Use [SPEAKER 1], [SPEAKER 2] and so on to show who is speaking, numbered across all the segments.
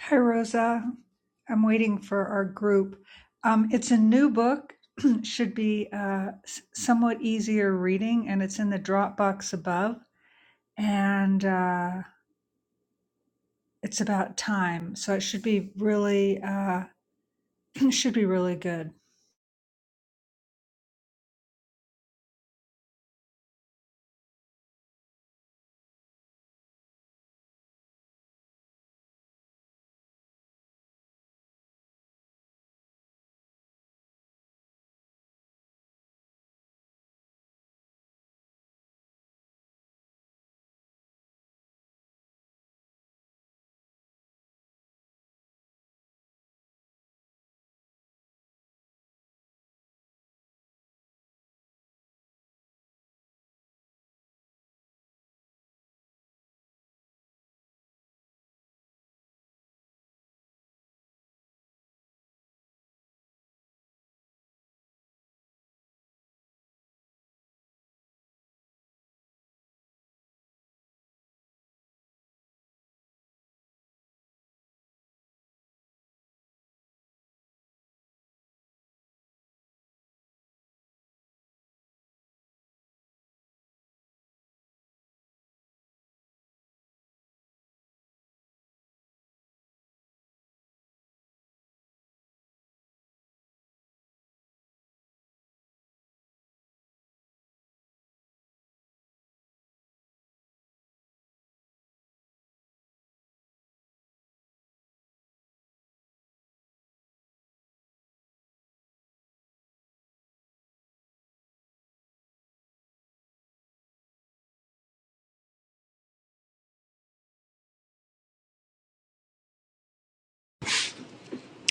[SPEAKER 1] Hi, Rosa. I'm waiting for our group. Um, it's a new book, should be uh, s- somewhat easier reading, and it's in the Dropbox above. And uh, it's about time, so it should be really uh, should be really good.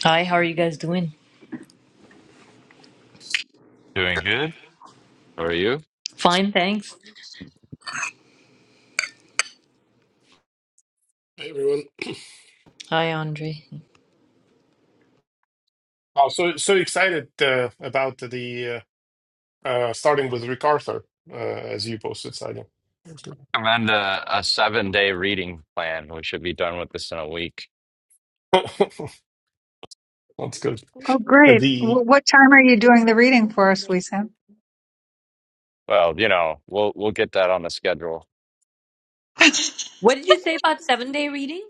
[SPEAKER 2] Hi, how are you guys doing?
[SPEAKER 3] Doing good. How are you?
[SPEAKER 2] Fine, thanks.
[SPEAKER 4] Hey everyone.
[SPEAKER 2] Hi, Andre.
[SPEAKER 4] Oh, so so excited uh, about the uh, uh, starting with Rick Arthur uh, as you posted, Sadia. That's good.
[SPEAKER 3] I'm on a, a seven day reading plan. We should be done with this in a week.
[SPEAKER 4] That's good.
[SPEAKER 1] Oh, great.
[SPEAKER 4] The
[SPEAKER 1] Wh- What time are you doing the reading for us, Lisa?
[SPEAKER 3] Well, you know, we'll we'll get that on the schedule.
[SPEAKER 2] What did you say about seven day reading?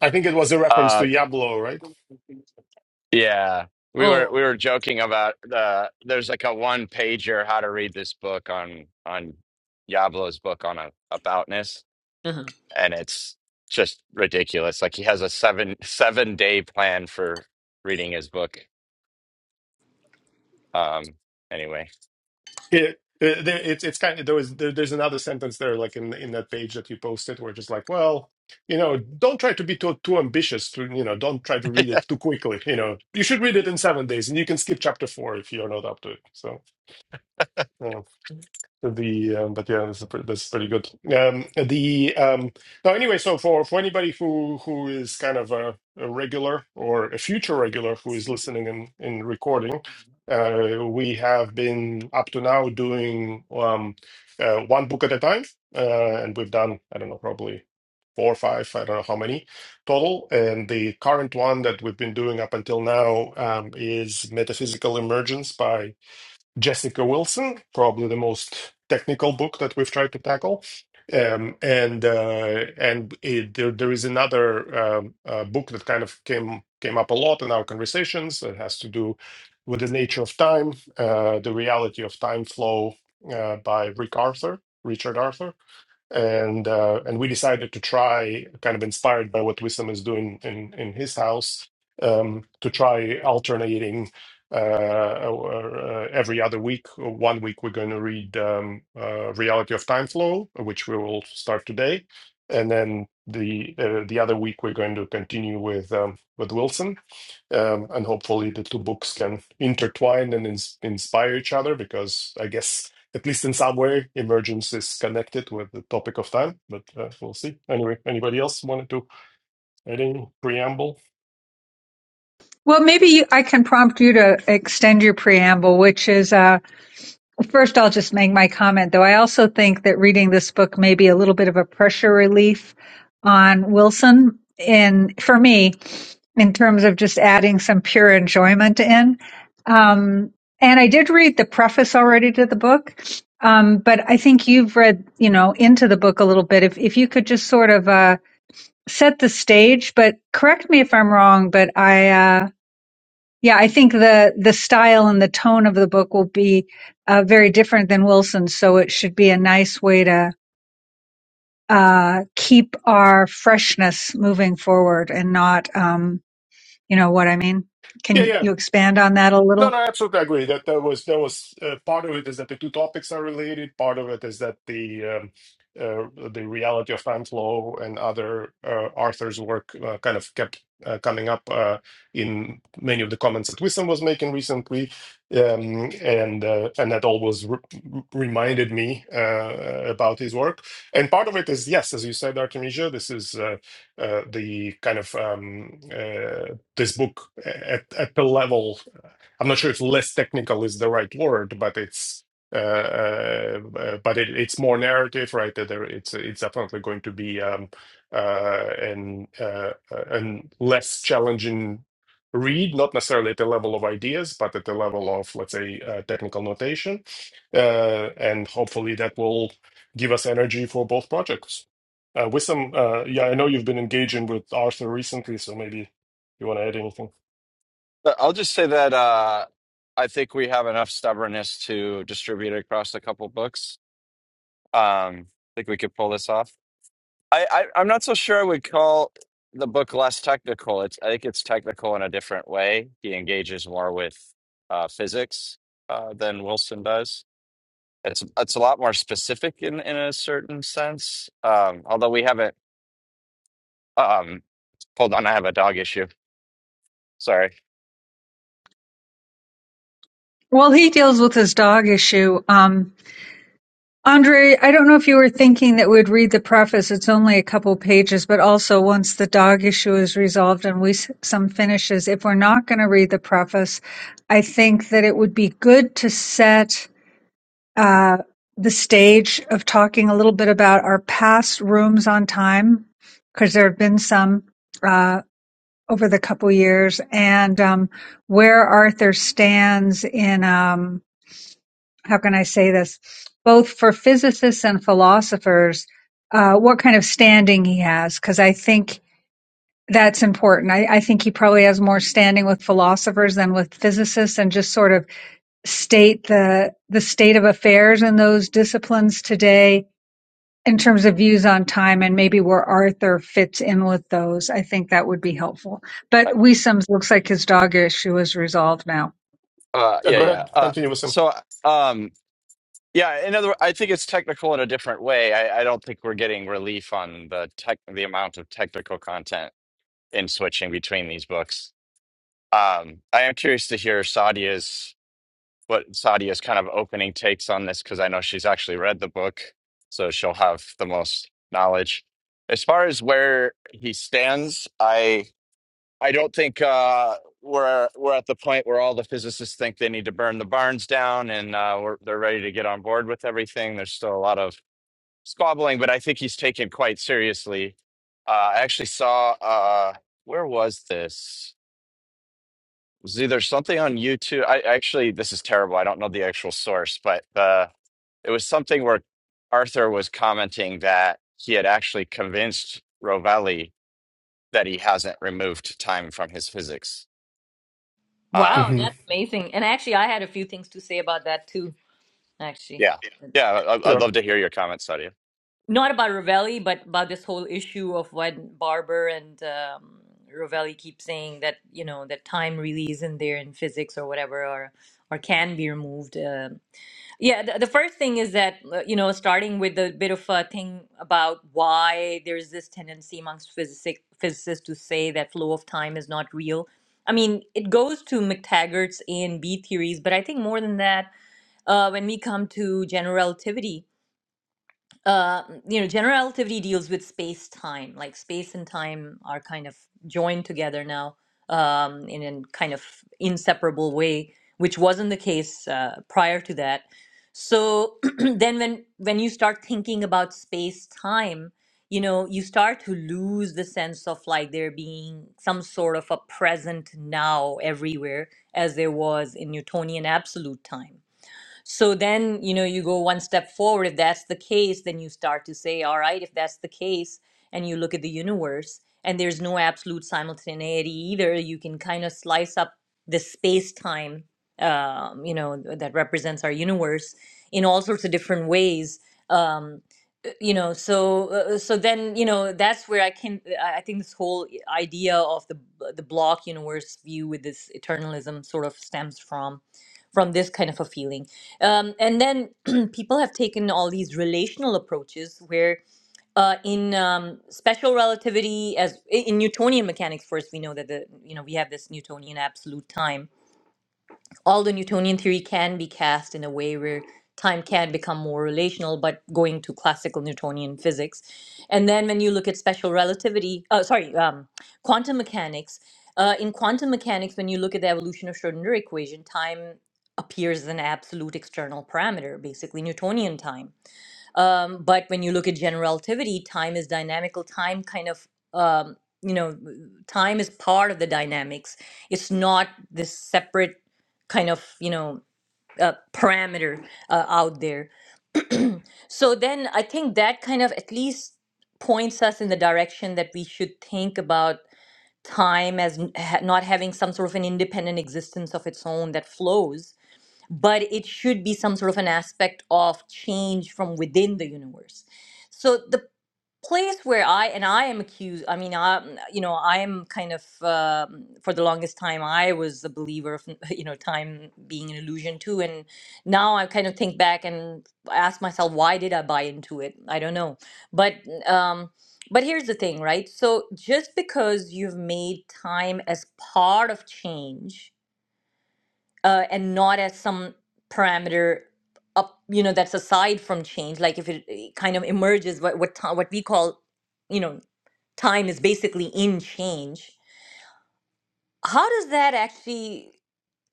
[SPEAKER 4] I think it was a reference to
[SPEAKER 3] Uh,
[SPEAKER 4] Diablo, right?
[SPEAKER 3] yeah, we were
[SPEAKER 2] Oh,
[SPEAKER 3] we were joking about the there's like a one pager how to read this book on on Yablo's book on a, aboutness.
[SPEAKER 2] uh-huh.
[SPEAKER 3] and it's just ridiculous. Like he has a seven seven day plan for reading his book. Um, anyway,
[SPEAKER 4] It, it, it's it's kind of there was there, there's another sentence there like in in that page that you posted where just like well you know don't try to be too too ambitious to you know don't try to read it too quickly you know you should read it in seven days and you can skip chapter four if you're not up to it so Yeah. The um, but yeah, that's a pre- that's pretty good. Um, the um, now anyway, so for for anybody who who is kind of a, a regular or a future regular who is listening and in, recording, uh, we have been up to now doing um, uh, one book at a time, uh, and we've done I don't know probably four or five I don't know how many total. And the current one that we've been doing up until now um, is Metaphysical Emergence by Jessica Wilson, probably the most technical book that we've tried to tackle. Um, and uh, and it, there, there is another um, uh, book that kind of came came up a lot in our conversations that has to do with the nature of time, uh, the reality of time flow uh, by Rick Arthur, Richard Arthur and uh, and we decided to try, kind of inspired by what Wisdom is doing in in his house, um, to try alternating uh, or, uh, every other week. One week we're going to read um, uh, Reality of Time Flow, which we will start today, and then the uh, the other week we're going to continue with um, with Wilson, um, and hopefully the two books can intertwine and ins- inspire each other because I guess at least in some way, emergence is connected with the topic of time, but uh, we'll see. Anyway, anybody else wanted to add any preamble?
[SPEAKER 1] Well, maybe you, I can prompt you to extend your preamble, which is, uh, first I'll just make my comment though. I also think that reading this book may be a little bit of a pressure relief on Wilson in, for me, in terms of just adding some pure enjoyment in. Um, and I did read the preface already to the book. Um, but I think you've read, you know, into the book a little bit. If, if you could just sort of, uh, set the stage, but correct me if I'm wrong, but I, uh, yeah, I think the the style and the tone of the book will be uh, very different than Wilson's, so it should be a nice way to uh, keep our freshness moving forward and not, um, you know, what I mean.
[SPEAKER 4] Yeah,
[SPEAKER 1] Can
[SPEAKER 4] yeah.
[SPEAKER 1] you expand on that a
[SPEAKER 4] No,
[SPEAKER 1] little?
[SPEAKER 4] no, I absolutely agree. That there was there was uh, part of it is that the two topics are related. Part of it is that the um, uh, the reality of fan flow and other uh, Arthur's work uh, kind of kept uh, coming up uh, in many of the comments that Wisdom was making recently, um, and uh, and that always re- reminded me uh, about his work. And part of it is yes, as you said, Artemisia, this is uh, uh, the kind of um, uh, this book at, at the level. I'm not sure if less technical is the right word, but it's uh, uh, uh, but it, it's more narrative, right? That there, it's it's definitely going to be um, uh, an uh, uh, an less challenging read, not necessarily at the level of ideas, but at the level of let's say uh, technical notation, uh, and hopefully that will give us energy for both projects. Uh, with some, uh, yeah, I know you've been engaging with Arthur recently, so maybe you want to add anything.
[SPEAKER 3] But I'll just say that uh, I think we have enough stubbornness to distribute it across a couple books. Um, I think we could pull this off. I, I I'm not so sure I would call the book less technical. It's I think it's technical in a different way. He engages more with uh, physics uh, than Wilson does It's it's a lot more specific in in a certain sense. Um, although we haven't. Um, hold on, I have a dog issue. Sorry.
[SPEAKER 1] Well, he deals with his dog issue. Um, Andre, I don't know if you were thinking that we'd read the preface. It's only a couple pages, but also once the dog issue is resolved and we s- some finishes, if we're not going to read the preface, I think that it would be good to set uh, the stage of talking a little bit about our past rooms on time, because there have been some uh, over the couple years, and um, where Arthur stands in. Um, how can I say this? Both for physicists and philosophers, uh, what kind of standing he has, because I think that's important. I, I think he probably has more standing with philosophers than with physicists, and just sort of state the the state of affairs in those disciplines today in terms of views on time and maybe where Arthur fits in with those. I think that would be helpful. But
[SPEAKER 3] I-
[SPEAKER 1] Wiesums looks like his dog issue is resolved now.
[SPEAKER 3] Uh,
[SPEAKER 4] Yeah,
[SPEAKER 3] yeah,
[SPEAKER 4] go
[SPEAKER 3] yeah.
[SPEAKER 4] ahead,
[SPEAKER 3] Uh,
[SPEAKER 4] continue with some.
[SPEAKER 3] so, um, yeah. In other, I think it's technical in a different way. I, I don't think we're getting relief on the tech, the amount of technical content in switching between these books. Um, I am curious to hear Sadia's what Sadia's kind of opening takes on this because I know she's actually read the book, so she'll have the most knowledge. As far as where he stands, I I don't think uh, we're we're at the point where all the physicists think they need to burn the barns down and uh, we're, they're ready to get on board with everything. There's still a lot of squabbling, but I think he's taken quite seriously. Uh, I actually saw uh, where was this? was either something on YouTube. I actually, this is terrible. I don't know the actual source, but uh, it was something where Arthur was commenting that he had actually convinced Rovelli that he hasn't removed time from his physics.
[SPEAKER 2] wow,
[SPEAKER 3] Um,
[SPEAKER 2] that's amazing. And actually, I had a few things to say about that too, actually.
[SPEAKER 3] yeah, yeah. I, I'd
[SPEAKER 4] Sure.
[SPEAKER 3] love to hear your comments, Sadia.
[SPEAKER 2] Not about Ravelli, but about this whole issue of what Barber and um, Ravelli keep saying that, you know, that time really isn't there in physics or whatever, or, or can be removed. Um Yeah, the, the first thing is that, uh, you know, starting with a bit of a thing about why there's this tendency amongst physic physicists to say that flow of time is not real. I mean, it goes to McTaggart's A and B theories, but I think more than that, uh, when we come to general relativity, uh, you know, general relativity deals with space time. Like space and time are kind of joined together now um, in a kind of inseparable way, which wasn't the case uh, prior to that. So then, when when you start thinking about space time, you know, you start to lose the sense of like there being some sort of a present now everywhere, as there was in Newtonian absolute time so then, you know, you go one step forward. If that's the case, then you start to say, all right, if that's the case, and you look at the universe, and there's no absolute simultaneity either, you can kind of slice up the space time, um, you know, that represents our universe in all sorts of different ways. Um, uh, you know, so uh, uh, so then, you know, that's where I can. I I think this whole i- idea of the b- the block universe view with this eternalism sort of stems from from this kind of a feeling um, and then people have taken all these relational approaches where uh, in um, special relativity as in Newtonian mechanics first we know that the you know we have this Newtonian absolute time all the Newtonian theory can be cast in a way where time can become more relational, but going to classical Newtonian physics. And then when you look at special relativity, uh, sorry, um, quantum mechanics, uh, in quantum mechanics, when you look at the evolution of Schrodinger equation, time appears as an absolute external parameter, basically Newtonian time. Um, but when you look at general relativity, time is dynamical. Time kind of, um, you know, time is part of the dynamics. It's not this separate kind of, you know, uh, parameter uh, out there. So then I think that kind of at least points us in the direction that we should think about time as n- ha- not having some sort of an independent existence of its own that flows, but it should be some sort of an aspect of change from within the universe. So the place where I and I am accused. I mean, I mm, you know I am kind of um, for the longest time I was a believer of you know time being an illusion too, and now I kind of think back and ask myself why did I buy into it? I don't know, but um, but here's the thing, right? So just because you've made time as part of change uh, and not as some parameter up you know that's aside from change like if it, it kind of emerges what what time what we call you know time is basically in change how does that actually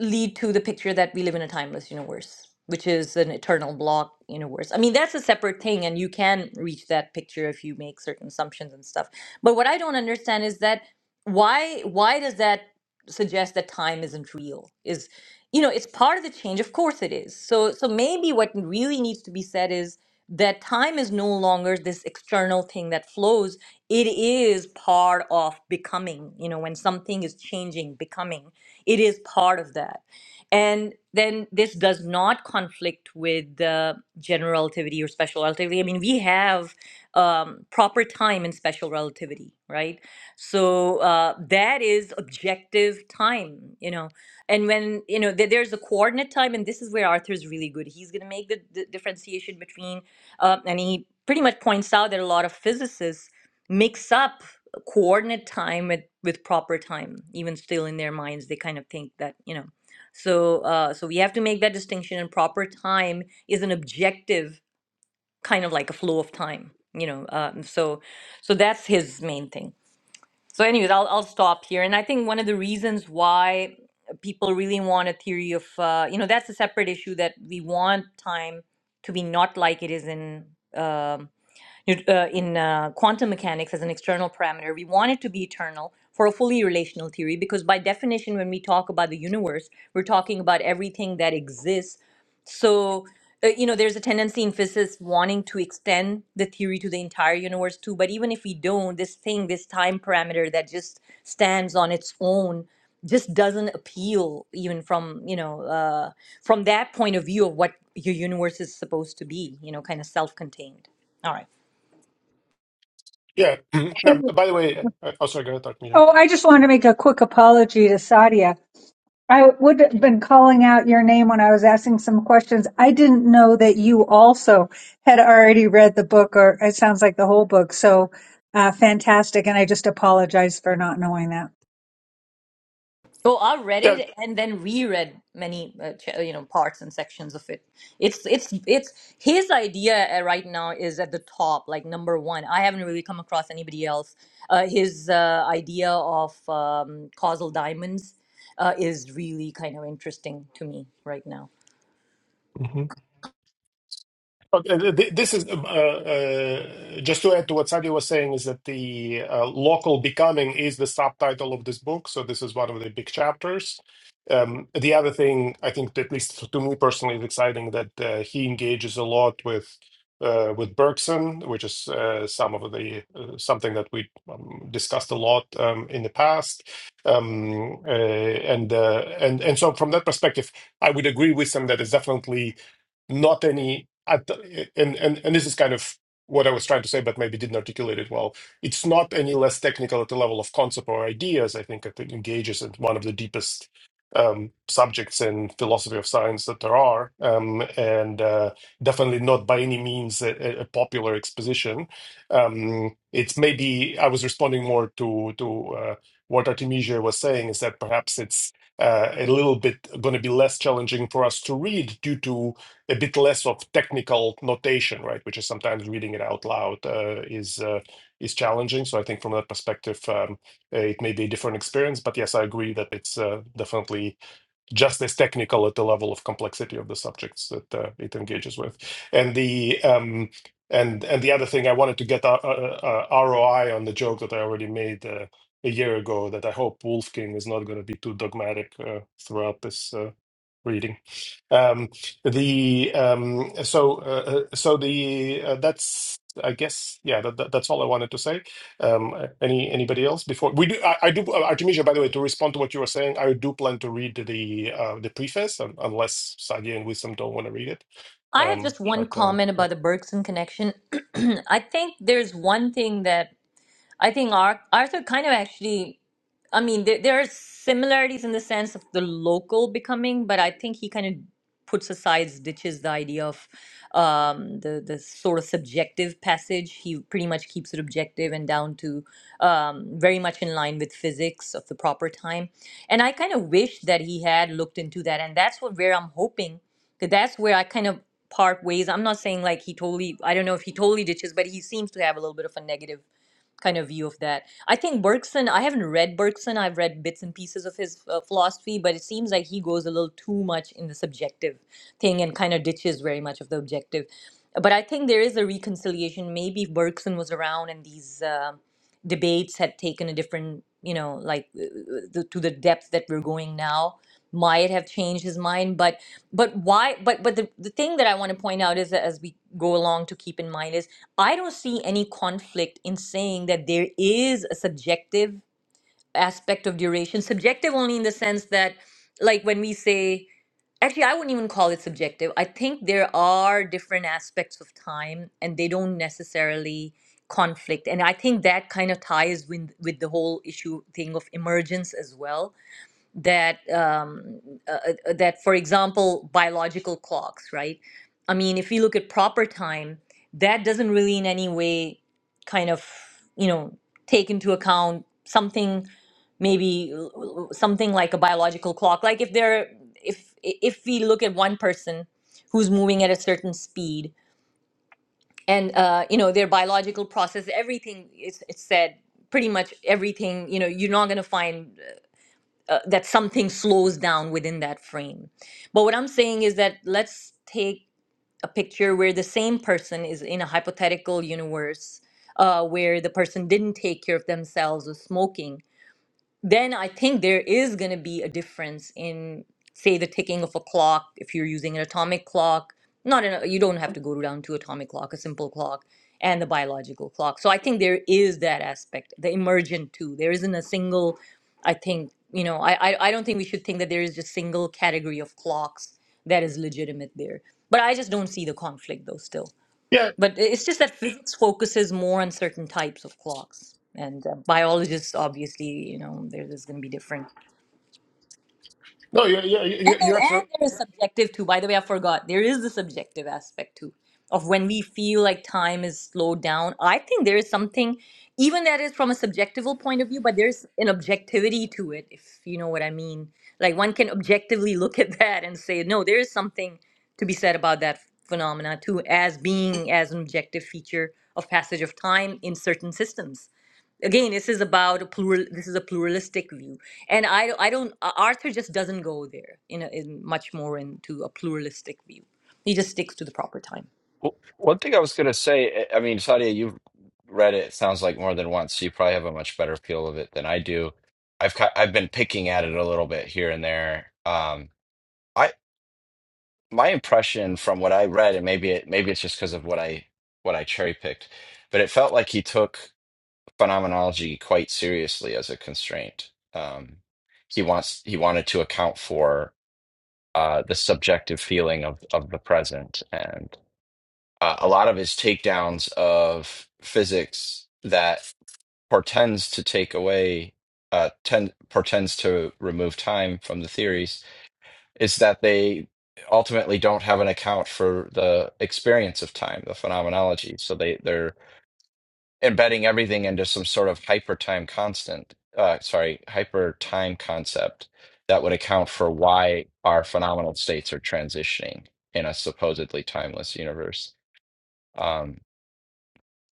[SPEAKER 2] lead to the picture that we live in a timeless universe, which is an eternal block universe. I mean, that's a separate thing, and you can reach that picture if you make certain assumptions and stuff. But what I don't understand is that why why does that suggest that time isn't real? Is you know, it's part of the change. Of course it is. So so maybe what really needs to be said is that time is no longer this external thing that flows. It is part of becoming, you know, when something is changing, becoming it is part of that. And then this does not conflict with the general relativity or special relativity. I mean, we have um, proper time in special relativity, right? So uh, that is objective time, you know. And when, you know, there- there's a coordinate time, and this is where Arthur's really good. He's going to make the, the differentiation between, uh, and he pretty much points out that a lot of physicists mix up coordinate time with, with proper time even still in their minds they kind of think that you know so uh, so we have to make that distinction and proper time is an objective kind of like a flow of time you know um, so so that's his main thing so anyways I'll, I'll stop here and i think one of the reasons why people really want a theory of uh, you know that's a separate issue that we want time to be not like it is in um nu- uh, in uh, quantum mechanics as an external parameter, we want it to be eternal for a fully relational theory because, by definition, when we talk about the universe, we're talking about everything that exists. So, uh, you know, there's a tendency in physicists wanting to extend the theory to the entire universe too. But even if we don't, this thing, this time parameter that just stands on its own just doesn't appeal even from you know uh, from that point of view of what your universe is supposed to be you know kind of self-contained all right
[SPEAKER 4] Yeah. No, by the way, uh, oh, sorry, go ahead, Dr. Meehan.
[SPEAKER 1] Oh, I just wanted to make a quick apology to Sadia. I would have been calling out your name when I was asking some questions. I didn't know that you also had already read the book, or it sounds like the whole book. So uh, fantastic. And I just apologize for not knowing that.
[SPEAKER 2] Oh, I read
[SPEAKER 4] Yeah.
[SPEAKER 2] it and then reread many, uh, ch- uh, you know, parts and sections of it. It's it's it's his idea uh, right now is at the top, like number one. I haven't really come across anybody else. Uh, his uh, idea of um, causal diamonds uh, is really kind of interesting to me right now.
[SPEAKER 4] But, uh, th- This is um, uh, uh, just to add to what Sadi was saying is that the uh, local becoming is the subtitle of this book. So this is one of the big chapters. Um, the other thing I think, that at least to me personally, is exciting that uh, he engages a lot with uh, with Bergson, which is uh, some of the uh, something that we um, discussed a lot um, in the past. Um, uh, and uh, and and so from that perspective, I would agree with him that it's definitely not any at the- and and and this is kind of what I was trying to say, but maybe didn't articulate it well. It's not any less technical at the level of concept or ideas. I think it engages in one of the deepest um, subjects in philosophy of science that there are, um, and uh, definitely not by any means a, a a popular exposition. Um, it's maybe I was responding more to to uh, what Artemisia was saying is that perhaps it's uh, a little bit going to be less challenging for us to read due to a bit less of technical notation, right? Which is sometimes reading it out loud uh, is uh, is challenging. So I think from that perspective, um, uh, it may be a different experience. But yes, I agree that it's uh, definitely just as technical at the level of complexity of the subjects that uh, it engages with. And the um, and and the other thing I wanted to get uh, uh, uh, ROI on the joke that I already made uh, a year ago that I hope Wolfgang is not going to be too dogmatic uh, throughout this uh, reading. Um, the um, so uh, uh, so the uh, that's I guess yeah that, that, that's all I wanted to say. Um, uh, any anybody else before we do? I, I do. Uh, Artemisia, by the way, to respond to what you were saying, I do plan to read the uh, the preface, un unless Sadia and Wisdom don't want to read it.
[SPEAKER 2] I have
[SPEAKER 4] Um,
[SPEAKER 2] just one
[SPEAKER 4] but um,
[SPEAKER 2] comment
[SPEAKER 4] yeah,
[SPEAKER 2] about the Bergson connection. I think there's one thing that I think Ar Arthur kind of actually, I mean, there, there are similarities in the sense of the local becoming, but I think he kind of puts aside, ditches the idea of um, the the sort of subjective passage. He pretty much keeps it objective and down to um, very much in line with physics of the proper time. And I kind of wish that he had looked into that, and that's what where I'm hoping that that's where I kind of part ways. I'm not saying like he totally, I don't know if he totally ditches, but he seems to have a little bit of a negative kind of view of that. I think Bergson, I haven't read Bergson, I've read bits and pieces of his uh, philosophy, but it seems like he goes a little too much in the subjective thing and kind of ditches very much of the objective. But I think there is a reconciliation. Maybe if Bergson was around and these uh, debates had taken a different, you know, like uh, uh, the, to the depth that we're going now might have changed his mind but but why but but the, the thing that i want to point out is that as we go along to keep in mind is I don't see any conflict in saying that there is a subjective aspect of duration. Subjective only in the sense that, like, when we say, actually, I wouldn't even call it subjective. I think there are different aspects of time and they don't necessarily conflict. And I think that kind of ties with, with the whole issue thing of emergence as well that um, uh, uh, uh, that for example biological clocks right i mean if you look at proper time that doesn't really in any way kind of you know take into account something maybe l- l- something like a biological clock like if there if if we look at one person who's moving at a certain speed and uh, you know their biological process everything it's it's said pretty much everything you know you're not going to find uh, that something slows down within that frame. But what I'm saying is that let's take a picture where the same person is in a hypothetical universe uh, where the person didn't take care of themselves with smoking then I think there is going to be a difference in, say, the ticking of a clock. If you're using an atomic clock, not an, you don't have to go down to atomic clock, a simple clock, and the biological clock. So I think there is that aspect, the emergent too. There isn't a single, I think, you know, I, I, I don't think we should think that there is just single category of clocks that is legitimate there. But I just don't see the conflict though still.
[SPEAKER 4] yeah,
[SPEAKER 2] But it's just that physics focuses more on certain types of clocks, and uh, biologists obviously, you know, there- there's going to be different
[SPEAKER 4] no, yeah, yeah, you,
[SPEAKER 2] and
[SPEAKER 4] you-
[SPEAKER 2] there,
[SPEAKER 4] you're
[SPEAKER 2] and
[SPEAKER 4] absolutely
[SPEAKER 2] there is subjective too. By the way, I forgot. There is the subjective aspect too of when we feel like time is slowed down. I think there is something, even that is from a subjective point of view, but there's an objectivity to it, if you know what I mean. Like one can objectively look at that and say, no, there is something to be said about that phenomena too, as being as an objective feature of passage of time in certain systems again this is about a plural this is a pluralistic view and i i don't uh, arthur just doesn't go there in, a, in much more into a pluralistic view he just sticks to the proper time
[SPEAKER 3] W- One thing I was going to say, I I mean, Sadia, you've read it, it sounds like more than once. So you probably have a much better feel of it than I do. I've ki- I've been picking at it a little bit here and there. Um, my impression from what I read, and maybe it maybe it's just because of what I what I cherry picked, but it felt like he took phenomenology quite seriously as a constraint. Um, he wants he wanted to account for uh, the subjective feeling of of the present, and uh, a lot of his takedowns of physics that portends to take away uh, tend, portends to remove time from the theories is that they ultimately don't have an account for the experience of time, the phenomenology. So they they're embedding everything into some sort of hyper time constant. Uh, sorry, hyper time concept that would account for why our phenomenal states are transitioning in a supposedly timeless universe. Um,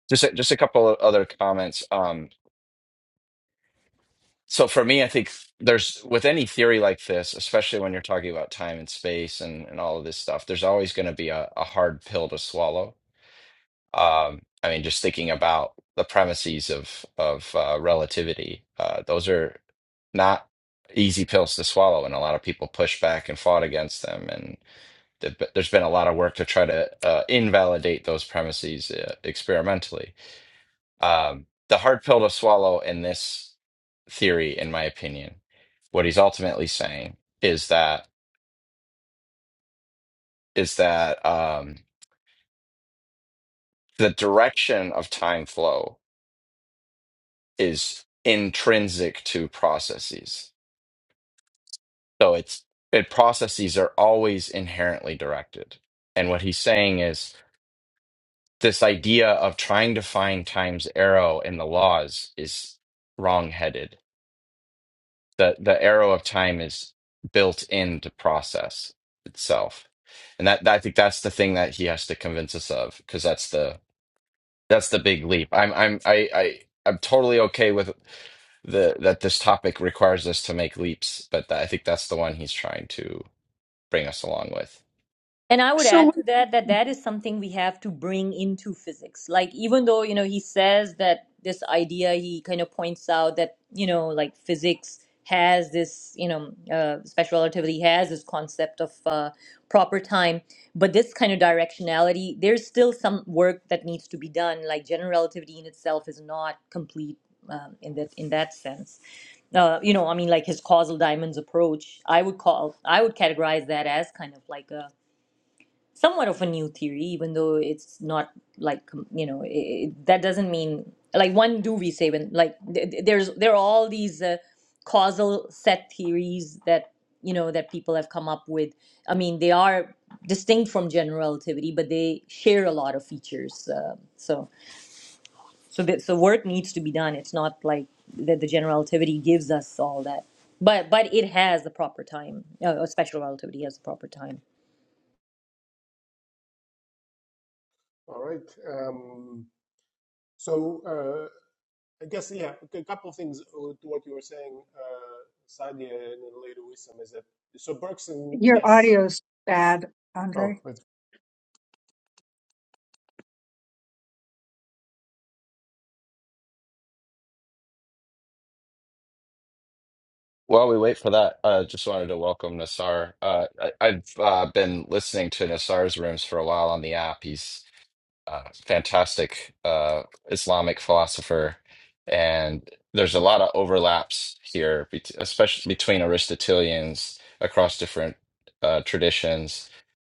[SPEAKER 3] just a, just a couple of other comments. Um, So for me, I think there's with any theory like this, especially when you're talking about time and space and, and all of this stuff, there's always going to be a, a hard pill to swallow. Um, I mean, just thinking about the premises of of uh, relativity, uh, those are not easy pills to swallow, and a lot of people push back and fought against them. And th- there's been a lot of work to try to uh, invalidate those premises uh, experimentally um, the hard pill to swallow in this theory, in my opinion, what he's ultimately saying is that is that um, the direction of time flow is intrinsic to processes. So it's it processes are always inherently directed. And what he's saying is this idea of trying to find time's arrow in the laws is wrongheaded the the arrow of time is built into process itself and that, that i think that's the thing that he has to convince us of because that's the that's the big leap i'm i'm i, I i'm totally okay with the that this topic requires us to make leaps but that, i think that's the one he's trying to bring us along with.
[SPEAKER 2] And I would
[SPEAKER 1] So,
[SPEAKER 2] add to that that that is something we have to bring into physics. Like even though, you know, he says that this idea he kind of points out that, you know, like physics has this, you know, uh, special relativity has this concept of uh, proper time, but this kind of directionality, there's still some work that needs to be done. Like general relativity in itself is not complete um, in that in that sense uh, you know, I mean, like his causal diamonds approach, I would call, I would categorize that as kind of like a somewhat of a new theory, even though it's not like com- you know i that doesn't mean like one. do we say when like th- th- there's there are all these uh, causal set theories that you know that people have come up with. I mean, they are distinct from general relativity, but they share a lot of features. Uh, so so th- so work needs to be done. It's not like that the general relativity gives us all that. But, but it has the proper time. Uh, special relativity has the proper time.
[SPEAKER 4] All right. Um, so uh, I guess yeah, a couple of things uh, to what you were saying, uh, Sadia, and then later Wissam, is that so Bergson,
[SPEAKER 1] Your
[SPEAKER 4] yes.
[SPEAKER 1] audio's bad,
[SPEAKER 4] Oh,
[SPEAKER 1] Andre.
[SPEAKER 4] that's
[SPEAKER 3] While we wait for that, I uh, just wanted to welcome Nassar. Uh, I, I've uh, been listening to Nassar's rooms for a while on the app. He's uh, fantastic uh, Islamic philosopher, and there's a lot of overlaps here, bet- especially between Aristotelians across different uh, traditions.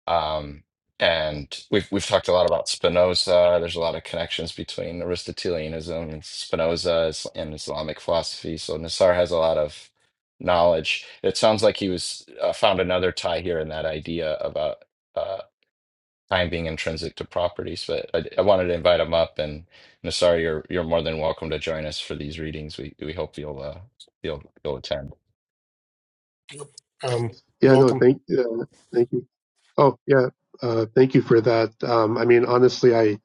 [SPEAKER 3] Um, and we've we've talked a lot about Spinoza. There's a lot of connections between Aristotelianism and Spinoza is- and Islamic philosophy. So Nassar has a lot of knowledge. It sounds like he was uh, found another tie here in that idea about. uh, time being intrinsic to properties. But I, I wanted to invite him up, and Nassar, you're you're more than welcome to join us for these readings. We we hope you'll uh, you'll you'll attend.
[SPEAKER 4] um,
[SPEAKER 5] Yeah, no,
[SPEAKER 4] welcome.
[SPEAKER 5] thank, uh, thank you. Oh, yeah, uh, thank you for that. Um, I mean, honestly, I,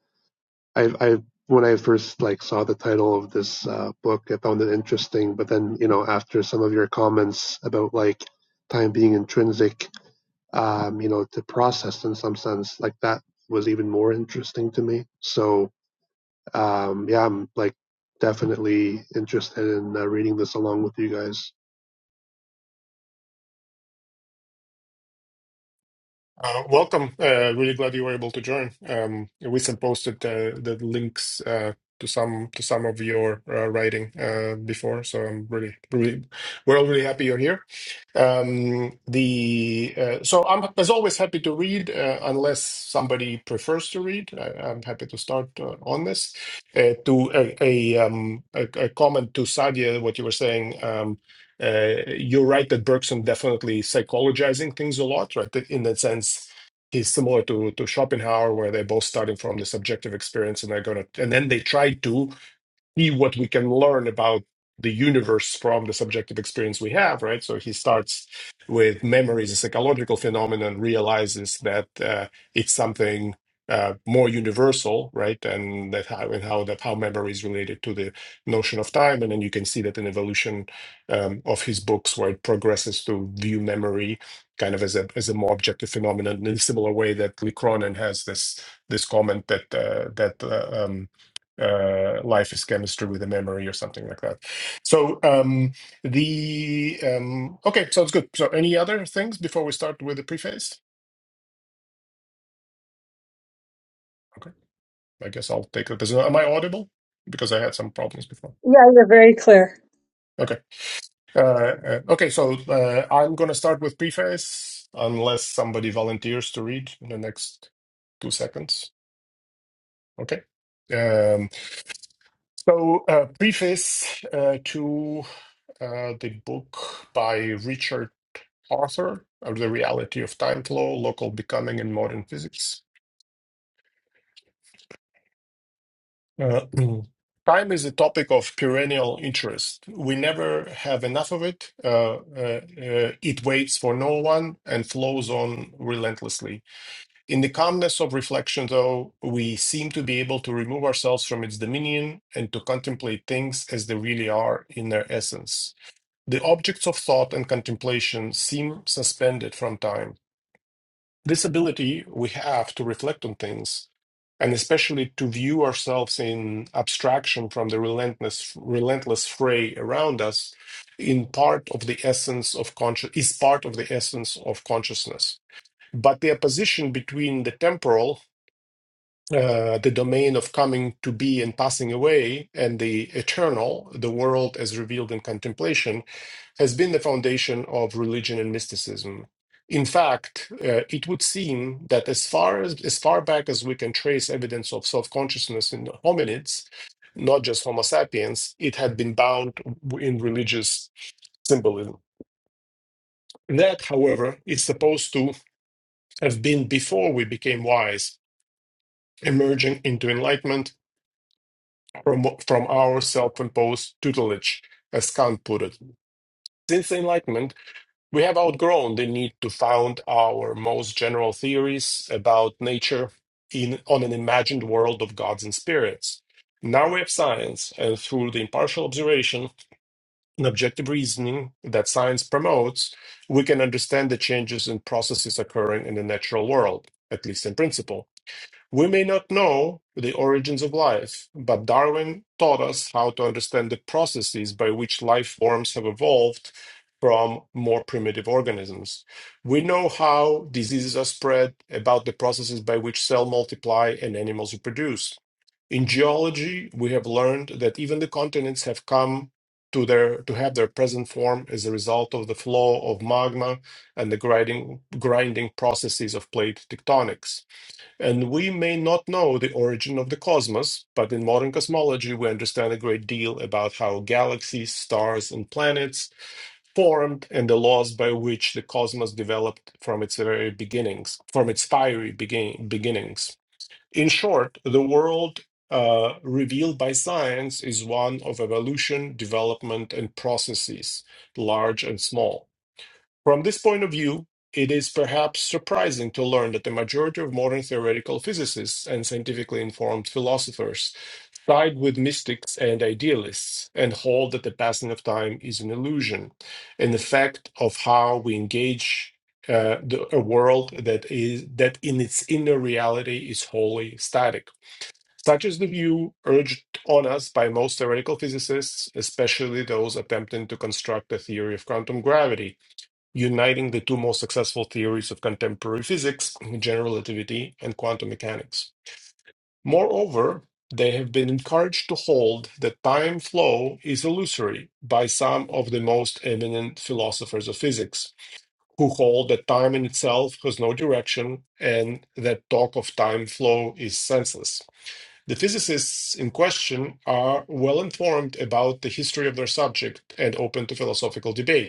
[SPEAKER 5] I, I, when I first like saw the title of this uh, book, I found it interesting. But then, you know, after some of your comments about like time being intrinsic, um, you know, to process in some sense, like that was even more interesting to me. So, um, yeah, I'm like definitely interested in uh, reading this along with you guys.
[SPEAKER 4] Uh, welcome. Uh, really glad you were able to join. Um, Winston posted uh, the links uh, to some to some of your uh, writing uh, before, so I'm really, really we're all really happy you're here. Um, the uh, so I'm as always happy to read, uh, unless somebody prefers to read. I, I'm happy to start uh, on this. Uh, to a, a, um, a, a comment to Sadia, what you were saying. Um, uh, you're right that Bergson definitely psychologizing things a lot, right? that In that sense, he's similar to to Schopenhauer, where they're both starting from the subjective experience and they're gonna, and then they try to see what we can learn about the universe from the subjective experience we have, right? So he starts with memory as a psychological phenomenon, realizes that uh, it's something uh, more universal, right? And that how and how that how memory is related to the notion of time, and then you can see that in evolution um, of his books, where it progresses to view memory kind of as a as a more objective phenomenon in a similar way that Lee Cronin has this this comment that uh, that uh, um, uh, life is chemistry with a memory or something like that. So um, the um, okay, sounds good. So any other things before we start with the preface? Okay, I guess I'll take it. as Am I audible? Because I had some problems before.
[SPEAKER 1] Yeah, you're very clear.
[SPEAKER 4] Okay, uh, uh, okay. So uh, I'm gonna start with preface unless somebody volunteers to read in the next two seconds. Okay. Um, so uh, preface uh, to uh, the book by Richard. author of The Reality of Time Flow, Local Becoming in Modern Physics. Uh, time is a topic of perennial interest. We never have enough of it. Uh, uh, uh, it waits for no one and flows on relentlessly. In the calmness of reflection, though, we seem to be able to remove ourselves from its dominion and to contemplate things as they really are in their essence. The objects of thought and contemplation seem suspended from time This ability we have to reflect on things, and especially to view ourselves in abstraction from the relentless, relentless fray around us, in part of the essence of conscious is part of the essence of consciousness. But the opposition between the temporal, uh, the domain of coming to be and passing away, and the eternal, the world as revealed in contemplation, has been the foundation of religion and mysticism. In fact, uh, it would seem that as far as, as far back as we can trace evidence of self-consciousness in hominids, not just Homo sapiens, it had been bound in religious symbolism. That, however, is supposed to have been before we became wise, emerging into enlightenment from, from our self imposed tutelage, as Kant put it. Since the Enlightenment, We have outgrown the need to found our most general theories about nature in, on an imagined world of gods and spirits. Now we have science, and through the impartial observation and objective reasoning that science promotes, we can understand the changes and processes occurring in the natural world, at least in principle. We may not know the origins of life, but Darwin taught us how to understand the processes by which life forms have evolved from more primitive organisms. We know how diseases are spread, about the processes by which cells multiply and animals reproduce. In geology, we have learned that even the continents have come to their to have their present form as a result of the flow of magma and the grinding grinding processes of plate tectonics. And we may not know the origin of the cosmos, but in modern cosmology, we understand a great deal about how galaxies, stars, and planets formed and the laws by which the cosmos developed from its very beginnings, from its fiery begin- beginnings. In short, the world uh, revealed by science is one of evolution, development, and processes, large and small. From this point of view, it is perhaps surprising to learn that the majority of modern theoretical physicists and scientifically informed philosophers side with mystics and idealists and hold that the passing of time is an illusion, an effect of how we engage uh, the, a world that is that in its inner reality is wholly static. Such is the view urged on us by most theoretical physicists, especially those attempting to construct a theory of quantum gravity, uniting the two most successful theories of contemporary physics, general relativity and quantum mechanics. Moreover, they have been encouraged to hold that time flow is illusory by some of the most eminent philosophers of physics, who hold that time in itself has no direction and that talk of time flow is senseless. The physicists in question are well informed about the history of their subject and open to philosophical debate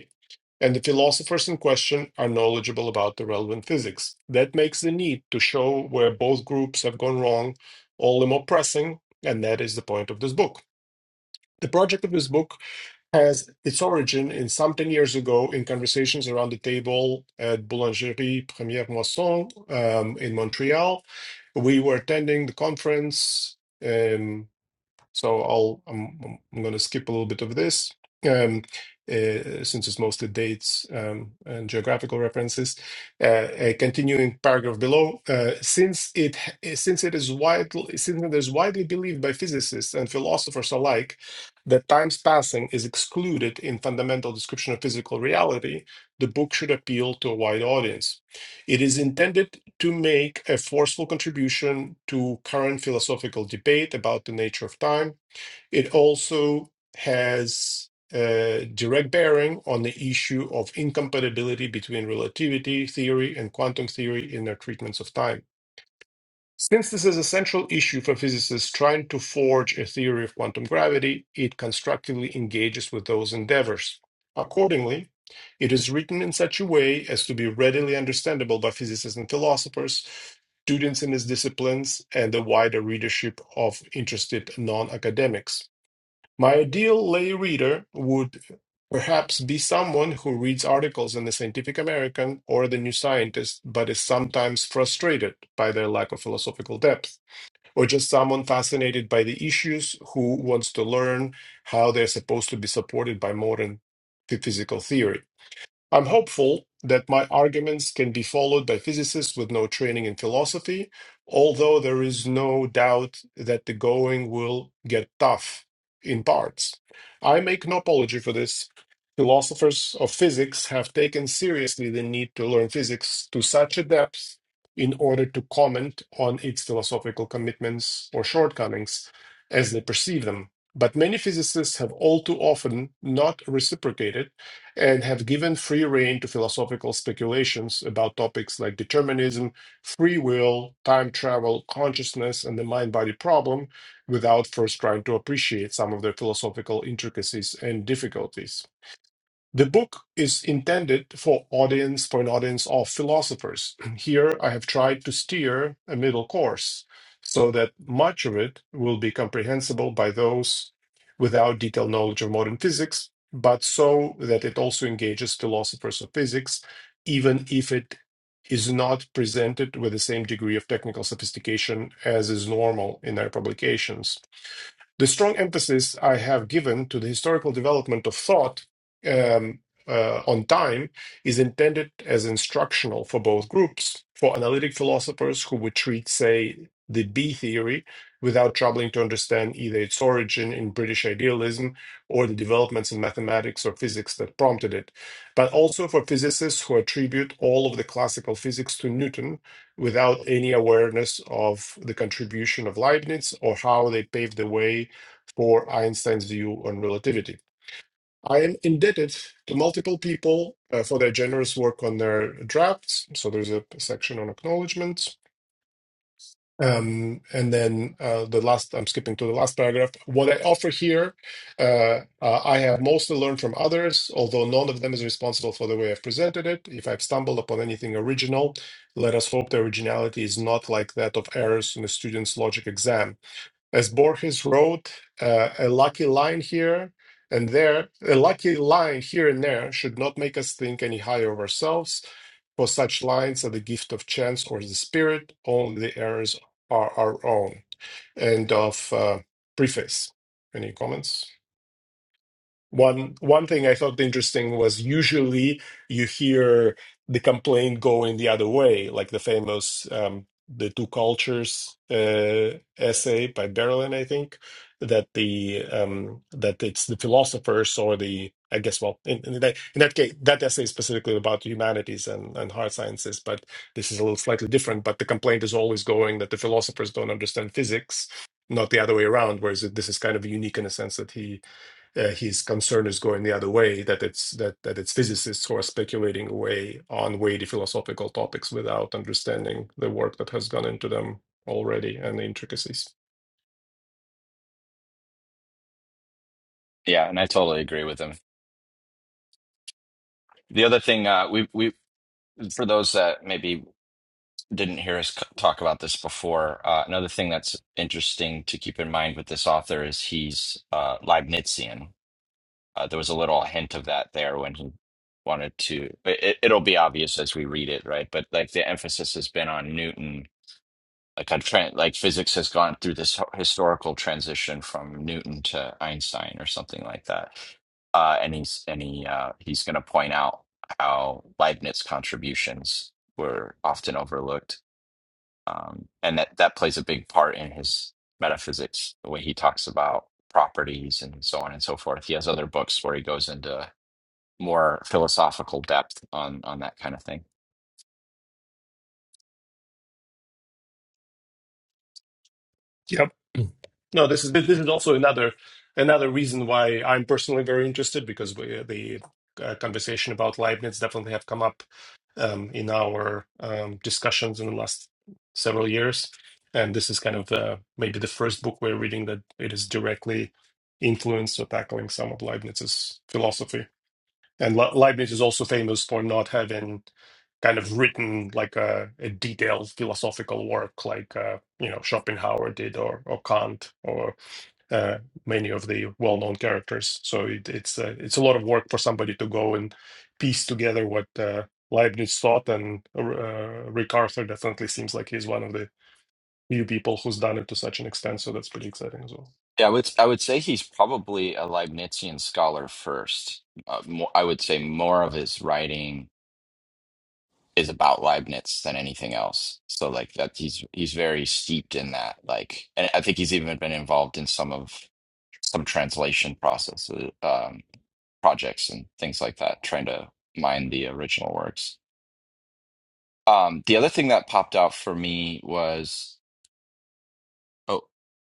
[SPEAKER 4] and the philosophers in question are knowledgeable about the relevant physics. That makes the need to show where both groups have gone wrong all the more pressing, and that is the point of this book. The project of this book has its origin in some 10 years ago in conversations around the table at Boulangerie Première Moisson um, in Montreal. We were attending the conference. um, so I'll I'm, I'm going to skip a little bit of this um, uh, since it's mostly dates um, and geographical references. Uh, uh, continuing paragraph below, uh, since it eh, since it is widely since it is widely believed by physicists and philosophers alike that time's passing is excluded in fundamental description of physical reality, the book should appeal to a wide audience. It is intended to make a forceful contribution to current philosophical debate about the nature of time. It also has a direct bearing on the issue of incompatibility between relativity theory and quantum theory in their treatments of time. Since this is a central issue for physicists trying to forge a theory of quantum gravity, it constructively engages with those endeavors. Accordingly, it is written in such a way as to be readily understandable by physicists and philosophers, students in its disciplines, and the wider readership of interested non academics. My ideal lay reader would perhaps be someone who reads articles in the Scientific American or the New Scientist, but is sometimes frustrated by their lack of philosophical depth, or just someone fascinated by the issues who wants to learn how they're supposed to be supported by modern phy- physical theory. I'm hopeful that my arguments can be followed by physicists with no training in philosophy, although there is no doubt that the going will get tough in parts. I make no apology for this. Philosophers of physics have taken seriously the need to learn physics to such a depth in order to comment on its philosophical commitments or shortcomings as they perceive them. But many physicists have all too often not reciprocated and have given free rein to philosophical speculations about topics like determinism, free will, time travel, consciousness, and the mind body problem without first trying to appreciate some of their philosophical intricacies and difficulties. The book is intended for audience for an audience of philosophers. Here I have tried to steer a middle course so that much of it will be comprehensible by those without detailed knowledge of modern physics, but so that it also engages philosophers of physics, even if it is not presented with the same degree of technical sophistication as is normal in their publications. The strong emphasis I have given to the historical development of thought um, uh, on time is intended as instructional for both groups, for analytic philosophers who would treat, say, the B theory without troubling to understand either its origin in British idealism or the developments in mathematics or physics that prompted it, but also for physicists who attribute all of the classical physics to Newton without any awareness of the contribution of Leibniz or how they paved the way for Einstein's view on relativity. I am indebted to multiple people uh, for their generous work on their drafts. So there's a section on acknowledgments. Um, and then uh, the last, I'm skipping to the last paragraph. What I offer here, uh, uh, I have mostly learned from others, although none of them is responsible for the way I've presented it. If I've stumbled upon anything original, let us hope the originality is not like that of errors in a student's logic exam. As Borges wrote, uh, a lucky line here and there, a lucky line here and there should not make us think any higher of ourselves, for such lines are the gift of chance or the spirit, only the errors are our own. End of uh, preface. Any comments? One one thing I thought interesting was usually you hear the complaint going the other way, like the famous um, "The Two Cultures" uh, essay by Berlin, I think, that the um, that it's the philosophers or the I guess well in, in that in that case that essay is specifically about humanities and, and hard sciences, but this is a little slightly different. But the complaint is always going that the philosophers don't understand physics, not the other way around. Whereas this is kind of unique in a sense that he uh, his concern is going the other way that it's that that it's physicists who are speculating away on weighty philosophical topics without understanding the work that has gone into them already and the intricacies
[SPEAKER 3] Yeah, and I totally agree with him. The other thing, uh, we we for those that maybe didn't hear us c- talk about this before, uh, another thing that's interesting to keep in mind with this author is he's uh, Leibnizian. Uh, there was a little hint of that there when he wanted to. It, it- it'll be obvious as we read it, right? But like the emphasis has been on Newton Like i tra- like physics has gone through this h- historical transition from Newton to Einstein or something like that. Uh, and he's and he uh, he's going to point out how Leibniz contributions were often overlooked, um, and that that plays a big part in his metaphysics, the way he talks about properties and so on and so forth. He has other books where he goes into more philosophical depth on on that kind of thing.
[SPEAKER 4] yep no this is this is also another another reason why i'm personally very interested because we, the uh, conversation about leibniz definitely have come up um, in our um, discussions in the last several years. And this is kind of the, maybe the first book we're reading that it is directly influenced or tackling some of Leibniz's philosophy. And Le- Leibniz is also famous for not having kind of written like a, a detailed philosophical work like uh, you know Schopenhauer did or or Kant or uh, many of the well-known characters. So it, it's uh, it's a lot of work for somebody to go and piece together what uh, Leibniz thought, and uh, Rick Arthur definitely seems like he's one of the few people who's done it to such an extent. So that's pretty exciting as well.
[SPEAKER 3] Yeah, I would I would say he's probably a Leibnizian scholar first. Uh, more, I would say more of his writing is about Leibniz than anything else. So like that he's he's very steeped in that. Like, and I think he's even been involved in some of some translation processes, um, projects and things like that, trying to mine the original works. Um, the other thing that popped out for me was, oh,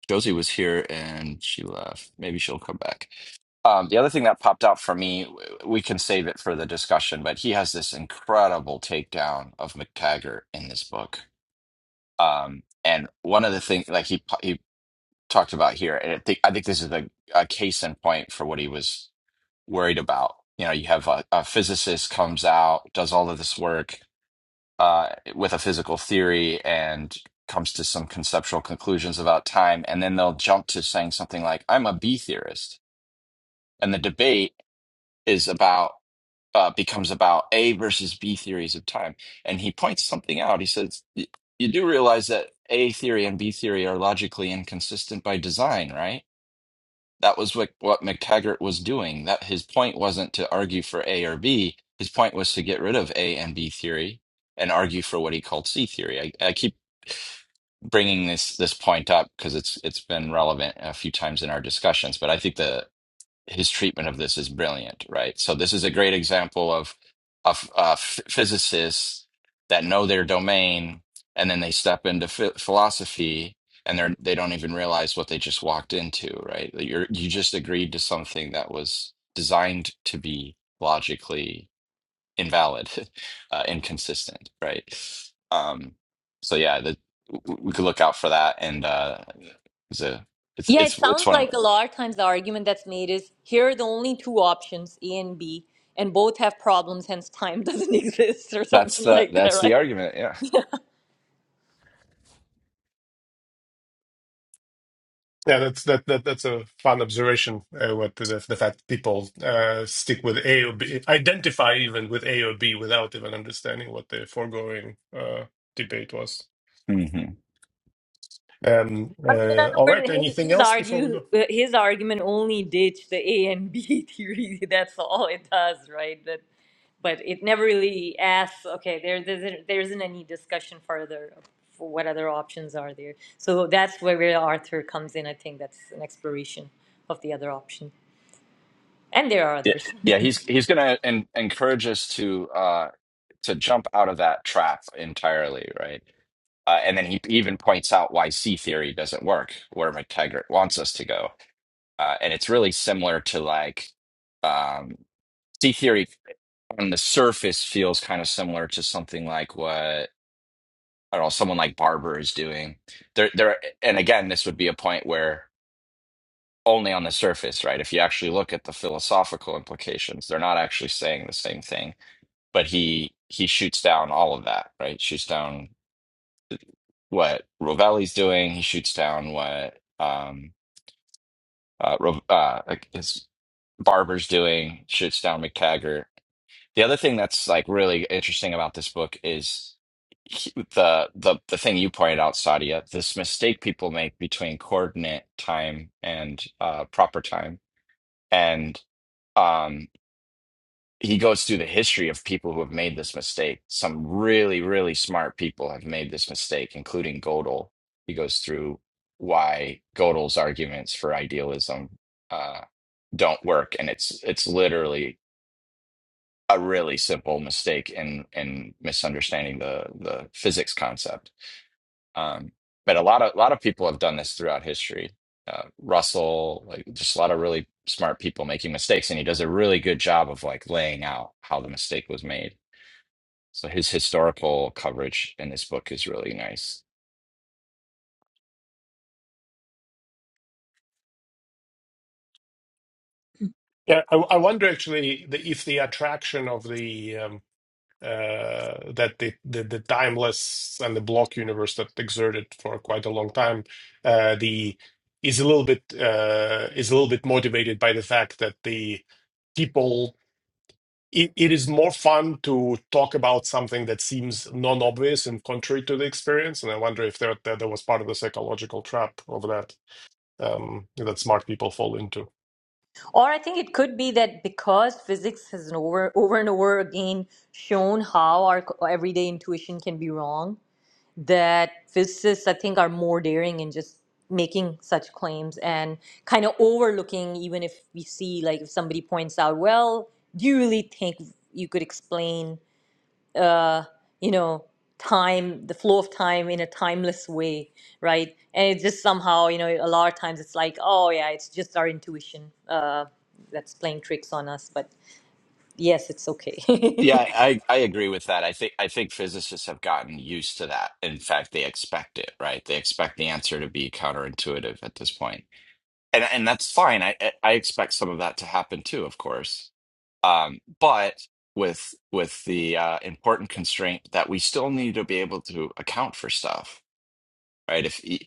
[SPEAKER 3] Josie was here and she left. Maybe she'll come back. Um, the other thing that popped out for me, w- we can save it for the discussion, but he has this incredible takedown of McTaggart in this book. Um, and one of the things, like he he talked about here, and I think I think this is a, a case in point for what he was worried about. You know, you have a, a physicist comes out, does all of this work uh, with a physical theory, and comes to some conceptual conclusions about time, and then they'll jump to saying something like, "I'm a B theorist," and the debate is about uh, becomes about A versus B theories of time. And he points something out. He says, "Y- You do realize that A theory and B theory are logically inconsistent by design, right? That was what, what McTaggart was doing. That his point wasn't to argue for A or B. His point was to get rid of A and B theory and argue for what he called C theory. I, I keep bringing this this point up because it's it's been relevant a few times in our discussions. But I think the his treatment of this is brilliant, right? So this is a great example of of uh, ph- physicists that know their domain, and then they step into ph- philosophy, and they're they don't even realize what they just walked into, right? You you just agreed to something that was designed to be logically invalid, uh, inconsistent, right? Um, so yeah, the, w- we could look out for that, and uh, it's a it's
[SPEAKER 2] Yeah, it
[SPEAKER 3] it's it's
[SPEAKER 2] sounds
[SPEAKER 3] one of
[SPEAKER 2] like a lot of times the argument that's made is here are the only two options, A and B, and both have problems, hence time doesn't exist or
[SPEAKER 3] that's
[SPEAKER 2] something
[SPEAKER 3] the
[SPEAKER 2] like that,
[SPEAKER 3] that's the
[SPEAKER 2] right?
[SPEAKER 3] argument. yeah.
[SPEAKER 4] Yeah, that's that, that that's a fun observation. Uh, what the the fact that people uh, stick with A or B, identify even with A or B without even understanding what the foregoing uh, debate was.
[SPEAKER 3] hmm
[SPEAKER 4] Um,
[SPEAKER 2] I mean, in
[SPEAKER 4] uh, all right.
[SPEAKER 2] other words, his,
[SPEAKER 4] Anything
[SPEAKER 2] his
[SPEAKER 4] else before we
[SPEAKER 2] argue
[SPEAKER 4] go?
[SPEAKER 2] his argument only ditched the A and B theory. That's all it does, right? That, but it never really asks. Okay, there, there isn't- there isn't any discussion further of for what other options are there. So that's where, where Arthur comes in. I think that's an exploration of the other option, and there are
[SPEAKER 3] Yeah,
[SPEAKER 2] others.
[SPEAKER 3] yeah, he's he's gonna en encourage us to uh to jump out of that trap entirely, right? Uh, and then he even points out why C theory doesn't work, where McTaggart wants us to go. Uh, and it's really similar to like um, C theory on the surface feels kind of similar to something like what I don't know, someone like Barber is doing. There, there, and again, this would be a point where only on the surface, right? If you actually look at the philosophical implications, they're not actually saying the same thing but he he shoots down all of that, right? Shoots down what Rovelli's doing. He shoots down what um uh, Ro uh like his Barber's doing. Shoots down McTaggart. The other thing that's like really interesting about this book is he- the the the thing you pointed out, Sadia. This mistake people make between coordinate time and uh, proper time, and um he goes through the history of people who have made this mistake. Some really, really smart people have made this mistake, including Gödel. He goes through why Gödel's arguments for idealism uh, don't work, and it's it's literally a really simple mistake in in misunderstanding the the physics concept. Um, but a lot of a lot of people have done this throughout history. Uh, Russell, like just a lot of really smart people making mistakes, and he does a really good job of like laying out how the mistake was made so his historical coverage in this book is really nice.
[SPEAKER 4] Yeah, I, I wonder actually the, if the attraction of the um, uh, that the, the the timeless and the block universe that exerted for quite a long time, uh, the is a little bit uh, is a little bit motivated by the fact that the people it, it is more fun to talk about something that seems non-obvious and contrary to the experience. And I wonder if that that, that was part of the psychological trap of that um, that smart people fall into.
[SPEAKER 2] Or I think it could be that because physics has an over, over and over again shown how our co- everyday intuition can be wrong, that physicists, I think, are more daring in just making such claims and kind of overlooking, even if we see, like, if somebody points out, well, do you really think you could explain? uh, you know time the flow of time in a timeless way right and it just somehow you know a lot of times it's like oh yeah it's just our intuition uh, that's playing tricks on us but yes it's okay
[SPEAKER 3] Yeah, I, I agree with that. I think I think physicists have gotten used to that. In fact, they expect it, right? They expect the answer to be counterintuitive at this point. And and that's fine. I I I expect some of that to happen too, of course. Um, but with with the uh, important constraint that we still need to be able to account for stuff, right? If y-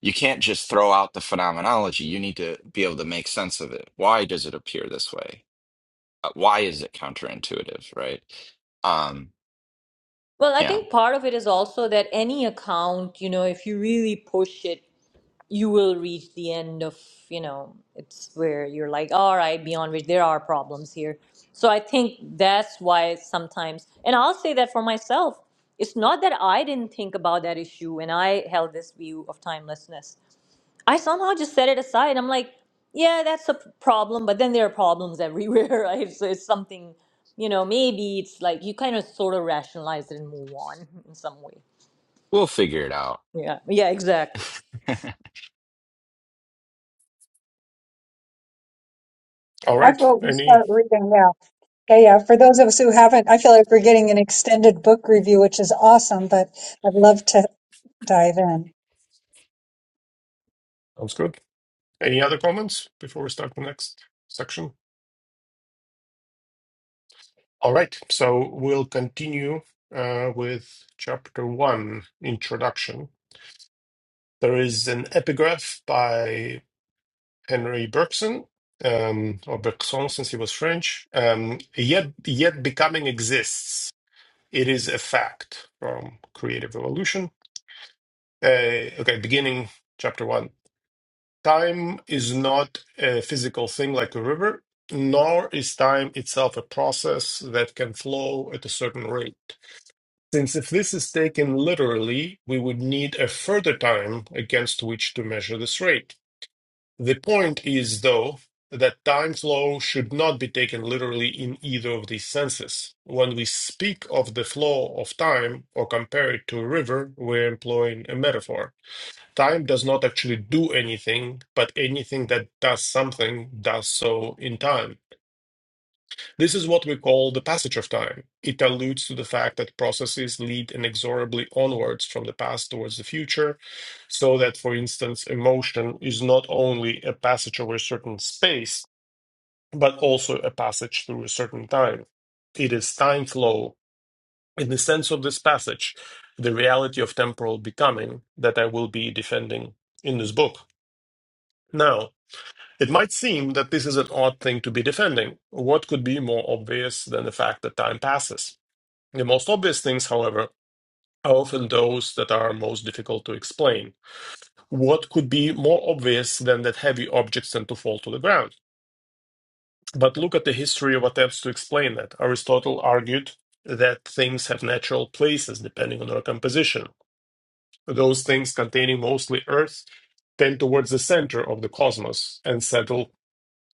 [SPEAKER 3] you can't just throw out the phenomenology, you need to be able to make sense of it. Why does it appear this way? uh, why is it counterintuitive, right? Um,
[SPEAKER 2] well i
[SPEAKER 3] yeah,
[SPEAKER 2] think part of it is also that any account you know if you really push it you will reach the end of you know it's where you're like all right beyond which there are problems here so i think that's why sometimes and i'll say that for myself it's not that i didn't think about that issue and i held this view of timelessness i somehow just set it aside i'm like yeah that's a p- problem but then there are problems everywhere right so it's something you know maybe it's like you kind of sort of rationalize it and move on in some way
[SPEAKER 3] we'll figure it out.
[SPEAKER 2] yeah yeah exactly
[SPEAKER 4] All
[SPEAKER 1] I
[SPEAKER 4] right,
[SPEAKER 1] vote we
[SPEAKER 4] any
[SPEAKER 1] start reading now. Yeah, yeah. For those of us who haven't, I feel like we're getting an extended book review, which is awesome, but I'd love to dive in.
[SPEAKER 4] sounds good. Any other comments before we start the next section? All right, so we'll continue uh, with chapter one, introduction. There is an epigraph by Henry Bergson, um, or Bergson since he was French. Um, yet, yet becoming exists. It is a fact from Creative Evolution. Uh, okay, beginning chapter one. Time is not a physical thing like a river, nor is time itself a process that can flow at a certain rate. Since if this is taken literally, we would need a further time against which to measure this rate. The point is, though, that time flow should not be taken literally in either of these senses. When we speak of the flow of time or compare it to a river, we're employing a metaphor. Time does not actually do anything, but anything that does something does so in time. This is what we call the passage of time. It alludes to the fact that processes lead inexorably onwards from the past towards the future, so that, for instance, emotion is not only a passage over a certain space, but also a passage through a certain time. It is time flow. In the sense of this passage, the reality of temporal becoming that I will be defending in this book. Now. It might seem that this is an odd thing to be defending. What could be more obvious than the fact that time passes? The most obvious things, however, are often those that are most difficult to explain. What could be more obvious than that heavy objects tend to fall to the ground? But look at the history of attempts to explain that. Aristotle argued that things have natural places depending on their composition. Those things containing mostly earth tend towards the center of the cosmos and settle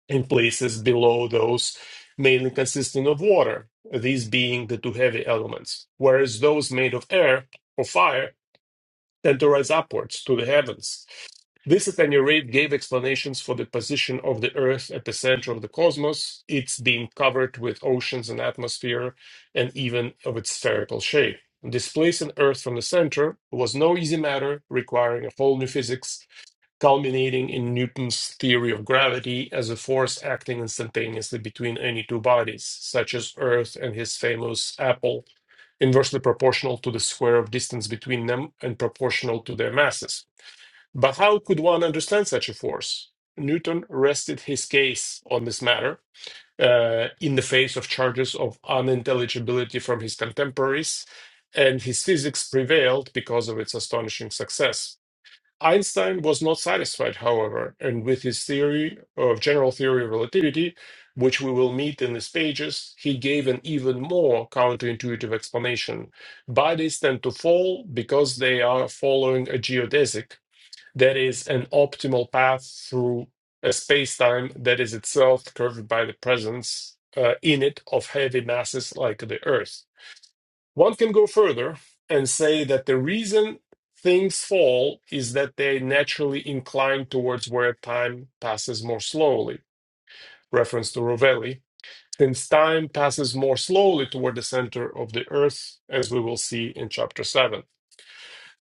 [SPEAKER 4] in places below those mainly consisting of water, these being the two heavy elements, whereas those made of air or fire tend to rise upwards to the heavens. This, at any rate, gave explanations for the position of the Earth at the center of the cosmos, its being covered with oceans and atmosphere, and even of its spherical shape. Displacing Earth from the center was no easy matter, requiring a whole new physics culminating in Newton's theory of gravity as a force acting instantaneously between any two bodies, such as Earth and his famous apple, inversely proportional to the square of distance between them and proportional to their masses. But how could one understand such a force? Newton rested his case on this matter. uh, in the face of charges of unintelligibility from his contemporaries, and his physics prevailed because of its astonishing success. Einstein was not satisfied, however, and with his theory of general theory of relativity, which we will meet in these pages, he gave an even more counterintuitive explanation. Bodies tend to fall because they are following a geodesic, that is, an optimal path through a space-time that is itself curved by the presence uh, in it of heavy masses like the Earth. One can go further and say that the reason things fall is that they naturally incline towards where time passes more slowly, reference to Rovelli, since time passes more slowly toward the center of the earth, as we will see in chapter 7.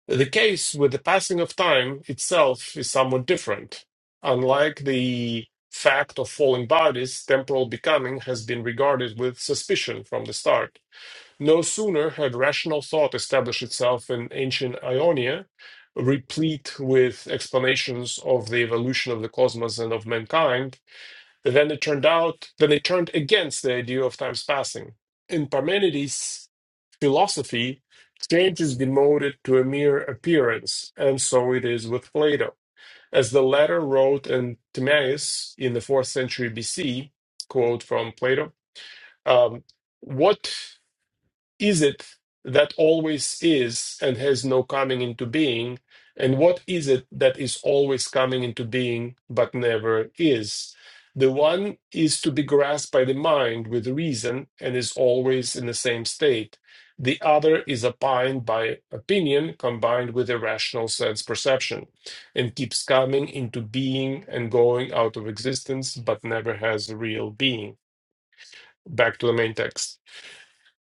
[SPEAKER 4] The case with the passing of time itself is somewhat different. Unlike the fact of falling bodies, temporal becoming has been regarded with suspicion from the start no sooner had rational thought established itself in ancient Ionia, replete with explanations of the evolution of the cosmos and of mankind, than it turned out, than it turned against the idea of time's passing. In Parmenides' philosophy, change is demoted to a mere appearance, and so it is with Plato. As the latter wrote in Timaeus in the fourth century BC, quote from Plato, um, what is it that always is and has no coming into being? And what is it that is always coming into being but never is? The one is to be grasped by the mind with reason and is always in the same state. The other is opined by opinion combined with irrational sense perception and keeps coming into being and going out of existence but never has a real being. Back to the main text.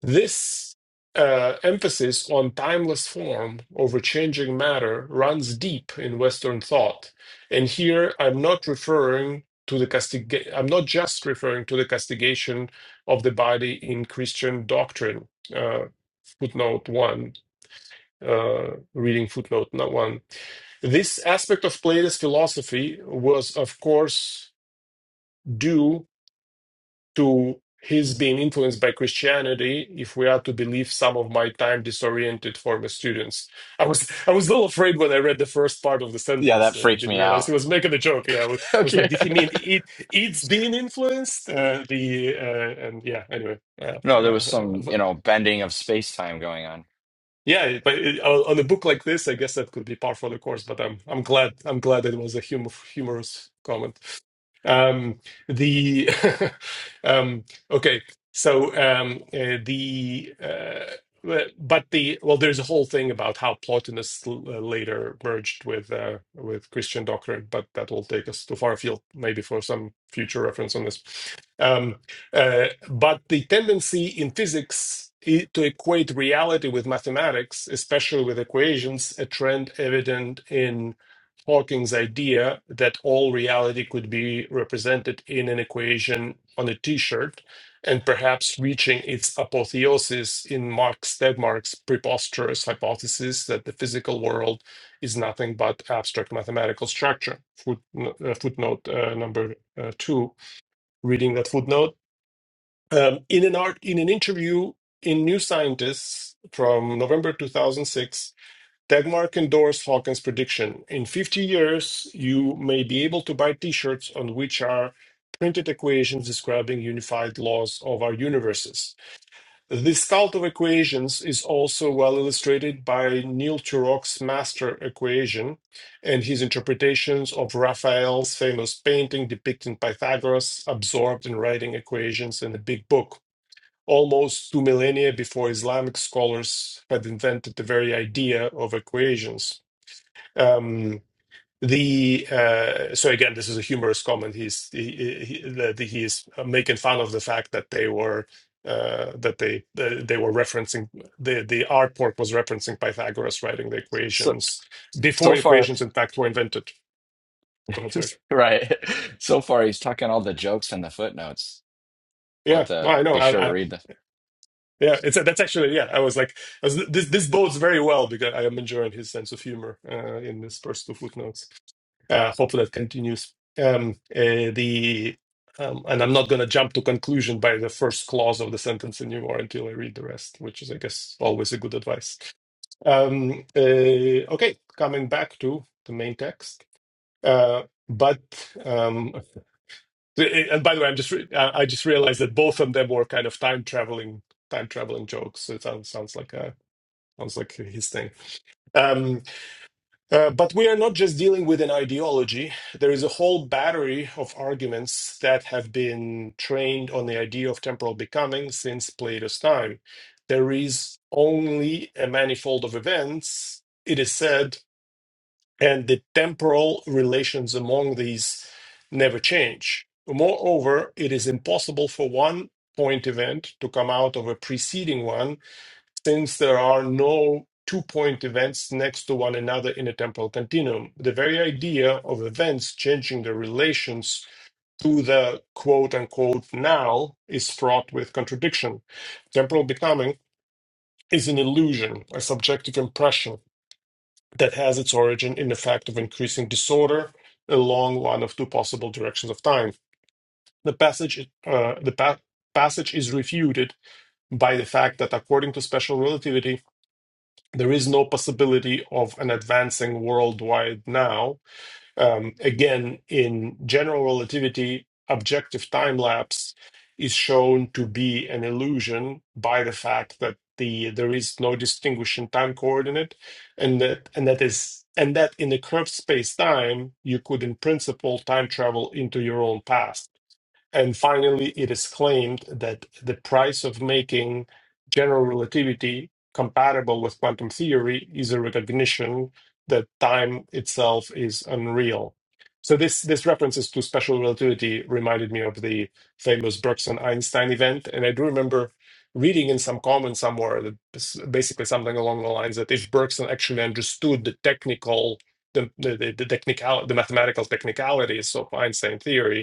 [SPEAKER 4] This uh, emphasis on timeless form over changing matter runs deep in Western thought. And here I'm not referring to the castig- I'm not just referring to the castigation of the body in Christian doctrine. Uh, footnote one, uh, reading footnote not one. This aspect of Plato's philosophy was, of course, due to his being influenced by Christianity, if we are to believe some of my time disoriented former students. I was I was a little afraid when I read the first part of the
[SPEAKER 3] Yeah, that
[SPEAKER 4] sentence. and I
[SPEAKER 3] freaked
[SPEAKER 4] didn't
[SPEAKER 3] me
[SPEAKER 4] realize he
[SPEAKER 3] out.
[SPEAKER 4] was making a joke. Yeah, I was, I was like,
[SPEAKER 3] Okay.
[SPEAKER 4] did he mean it? It's being influenced. Uh, the uh, and yeah. Anyway, Yeah, so,
[SPEAKER 3] No,
[SPEAKER 4] yeah,
[SPEAKER 3] there was some,
[SPEAKER 4] uh, uh,
[SPEAKER 3] you know, bending of space time going on.
[SPEAKER 4] yeah. But it, on on a book like this, I guess that could be par for the course. But I'm I'm glad I'm glad it was a humor, humorous comment. Um, the um, okay, so um, uh, the uh, well, but the well, there's a whole thing about how Plotinus l- uh, later merged with uh, with Christian doctrine, but that will take us too far afield, maybe for some future reference on this. Um, uh, but the tendency in physics i- to equate reality with mathematics, especially with equations, a trend evident in. Hawking's idea that all reality could be represented in an equation on a t shirt and perhaps reaching its apotheosis in Mark Stegmark's preposterous hypothesis that the physical world is nothing but abstract mathematical structure. Foot, uh, footnote uh, number uh, two, reading that footnote. Um, in, an art, in an interview in New Scientist from November 2006, Tegmark endorsed Hawkins' prediction. In 50 years, you may be able to buy t shirts on which are printed equations describing unified laws of our universes. This cult of equations is also well illustrated by Neil Turok's master equation and his interpretations of Raphael's famous painting depicting Pythagoras absorbed in writing equations in a big book almost two millennia before Islamic scholars had invented the very idea of equations. Um, the uh, so again, this is a humorous comment. He's he, he, that he is making fun of the fact that they were uh, that they they they were referencing the the artwork was referencing Pythagoras writing the
[SPEAKER 3] So
[SPEAKER 4] equations before
[SPEAKER 3] so far,
[SPEAKER 4] equations in fact were invented. Go ahead, sorry.
[SPEAKER 3] right. So far he's tucking all the jokes in the footnotes.
[SPEAKER 4] Yeah,
[SPEAKER 3] But
[SPEAKER 4] no,
[SPEAKER 3] uh,
[SPEAKER 4] I know.
[SPEAKER 3] be sure
[SPEAKER 4] I,
[SPEAKER 3] to
[SPEAKER 4] I
[SPEAKER 3] read the
[SPEAKER 4] yeah, it's that's actually yeah. I was like, I was, this this bodes very well because I am enjoying his sense of humor uh, in this first two footnotes. Uh, hopefully that continues. Um, uh, the um, and I'm not going to jump to conclusion by the first clause of the sentence anymore until I read the rest, which is, I guess, always a good advice. Um, uh, okay, coming back to the main text. Uh, but um, the- and by the way, I'm just re- I I just realized that both of them were kind of time traveling time traveling jokes. So It sounds sounds like a sounds like his thing. Um, uh, but we are not just dealing with an ideology. There is a whole battery of arguments that have been trained on the idea of temporal becoming since Plato's time. There is only a manifold of events, it is said, and the temporal relations among these never change. Moreover, it is impossible for one point event to come out of a preceding one since there are no two point events next to one another in a temporal continuum. The very idea of events changing their relations to the quote unquote now is fraught with contradiction. Temporal becoming is an illusion, a subjective impression that has its origin in the fact of increasing disorder along one of two possible directions of time. The passage, uh, the pa- passage is refuted by the fact that according to special relativity, there is no possibility of an advancing worldwide now. Um, again, in general relativity, objective time lapse is shown to be an illusion by the fact that the there is no distinguishing time coordinate, and that and that is and that in a curved space time, you could in principle time travel into your own past and finally, it is claimed that the price of making general relativity compatible with quantum theory is a recognition that time itself is unreal. So this this references to special relativity reminded me of the famous Brooks Einstein event, and I do remember reading in some comment somewhere that s- basically something along the lines that if Bergson actually understood the technical the the, the, the technical the mathematical technicalities of Einstein theory,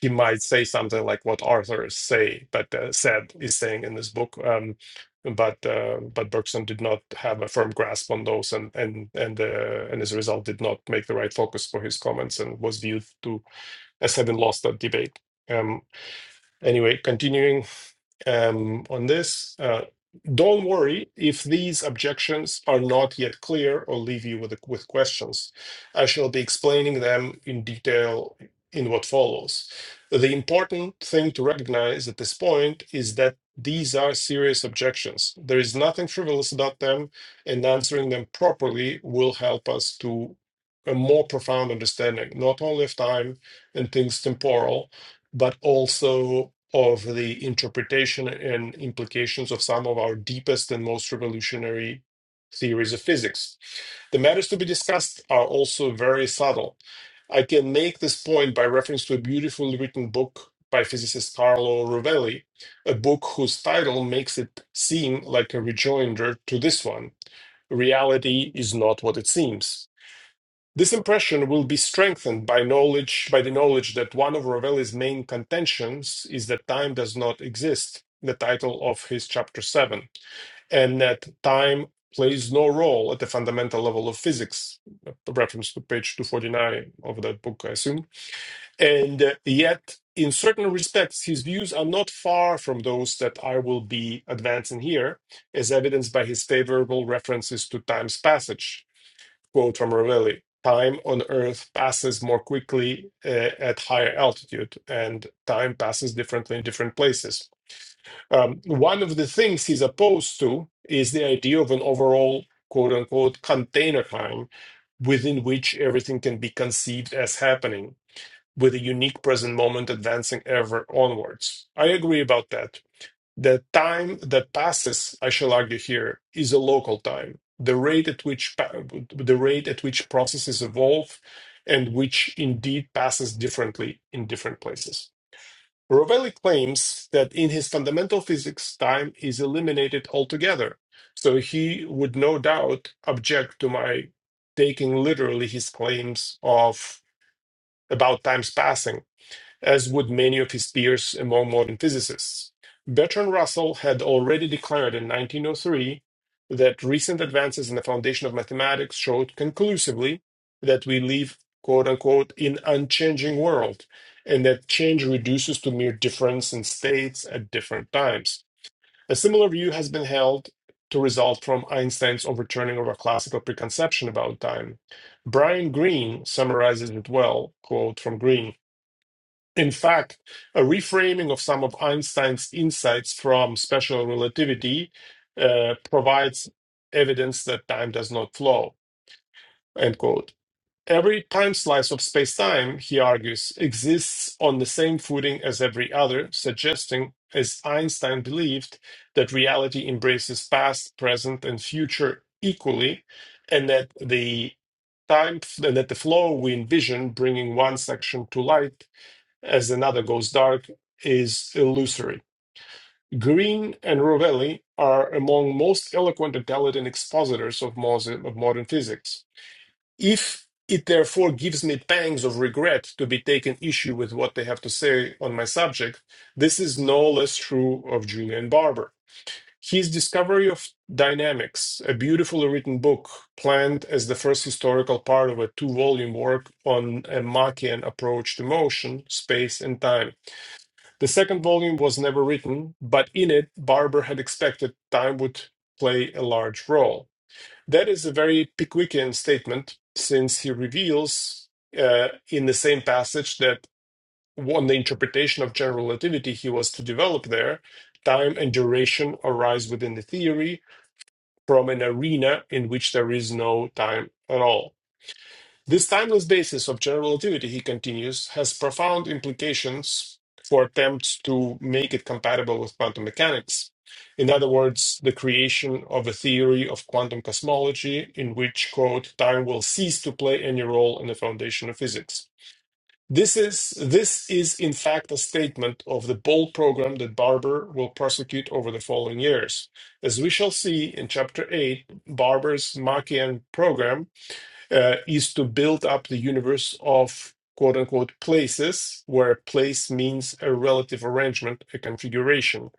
[SPEAKER 4] he might say something like what Arthur is say, but uh, said is saying in this book. Um, but uh, but Bergson did not have a firm grasp on those, and and and uh, and as a result, did not make the right focus for his comments, and was viewed to as having lost that debate. Um, anyway, continuing um, on this. Uh, don't worry if these objections are not yet clear or leave you with, with questions. I shall be explaining them in detail in what follows. The important thing to recognize at this point is that these are serious objections. There is nothing frivolous about them, and answering them properly will help us to a more profound understanding, not only of time and things temporal, but also of the interpretation and implications of some of our deepest and most revolutionary theories of physics. The matters to be discussed are also very subtle. I can make this point by reference to a beautifully written book by physicist Carlo Rovelli, a book whose title makes it seem like a rejoinder to this one Reality is not what it seems. This impression will be strengthened by knowledge, by the knowledge that one of Ravelli's main contentions is that time does not exist, the title of his chapter 7, and that time plays no role at the fundamental level of physics, a reference to page 249 of that book, I assume. And uh, yet, in certain respects, his views are not far from those that I will be advancing here, as evidenced by his favorable references to time's passage quote from Ravelli, time on Earth passes more quickly uh, at higher altitude, and time passes differently in different places. Um, one of the things he's opposed to is the idea of an overall quote unquote container time within which everything can be conceived as happening. With a unique present moment advancing ever onwards. I agree about that the time that passes, I shall argue here, is a local time. The rate at which pa- the rate at which processes evolve and which indeed passes differently in different places. Rovelli claims that in his fundamental physics, time is eliminated altogether. So he would no doubt object to my taking literally his claims of about times passing as would many of his peers among modern physicists. Bertrand Russell had already declared in 1903 that recent advances in the foundation of mathematics showed conclusively that we live, quote unquote, in unchanging world, and that change reduces to mere difference in states at different times. A similar view has been held to result from Einstein's overturning of a classical preconception about time. Brian Greene summarizes it well, quote from Greene. In fact, a reframing of some of Einstein's insights from special relativity uh, provides evidence that time does not flow. End quote. Every time slice of space-time, he argues, exists on the same footing as every other, suggesting, as Einstein believed, that reality embraces past, present, and future equally, and that the time and that the flow we envision bringing one section to light as another goes dark is illusory. Green and Rovelli are among most eloquent and talented expositors of, mos- of modern physics. If it therefore gives me pangs of regret to be taken issue with what they have to say on my subject, this is no less true of Julian Barber. His discovery of Dynamics, a beautifully written book planned as the first historical part of a two volume work on a Machian approach to motion, space, and time the second volume was never written, but in it, Barber had expected time would play a large role. That is a very Pickwickian statement, since he reveals uh, in the same passage that on the interpretation of general relativity he was to develop there, time and duration arise within the theory from an arena in which there is no time at all. This timeless basis of general relativity, he continues, has profound implications for attempts to make it compatible with quantum mechanics. In other words, the creation of a theory of quantum cosmology in which, quote, time will cease to play any role in the foundation of physics. This is, this is, in fact, a statement of the bold program that Barber will prosecute over the following years. As we shall see in Chapter 8, Barber's Machian program uh, is to build up the universe of quote unquote places, where place means a relative arrangement, a configuration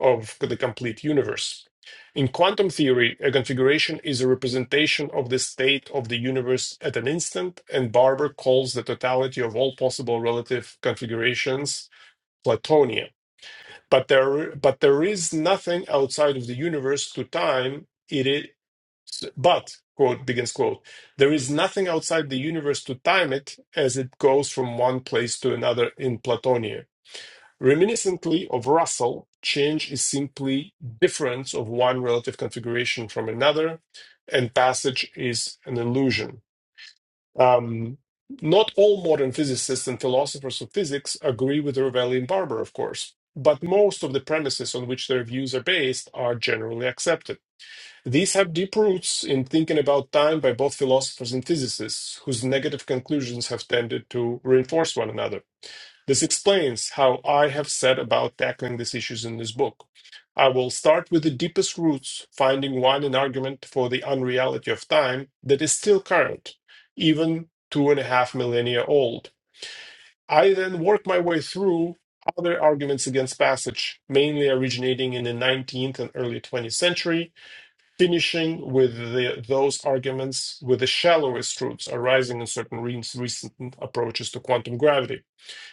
[SPEAKER 4] of the complete universe. In quantum theory, a configuration is a representation of the state of the universe at an instant, and Barber calls the totality of all possible relative configurations Platonia. But there, but there is nothing outside of the universe to time. It is. But, quote, begins quote, there is nothing outside the universe to time it as it goes from one place to another in Platonia. Reminiscently of Russell, change is simply difference of one relative configuration from another, and passage is an illusion. Um, not all modern physicists and philosophers of physics agree with Ravelli and Barber, of course, but most of the premises on which their views are based are generally accepted. These have deep roots in thinking about time by both philosophers and physicists, whose negative conclusions have tended to reinforce one another. This explains how I have set about tackling these issues in this book. I will start with the deepest roots, finding one an argument for the unreality of time that is still current, even two and a half millennia old. I then work my way through other arguments against passage, mainly originating in the 19th and early 20th century, finishing with the, those arguments with the shallowest truths arising in certain re- recent approaches to quantum gravity.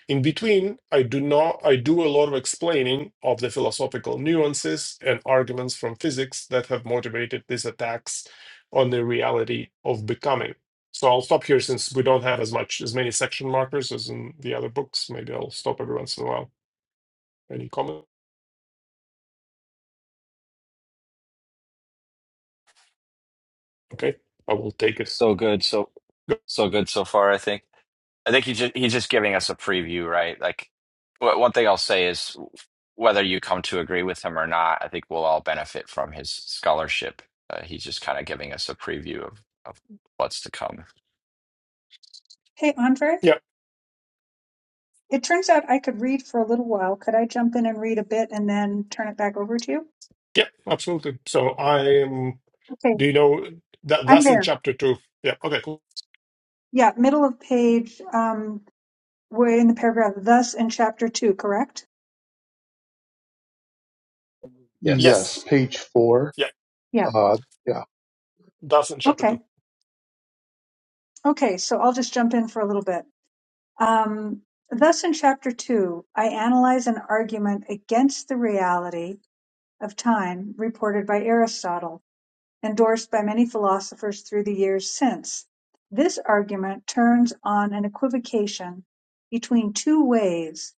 [SPEAKER 4] In between, I do not I do a lot of explaining of the philosophical nuances and arguments from physics that have motivated these attacks on the reality of becoming. So I'll stop here since we don't have as much as many section markers as in the other books. Maybe I'll stop every once in a while. Any comment? Okay, I will take it. Go-
[SPEAKER 3] so good, so so good so far, I think. I think he just, he's just giving us a preview, right? Like, wh- one thing I'll say is whether you come to agree with him or not, I think we'll all benefit from his scholarship. Uh, he's just kind of giving us a preview of, of what's to come.
[SPEAKER 1] Hey, Andre?
[SPEAKER 4] Yeah,
[SPEAKER 1] It turns out I could read for a little while. Could I jump in and read a bit and then turn it back over to you?
[SPEAKER 4] yeah, absolutely. So I am
[SPEAKER 1] Okay,
[SPEAKER 4] Do you know that
[SPEAKER 1] I'm
[SPEAKER 4] that's in
[SPEAKER 1] there.
[SPEAKER 4] chapter two? Yeah. Okay. Cool.
[SPEAKER 1] Yeah, middle of page, um, we're in the paragraph, thus in chapter two, correct?
[SPEAKER 3] Yes.
[SPEAKER 5] Yes,
[SPEAKER 4] Yes.
[SPEAKER 5] page four.
[SPEAKER 4] Yeah.
[SPEAKER 1] Yeah.
[SPEAKER 5] Uh, yeah,
[SPEAKER 4] That's in chapter
[SPEAKER 1] Okay.
[SPEAKER 4] two.
[SPEAKER 1] Okay, so I'll just jump in for a little bit. Um, thus in chapter two, I analyze an argument against the reality of time reported by Aristotle. endorsed by many philosophers through the years since. This argument turns on an equivocation between two ways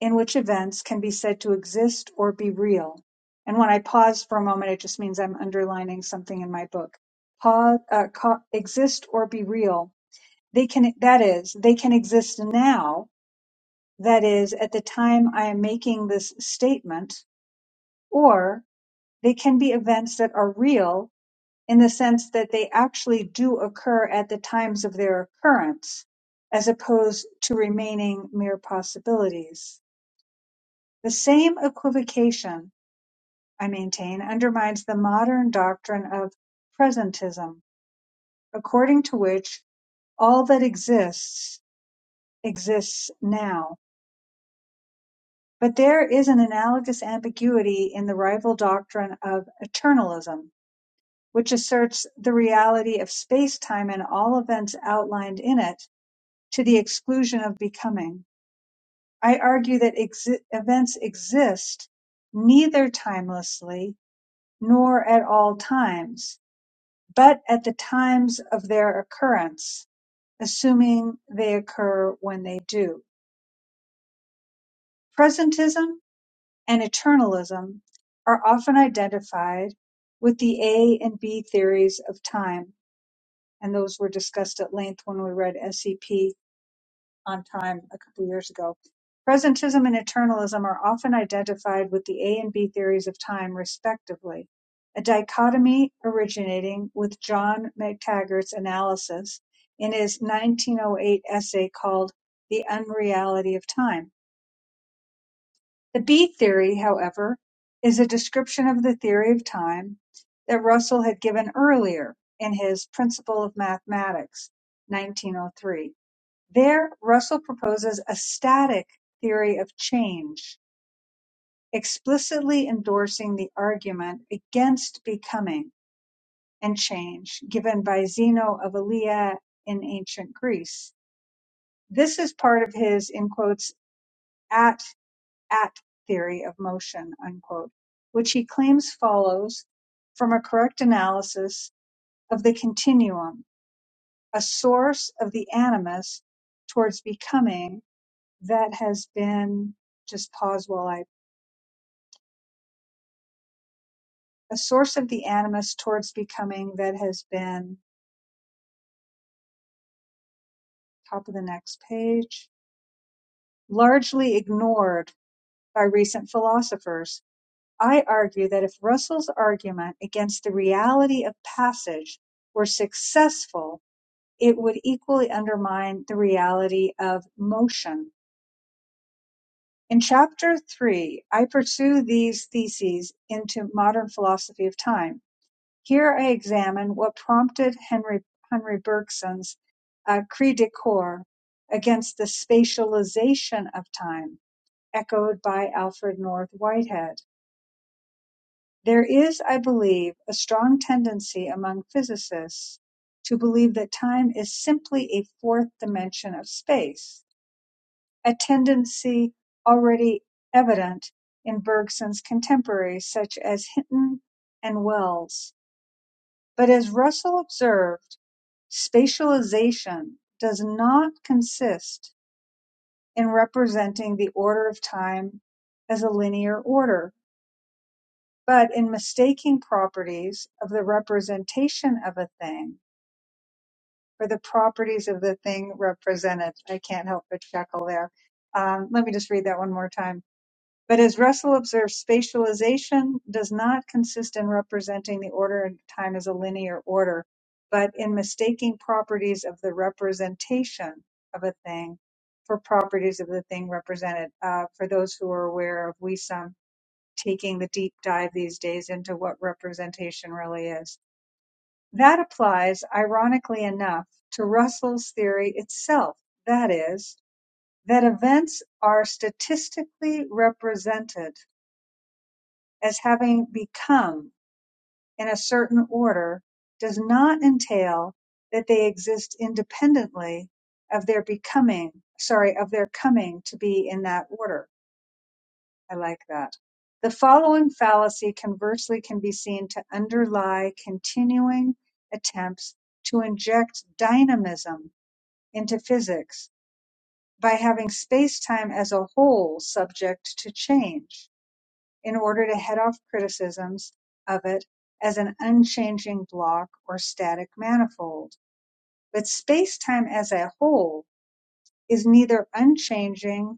[SPEAKER 1] in which events can be said to exist or be real. And when I pause for a moment, it just means I'm underlining something in my book. Pause, uh, co- exist or be real. They can, that is, they can exist now. That is, at the time I am making this statement, or they can be events that are real in the sense that they actually do occur at the times of their occurrence, as opposed to remaining mere possibilities. The same equivocation, I maintain, undermines the modern doctrine of presentism, according to which all that exists exists now. But there is an analogous ambiguity in the rival doctrine of eternalism, which asserts the reality of space time and all events outlined in it to the exclusion of becoming. I argue that exi- events exist neither timelessly nor at all times, but at the times of their occurrence, assuming they occur when they do. Presentism and eternalism are often identified with the A and B theories of time, and those were discussed at length when we read SEP on Time a couple years ago. Presentism and eternalism are often identified with the A and B theories of time, respectively, a dichotomy originating with John McTaggart's analysis in his 1908 essay called The Unreality of Time. The B theory, however, is a description of the theory of time that Russell had given earlier in his Principle of Mathematics, 1903. There, Russell proposes a static theory of change, explicitly endorsing the argument against becoming and change given by Zeno of Elea in ancient Greece. This is part of his, in quotes, at at theory of motion, unquote, which he claims follows from a correct analysis of the continuum, a source of the animus towards becoming that has been just pause while I a source of the animus towards becoming that has been top of the next page largely ignored by recent philosophers. I argue that if Russell's argument against the reality of passage were successful, it would equally undermine the reality of motion. In chapter three, I pursue these theses into modern philosophy of time Here I examine what prompted Henry Henry Bergson's uh, "cri de corps" against the spatialization of time, echoed by Alfred North Whitehead. There is, I believe, a strong tendency among physicists to believe that time is simply a fourth dimension of space, a tendency already evident in Bergson's contemporaries such as Hinton and Wells. But as Russell observed. Spatialization does not consist in representing the order of time as a linear order, but in mistaking properties of the representation of a thing for the properties of the thing represented. I can't help but chuckle there. Um, let me just read that one more time. But as Russell observes, spatialization does not consist in representing the order of time as a linear order, but in mistaking properties of the representation of a thing for properties of the thing represented. Uh, for those who are aware of WISUM, taking the deep dive these days into what representation really is. That applies, ironically enough, to Russell's theory itself, that is, that events are statistically represented as having become in a certain order does not entail that they exist independently of their becoming, sorry, of their coming to be in that order. I like that. The following fallacy conversely can be seen to underlie continuing attempts to inject dynamism into physics by having space-time as a whole subject to change in order to head off criticisms of it as an unchanging block or static manifold. But space-time as a whole is neither unchanging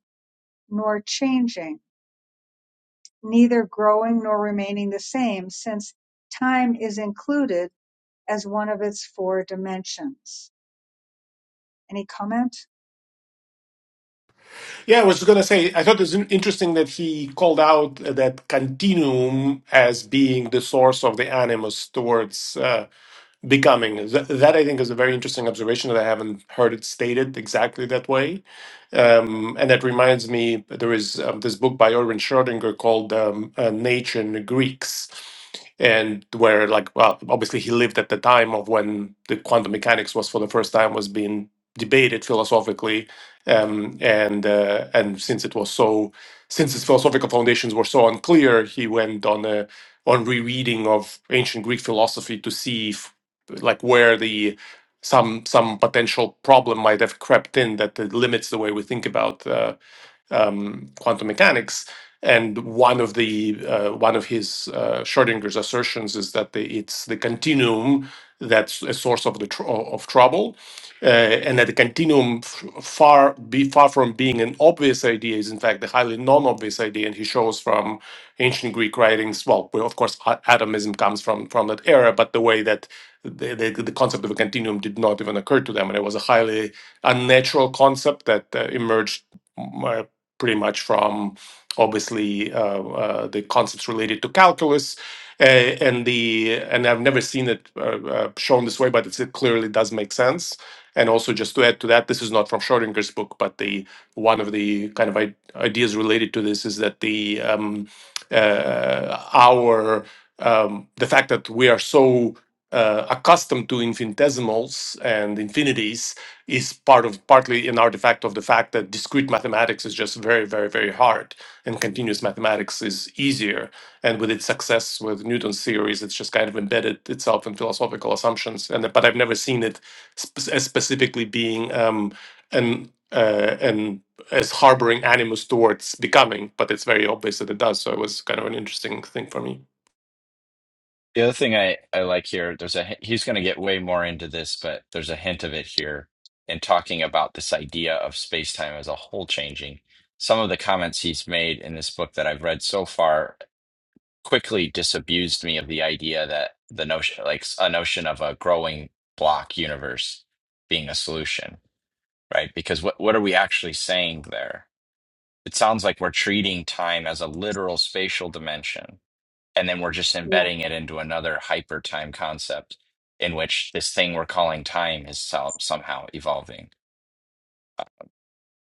[SPEAKER 1] nor changing, neither growing nor remaining the same, since time is included as one of its four dimensions. Any comment?
[SPEAKER 4] Yeah. I was going to say. I thought it was in- interesting that he called out uh, that continuum as being the source of the animus towards. uh, becoming. That, that I think is a very interesting observation that I haven't heard it stated exactly that way. Um, and that reminds me, there is um, this book by Erwin Schrödinger called um, uh, Nature and the Greeks. And where, like, well, obviously he lived at the time of when the quantum mechanics was for the first time was being debated philosophically, um, and uh, and since it was so, since his philosophical foundations were so unclear, he went on a on rereading of ancient Greek philosophy to see if like where the some some potential problem might have crept in that uh, limits the way we think about uh, um, quantum mechanics. And one of the uh, one of his uh, Schrodinger's assertions is that the, it's the continuum that's a source of the tr- of trouble, uh, and that the continuum f- far be far from being an obvious idea is in fact a highly non-obvious idea. And he shows from ancient Greek writings, well, well, of course, a- atomism comes from from that era, but the way that the, the, the concept of a continuum did not even occur to them, and it was a highly unnatural concept that uh, emerged pretty much from obviously uh, uh, the concepts related to calculus uh, and the and I've never seen it uh, uh, shown this way, but it's, it clearly does make sense. And also, just to add to that, this is not from Schrodinger's book, but the one of the kind of I- ideas related to this is that the um, uh, our um, the fact that we are so uh, accustomed to infinitesimals and infinities is part of partly an artifact of the fact that discrete mathematics is just very very very hard and continuous mathematics is easier and with its success with newton's theories it's just kind of embedded itself in philosophical assumptions and but i've never seen it sp- as specifically being um an uh, and as harboring animus towards becoming but it's very obvious that it does so it was kind of an interesting thing for me
[SPEAKER 3] The other thing I, I like here, there's a hi- he's going to get way more into this, but there's a hint of it here in talking about this idea of space time as a whole changing. Some of the comments he's made in this book that I've read so far quickly disabused me of the idea that the notion like a notion of a growing block universe being a solution right because what what are we actually saying there it sounds like we're treating time as a literal spatial dimension and then we're just
[SPEAKER 1] Yeah.
[SPEAKER 3] embedding it into another hyper time concept in which this thing we're calling time is so- somehow evolving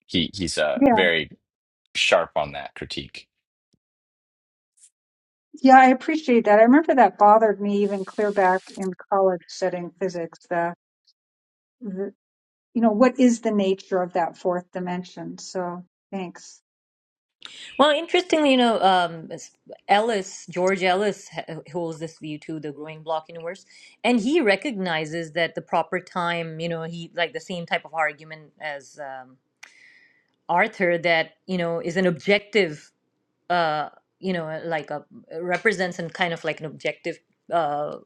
[SPEAKER 3] he he's uh,
[SPEAKER 1] Yeah.
[SPEAKER 3] very sharp on that critique
[SPEAKER 1] Yeah, I appreciate that. I remember that bothered me even clear back in college studying physics. The you know, what is the nature of that fourth dimension? So thanks.
[SPEAKER 2] Well, interestingly, you know, um, Ellis, George Ellis, ha- holds this view too, the growing block universe, and he recognizes that the proper time, you know, he like the same type of argument as um, Arthur, that you know, is an objective uh, you know, uh, like a represents and kind of like an objective uh,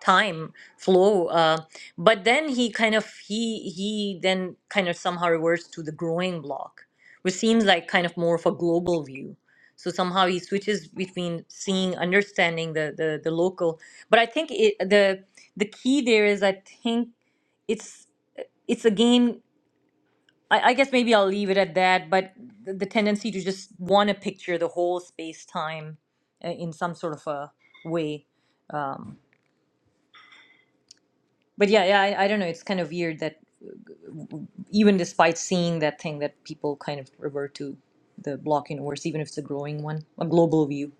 [SPEAKER 2] time flow. Uh, but then he kind of he he then kind of somehow reverts to the growing block, which seems like kind of more of a global view. So somehow he switches between seeing, understanding the the, the local. But I think it, the the key there is I think it's it's again I, I guess maybe I'll leave it at that, but the, the tendency to just want to picture the whole space time uh, in some sort of a way. Um, but yeah, yeah, I, I don't know. It's kind of weird that even despite seeing that thing, that people kind of revert to the block universe, even if it's a growing one, a global view.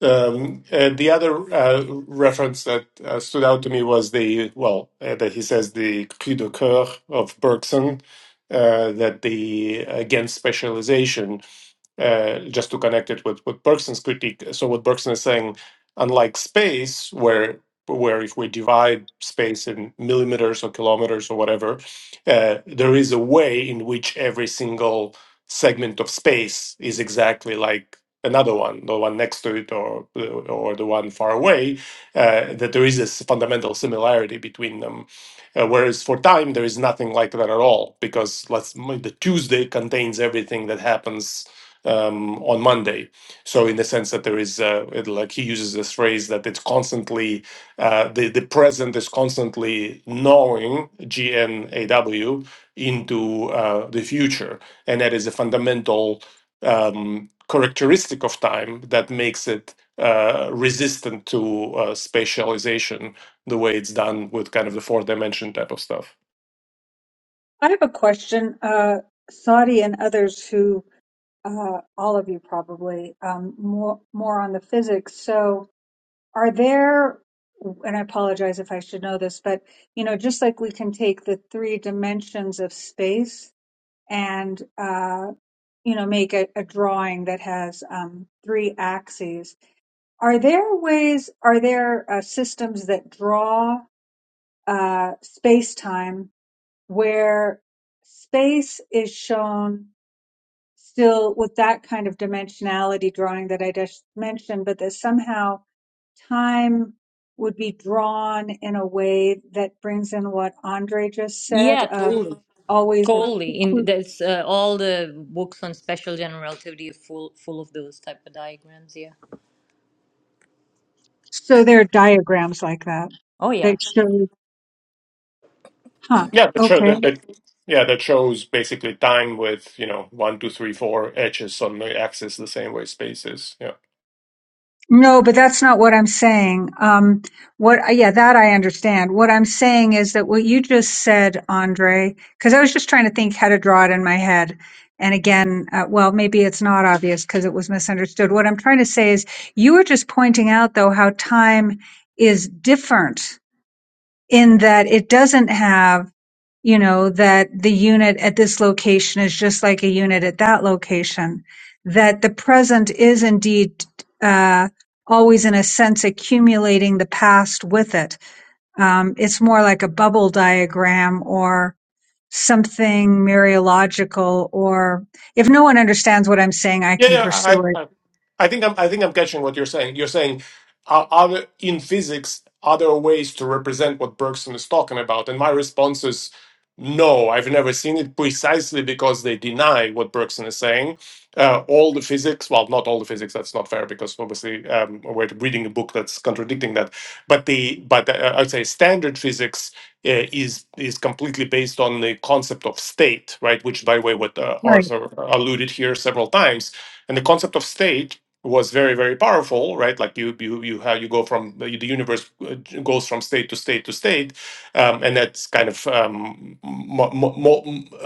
[SPEAKER 4] Um, uh, the other uh, reference that uh, stood out to me was the, well, uh, that he says the cri de coeur of Bergson, uh, that the against specialization, uh, just to connect it with, with Bergson's critique. So what Bergson is saying, unlike space, where where if we divide space in millimeters or kilometers or whatever, uh, there is a way in which every single segment of space is exactly like another one, the one next to it or or the one far away, uh, that there is this fundamental similarity between them. Uh, whereas for time, there is nothing like that at all because let's the Tuesday contains everything that happens um, on Monday. So in the sense that there is, uh, it, like he uses this phrase that it's constantly uh, the the present is constantly knowing G N A W into uh, the future, and that is a fundamental um, characteristic of time that makes it uh, resistant to uh, spatialization the way it's done with kind of the four dimension type of stuff.
[SPEAKER 1] I have a question. Uh, Saudi and others who, uh, all of you probably, um, more, more on the physics. So are there, and I apologize if I should know this, but, you know, just like we can take the three dimensions of space and, uh, you know, make a, a drawing that has um, three axes. Are there ways, are there uh, systems that draw uh, space time where space is shown still with that kind of dimensionality drawing that I just mentioned, but that somehow time would be drawn in a way that brings in what Andre just said
[SPEAKER 2] Yeah,
[SPEAKER 1] of
[SPEAKER 2] totally,
[SPEAKER 1] always.
[SPEAKER 2] totally. In that's uh, all the books on special general relativity are full full of those type of diagrams. Yeah.
[SPEAKER 1] So there are diagrams like that
[SPEAKER 2] Oh yeah.
[SPEAKER 1] that show, huh,
[SPEAKER 4] Yeah, that show
[SPEAKER 1] okay.
[SPEAKER 4] that, that yeah that shows basically time with you know one two three four edges on the axis the same way space is. Yeah,
[SPEAKER 1] No, but that's not what I'm saying. Um, what, yeah, that I understand. What I'm saying is that what you just said, Andre, because I was just trying to think how to draw it in my head. And again, uh, well, maybe it's not obvious because it was misunderstood. What I'm trying to say is you were just pointing out, though, how time is different in that it doesn't have you know, that the unit at this location is just like a unit at that location, that the present is indeed uh, always, in a sense, accumulating the past with it. Um, it's more like a bubble diagram or something Mariological, or if no one understands what I'm saying, I
[SPEAKER 4] yeah,
[SPEAKER 1] can
[SPEAKER 4] yeah.
[SPEAKER 1] pursue
[SPEAKER 4] I,
[SPEAKER 1] it.
[SPEAKER 4] I I think I'm, I think I'm catching what you're saying. You're saying, are, are in physics, are there ways to represent what Bergson is talking about? And my response is, no, I've never seen it precisely because they deny what Bergson is saying. Uh, all the physics, well, not all the physics. That's not fair because obviously um, we're reading a book that's contradicting that. But the but uh, I'd say standard physics uh, is is completely based on the concept of state, right? Which, by the way, what uh,
[SPEAKER 1] Right.
[SPEAKER 4] Arthur alluded here several times. And the concept of state was very very powerful right like you you you how you go from the the universe uh, goes from state to state to state um, and that's kind of um, mo- mo- mo-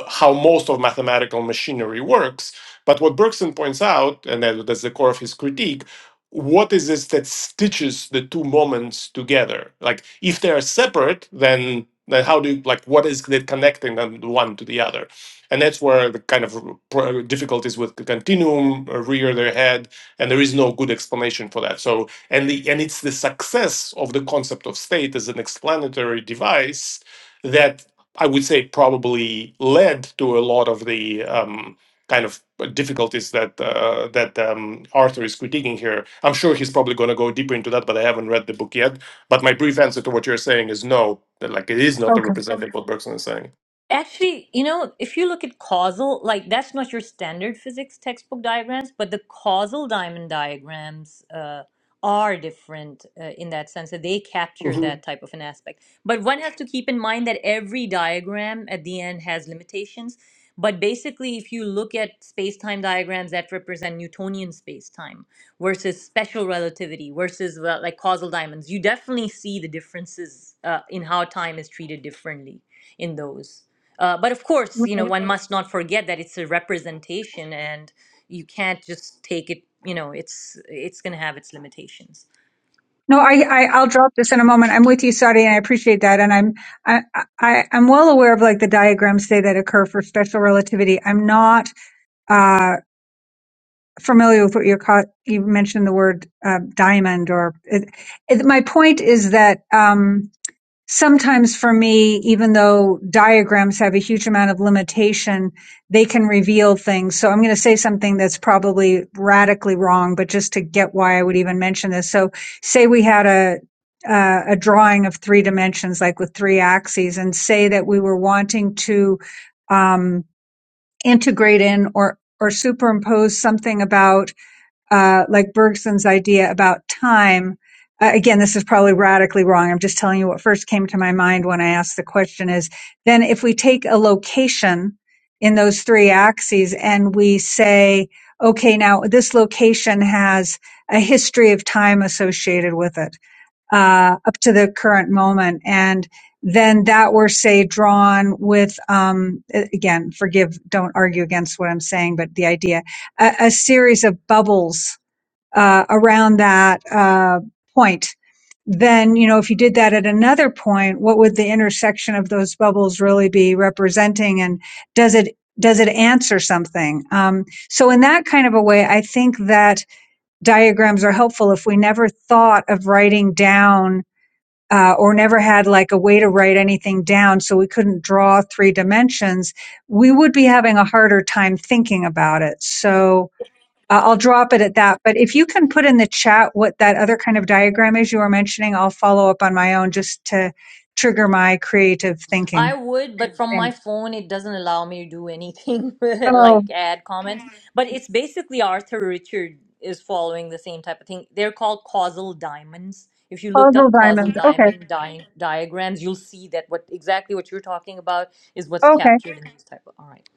[SPEAKER 4] how most of mathematical machinery works but what bergson points out and that, that's the core of his critique what is this that stitches the two moments together like if they are separate then then how do you like what is that connecting them one to the other and that's where the kind of uh, pro- difficulties with the continuum uh, rear their head and there is no good explanation for that so and the and it's the success of the concept of state as an explanatory device that i would say probably led to a lot of the um, kind of difficulties that uh, that um, arthur is critiquing here i'm sure he's probably going to go deeper into that but i haven't read the book yet but my brief answer to what you're saying is no that like it is not a
[SPEAKER 1] Okay.
[SPEAKER 4] representative of what bergson is saying
[SPEAKER 2] Actually, you know, if you look at causal, like that's not your standard physics textbook diagrams, but the causal diamond diagrams uh, are different uh, in that sense that they capture
[SPEAKER 4] Mhm.
[SPEAKER 2] that type of an aspect. But one has to keep in mind that every diagram at the end has limitations. But basically, if you look at space time diagrams that represent Newtonian space time, versus special relativity versus well, like causal diamonds. You definitely see the differences uh, in how time is treated differently in those. Uh, but of course, you know, one must not forget that it's a representation, and you can't just take it. You know, it's it's going to have its limitations.
[SPEAKER 1] No, I, I I'll drop this in a moment. I'm with you, Saudi, and I appreciate that. And I'm I, I I'm well aware of like the diagrams say that occur for special relativity. I'm not uh familiar with what you're caught. You mentioned the word uh, diamond, or it, it, my point is that. um sometimes for me, even though diagrams have a huge amount of limitation, they can reveal things. So I'm going to say something that's probably radically wrong, but just to get why I would even mention this. So say we had a, uh, a drawing of three dimensions, like with three axes and say that we were wanting to, um, integrate in or, or superimpose something about uh, like Bergson's idea about time. Uh, again, this is probably radically wrong. I'm just telling you what first came to my mind when I asked the question is then if we take a location in those three axes and we say, okay, now this location has a history of time associated with it, uh, up to the current moment. And then that were say drawn with, um, again, forgive, don't argue against what I'm saying, but the idea, a, a series of bubbles uh, around that uh, point. Then, you know, if you did that at another point, what would the intersection of those bubbles really be representing? And does it does it answer something? Um, so, in that kind of a way, I think that diagrams are helpful. If we never thought of writing down uh, or never had like a way to write anything down, so we couldn't draw three dimensions, we would be having a harder time thinking about it. So, uh, I'll drop it at that. But if you can put in the chat what that other kind of diagram is you were mentioning, I'll follow up on my own just to trigger my creative
[SPEAKER 2] I
[SPEAKER 1] thinking.
[SPEAKER 2] would, but from my
[SPEAKER 1] Thanks.
[SPEAKER 2] phone, it doesn't allow me to do anything
[SPEAKER 1] Oh,
[SPEAKER 2] like add comments. But it's basically Arthur Richard is following the same type of thing. They're called causal diamonds. If you looked
[SPEAKER 1] puzzle
[SPEAKER 2] up causal
[SPEAKER 1] diamonds. Okay.
[SPEAKER 2] diamond di- diagrams, you'll see that what exactly what you're talking about is what's
[SPEAKER 1] Okay.
[SPEAKER 2] captured in this type of. All right.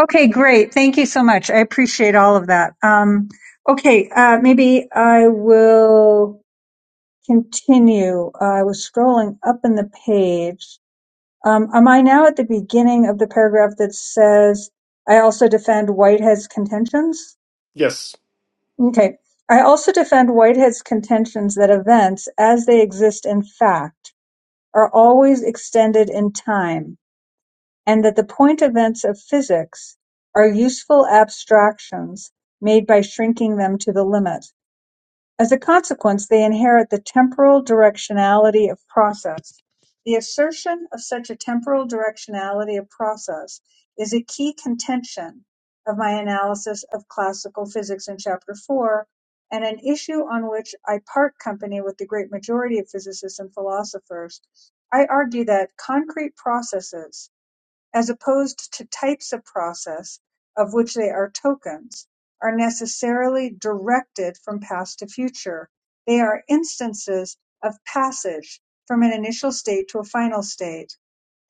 [SPEAKER 1] Okay. Great. Thank you so much. I appreciate all of that. Um, okay. Uh, maybe I will continue. Uh, I was scrolling up in the page. Um, am I now at the beginning of the paragraph that says, I also defend Whitehead's contentions?
[SPEAKER 4] yes
[SPEAKER 1] Okay. I also defend Whitehead's contentions that events, as they exist in fact, are always extended in time, and that the point events of physics are useful abstractions made by shrinking them to the limit. As a consequence, they inherit the temporal directionality of process. The assertion of such a temporal directionality of process is a key contention of my analysis of classical physics in Chapter 4, and an issue on which I part company with the great majority of physicists and philosophers. I argue that concrete processes as opposed to types of process, of which they are tokens, are necessarily directed from past to future. They are instances of passage from an initial state to a final state.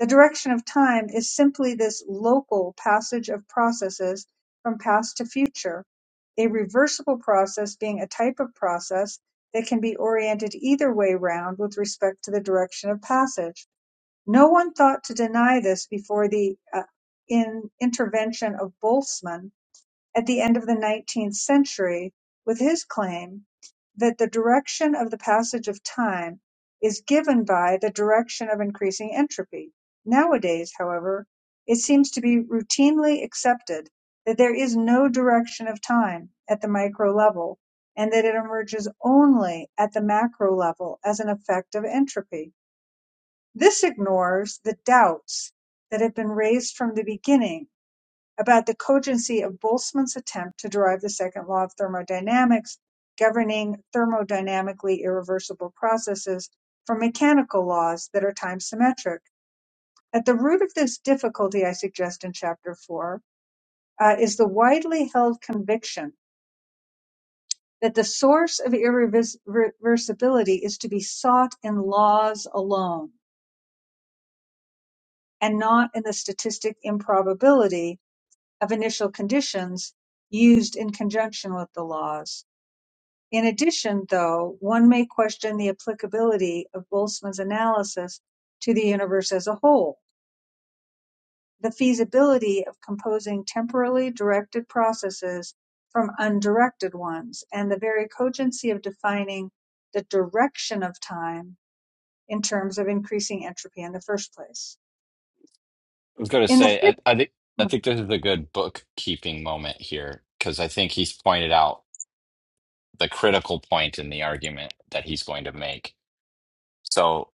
[SPEAKER 1] The direction of time is simply this local passage of processes from past to future, a reversible process being a type of process that can be oriented either way round with respect to the direction of passage. No one thought to deny this before the uh, in intervention of Boltzmann at the end of the 19th century with his claim that the direction of the passage of time is given by the direction of increasing entropy. Nowadays, however, it seems to be routinely accepted that there is no direction of time at the micro level and that it emerges only at the macro level as an effect of entropy. This ignores the doubts that have been raised from the beginning about the cogency of Boltzmann's attempt to derive the second law of thermodynamics governing thermodynamically irreversible processes from mechanical laws that are time symmetric. At the root of this difficulty, I suggest in Chapter 4, uh, is the widely held conviction that the source of irreversibility is to be sought in laws alone and not in the statistic improbability of initial conditions used in conjunction with the laws. In addition, though, one may question the applicability of Boltzmann's analysis to the universe as a whole, the feasibility of composing temporally directed processes from undirected ones, and the very cogency of defining the direction of time in terms of increasing entropy in the first place.
[SPEAKER 3] I was going to
[SPEAKER 1] In the
[SPEAKER 3] say, I,
[SPEAKER 1] fifth,
[SPEAKER 3] I think I think this is a good bookkeeping moment here because I think he's pointed out the critical point in the argument that he's going to make. So,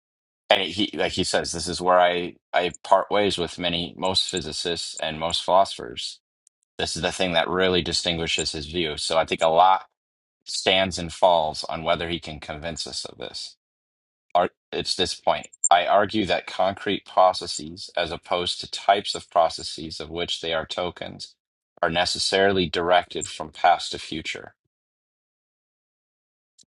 [SPEAKER 3] and he like he says, this is where I I part ways with many most physicists and most philosophers. This is the thing that really distinguishes his view. So, I think a lot stands and falls on whether he can convince us of this. Ar- it's this point. I argue that concrete processes, as opposed to types of processes of which they are tokens, are necessarily directed from past to future.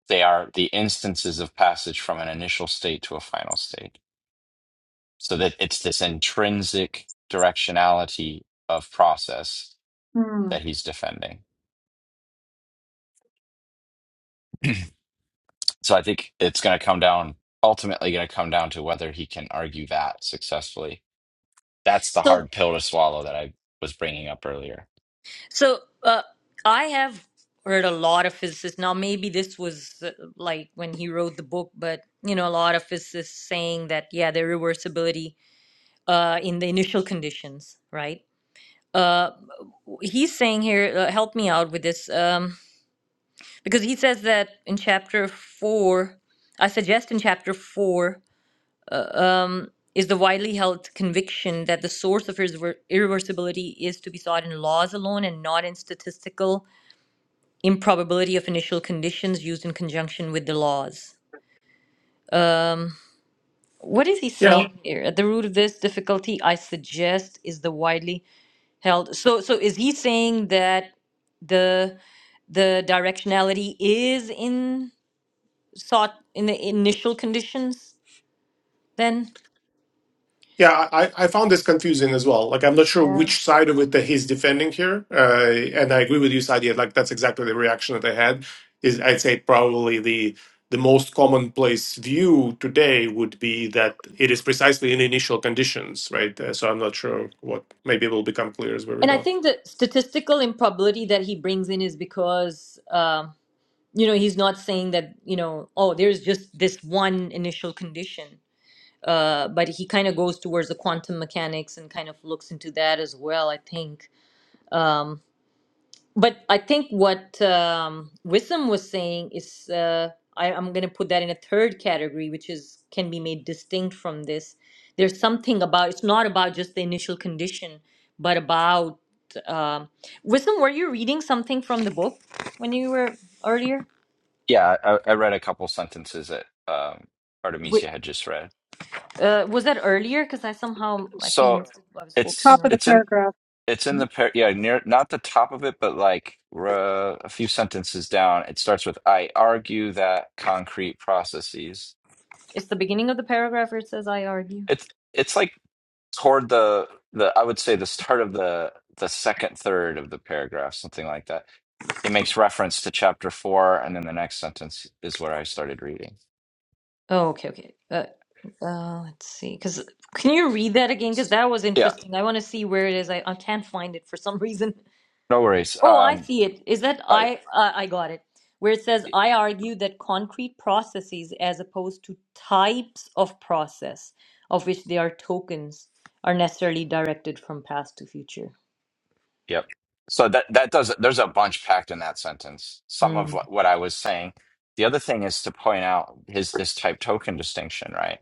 [SPEAKER 3] They are the instances of passage from an initial state to a final state. So that it's this intrinsic directionality of process
[SPEAKER 1] hmm,
[SPEAKER 3] that he's defending. So I think it's going to come down, ultimately, going to come down to whether he can argue that successfully. That's the
[SPEAKER 2] So,
[SPEAKER 3] hard pill to swallow that I was bringing up earlier.
[SPEAKER 2] so uh, I have heard a lot of physicists. Now, maybe this was uh, like when he wrote the book, but you know, a lot of physicists saying that yeah, the reversibility uh, in the initial conditions, right? Uh, he's saying here, uh, help me out with this, um, because he says that in chapter four, I suggest in chapter four, uh, um, is the widely held conviction that the source of irrever- irreversibility is to be sought in laws alone and not in statistical improbability of initial conditions used in conjunction with the laws. Um, what is he
[SPEAKER 4] Yeah,
[SPEAKER 2] saying here? At the root of this difficulty, I suggest, is the widely held so so is he saying that the the directionality is in sought in the initial conditions then
[SPEAKER 4] Yeah, I, I found this confusing as well. Like, I'm not sure
[SPEAKER 2] yeah.
[SPEAKER 4] which side of it that he's defending here. Uh, and I agree with you, Sadia. Like, that's exactly the reaction that I had. Is I'd say probably the the most commonplace view today would be that it is precisely in initial conditions, right? Uh, so I'm not sure what maybe it will become clear as we
[SPEAKER 2] and
[SPEAKER 4] read
[SPEAKER 2] i
[SPEAKER 4] on.
[SPEAKER 2] think the statistical improbability that he brings in is because um you know he's not saying that you know oh there's just this one initial condition uh but he kind of goes towards the quantum mechanics and kind of looks into that as well i think Um, But I think what um, Wisdom was saying is, uh, I, I'm going to put that in a third category, which is can be made distinct from this. There's something about it's not about just the initial condition, but about um, Wisdom. Were you reading something from the book when you were earlier?
[SPEAKER 3] Yeah, I, I read a couple sentences that um,
[SPEAKER 2] Wi-
[SPEAKER 3] Artemisia had just read.
[SPEAKER 2] Uh, was that earlier? Because I somehow I think
[SPEAKER 3] So
[SPEAKER 2] missed it. I was
[SPEAKER 1] top
[SPEAKER 2] focusing
[SPEAKER 3] it's
[SPEAKER 2] on.
[SPEAKER 1] of the
[SPEAKER 3] it's in
[SPEAKER 1] paragraph,
[SPEAKER 3] it's in
[SPEAKER 2] Hmm?
[SPEAKER 3] the par yeah near not the top of it, but like r- a few sentences down. It starts with I argue that concrete processes.
[SPEAKER 2] It's the beginning of the paragraph where it says "I argue."
[SPEAKER 3] It's it's like toward the the I would say the start of the the second third of the paragraph, something like that. It makes reference to chapter four, and then the next sentence is where I started reading.
[SPEAKER 2] Oh, okay, okay. Uh, uh, let's see. Because can you read that again? Because that was
[SPEAKER 3] Yeah,
[SPEAKER 2] interesting. I want to see where it is. I, I can't find it for some reason.
[SPEAKER 3] no worries.
[SPEAKER 2] Oh, I
[SPEAKER 3] Um,
[SPEAKER 2] see it. Is that
[SPEAKER 3] I.
[SPEAKER 2] I? Uh, I got it. Where it says, I argue that concrete processes, as opposed to types of process, of which they are tokens, are necessarily directed from past to future.
[SPEAKER 3] Yep. So that that does there's a bunch packed in that sentence. Some
[SPEAKER 2] Hmm.
[SPEAKER 3] of what, what I was saying. The other thing is to point out is this type token distinction, right?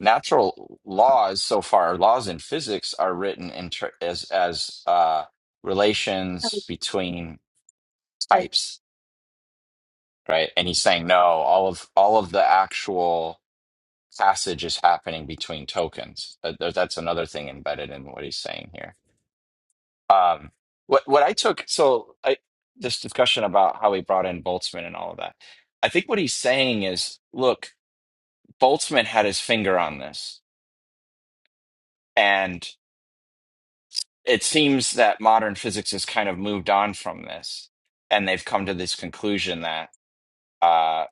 [SPEAKER 3] Natural laws so far, laws in physics are written in ter- as as uh, relations between
[SPEAKER 1] types.
[SPEAKER 3] types, right? And he's saying no, all of all of the actual passage is happening between tokens. Uh, there- that's another thing embedded in what he's saying here. Um, what what I took so I this discussion about how he brought in Boltzmann and all of that. I think what he's saying is, look, Boltzmann had his finger on this, and it seems that modern physics has kind of moved on from this, and they've come to this conclusion that uh,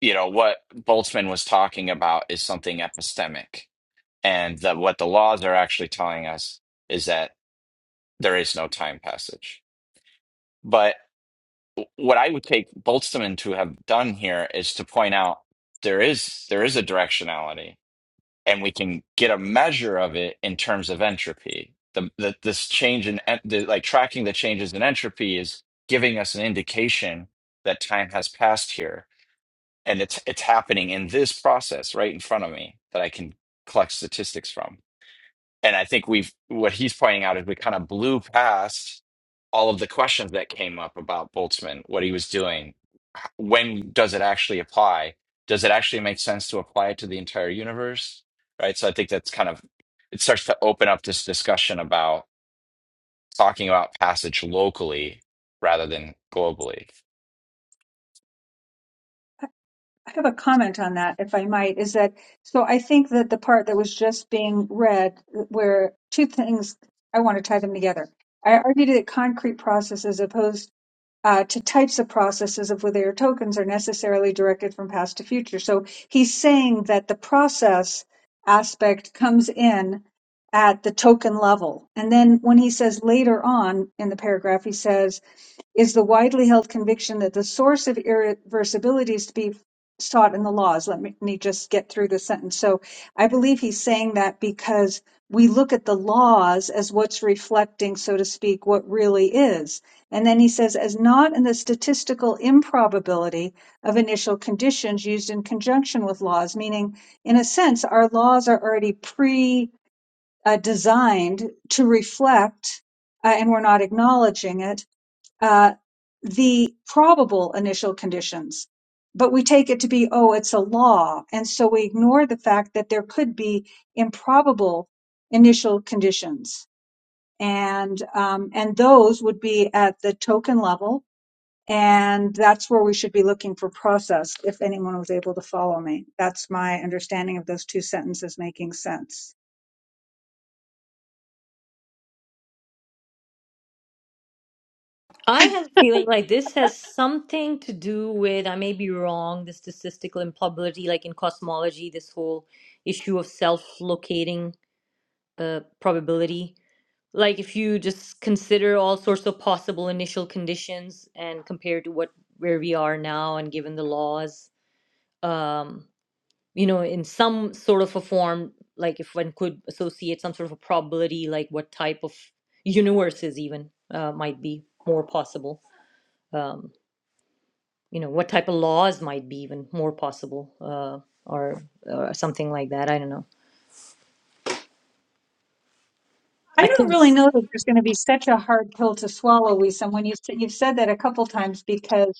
[SPEAKER 3] you know what Boltzmann was talking about is something epistemic, and that what the laws are actually telling us is that there is no time passage. but. what I would take Boltzmann to have done here is to point out there is there is a directionality, and we can get a measure of it in terms of entropy. The, the this change in en- the, like tracking the changes in entropy is giving us an indication that time has passed here, and it's it's happening in this process right in front of me that I can collect statistics from. And I think we've what he's pointing out is we kind of blew past all of the questions that came up about Boltzmann, what he was doing, h- when does it actually apply? Does it actually make sense to apply it to the entire universe? Right. So I think that's kind of it starts to open up this discussion about talking about passage locally rather than globally.
[SPEAKER 1] I have a comment on that, if I might, is that so I think that the part that was just being read, where two things I want to tie them together. I argued that concrete processes opposed uh, to types of processes of whether tokens are necessarily directed from past to future. So he's saying that the process aspect comes in at the token level. And then when he says later on in the paragraph, he says, is the widely held conviction that the source of irreversibility is to be sought in the laws. Let me, let me just get through the sentence. So I believe he's saying that because we look at the laws as what's reflecting, so to speak, what really is. And then he says, as not in the statistical improbability of initial conditions used in conjunction with laws, meaning, in a sense, our laws are already pre uh, designed to reflect, uh, and we're not acknowledging it, uh, the probable initial conditions, but we take it to be, oh, it's a law. And so we ignore the fact that there could be improbable initial conditions. And, um, and those would be at the token level. And that's where we should be looking for process if anyone was able to follow me. That's my understanding of those two sentences making sense.
[SPEAKER 2] I have a feeling like this has something to do with, I may be wrong, the statistical improbability, like in cosmology, this whole issue of self-locating uh, probability. Like if you just consider all sorts of possible initial conditions and compare to what where we are now and given the laws, um, you know, in some sort of a form, like if one could associate some sort of a probability, like what type of universes even uh, might be more possible. Um, you know what type of laws might be even more possible uh, or or something like that i don't know
[SPEAKER 1] I
[SPEAKER 2] i
[SPEAKER 1] don't
[SPEAKER 2] think
[SPEAKER 1] really
[SPEAKER 2] it's-
[SPEAKER 1] know that there's going to be such a hard pill to swallow, Wisam, when you, you've said that a couple times because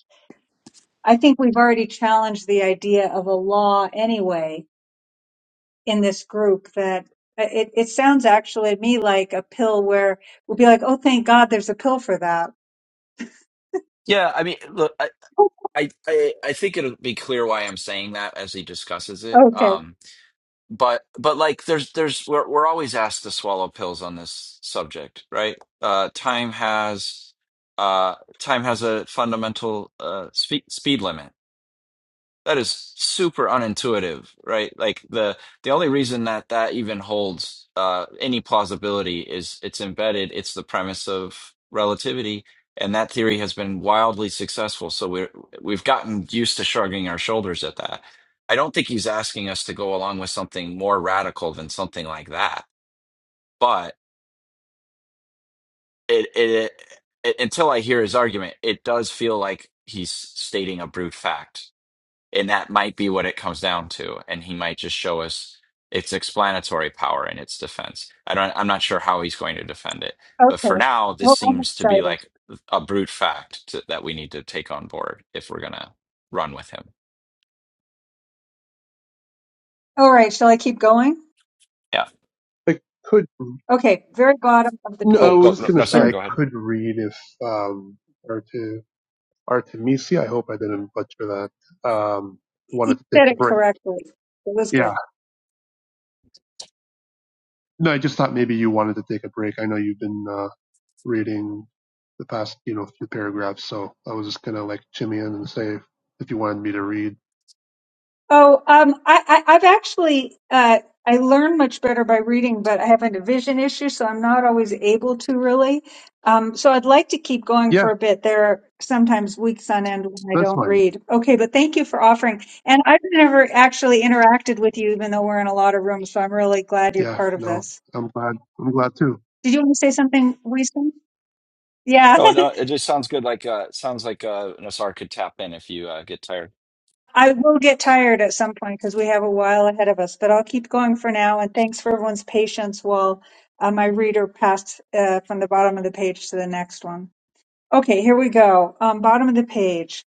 [SPEAKER 1] I think we've already challenged the idea of a law anyway in this group that uh, it, it sounds actually to me like a pill where we'll be like, oh, thank God there's a pill for that.
[SPEAKER 3] Yeah, I mean, look, I I I I think it'll be clear why I'm saying that as he discusses it.
[SPEAKER 1] Okay,
[SPEAKER 3] Um, but but like there's there's we're we're always asked to swallow pills on this subject, right? Uh, time has uh, time has a fundamental uh, speed speed limit. That is super unintuitive, right? Like the the only reason that that even holds uh, any plausibility is it's embedded. It's the premise of relativity, and that theory has been wildly successful. So we're we've gotten used to shrugging our shoulders at that. I don't think he's asking us to go along with something more radical than something like that. But it it, it until I hear his argument, it does feel like he's stating a brute fact And that might be what it comes down to. And he might just show us its explanatory power and its defense. I don't, I'm not sure how he's going to defend it. But for
[SPEAKER 1] okay.
[SPEAKER 3] now, this
[SPEAKER 1] Well, I'm
[SPEAKER 3] seems to be
[SPEAKER 1] excited.
[SPEAKER 3] like a brute fact to, that we need to take on board if we're going to run with him.
[SPEAKER 1] All right, shall I keep going?
[SPEAKER 3] Yeah.
[SPEAKER 5] it could.
[SPEAKER 1] Okay, very bottom of the
[SPEAKER 5] No, I
[SPEAKER 3] Oh,
[SPEAKER 1] page.
[SPEAKER 3] go.
[SPEAKER 5] was just
[SPEAKER 3] No,
[SPEAKER 5] gonna
[SPEAKER 3] no,
[SPEAKER 5] say
[SPEAKER 3] sorry.
[SPEAKER 1] And
[SPEAKER 5] I
[SPEAKER 3] Go ahead.
[SPEAKER 5] could read if um Arte- Artemisia. I hope I didn't butcher that. Um,
[SPEAKER 1] you
[SPEAKER 5] wanted to take
[SPEAKER 1] said
[SPEAKER 5] a
[SPEAKER 1] it
[SPEAKER 5] break.
[SPEAKER 1] correctly. It was good.
[SPEAKER 5] Yeah. No, I just thought maybe you wanted to take a break. I know you've been uh, reading the past, you know, few paragraphs, so I was just gonna like chime in and say if, if you wanted me to read.
[SPEAKER 1] Oh, um, I, I, I've actually uh, I learn much better by reading, but I have a vision issue, so I'm not always able to really. Um, so I'd like to keep going
[SPEAKER 5] Yeah,
[SPEAKER 1] for a bit. There are sometimes weeks on end when I
[SPEAKER 5] that's
[SPEAKER 1] don't
[SPEAKER 5] fine.
[SPEAKER 1] read. Okay, but thank you for offering. And I've never actually interacted with you, even though we're in a lot of rooms, so I'm really glad you're
[SPEAKER 5] Yeah.
[SPEAKER 1] part of
[SPEAKER 5] No,
[SPEAKER 1] this.
[SPEAKER 5] I'm glad. I'm glad too.
[SPEAKER 1] Did you want to say something, Wisdom? Yeah.
[SPEAKER 3] No, no, it just sounds good. Like, uh, sounds like, uh, Nassar could tap in if you, uh, get tired.
[SPEAKER 1] I will get tired at some point because we have a while ahead of us, but I'll keep going for now. And thanks for everyone's patience while uh, my reader passed uh, from the bottom of the page to the next one. Okay, here we go. Um, bottom of the page.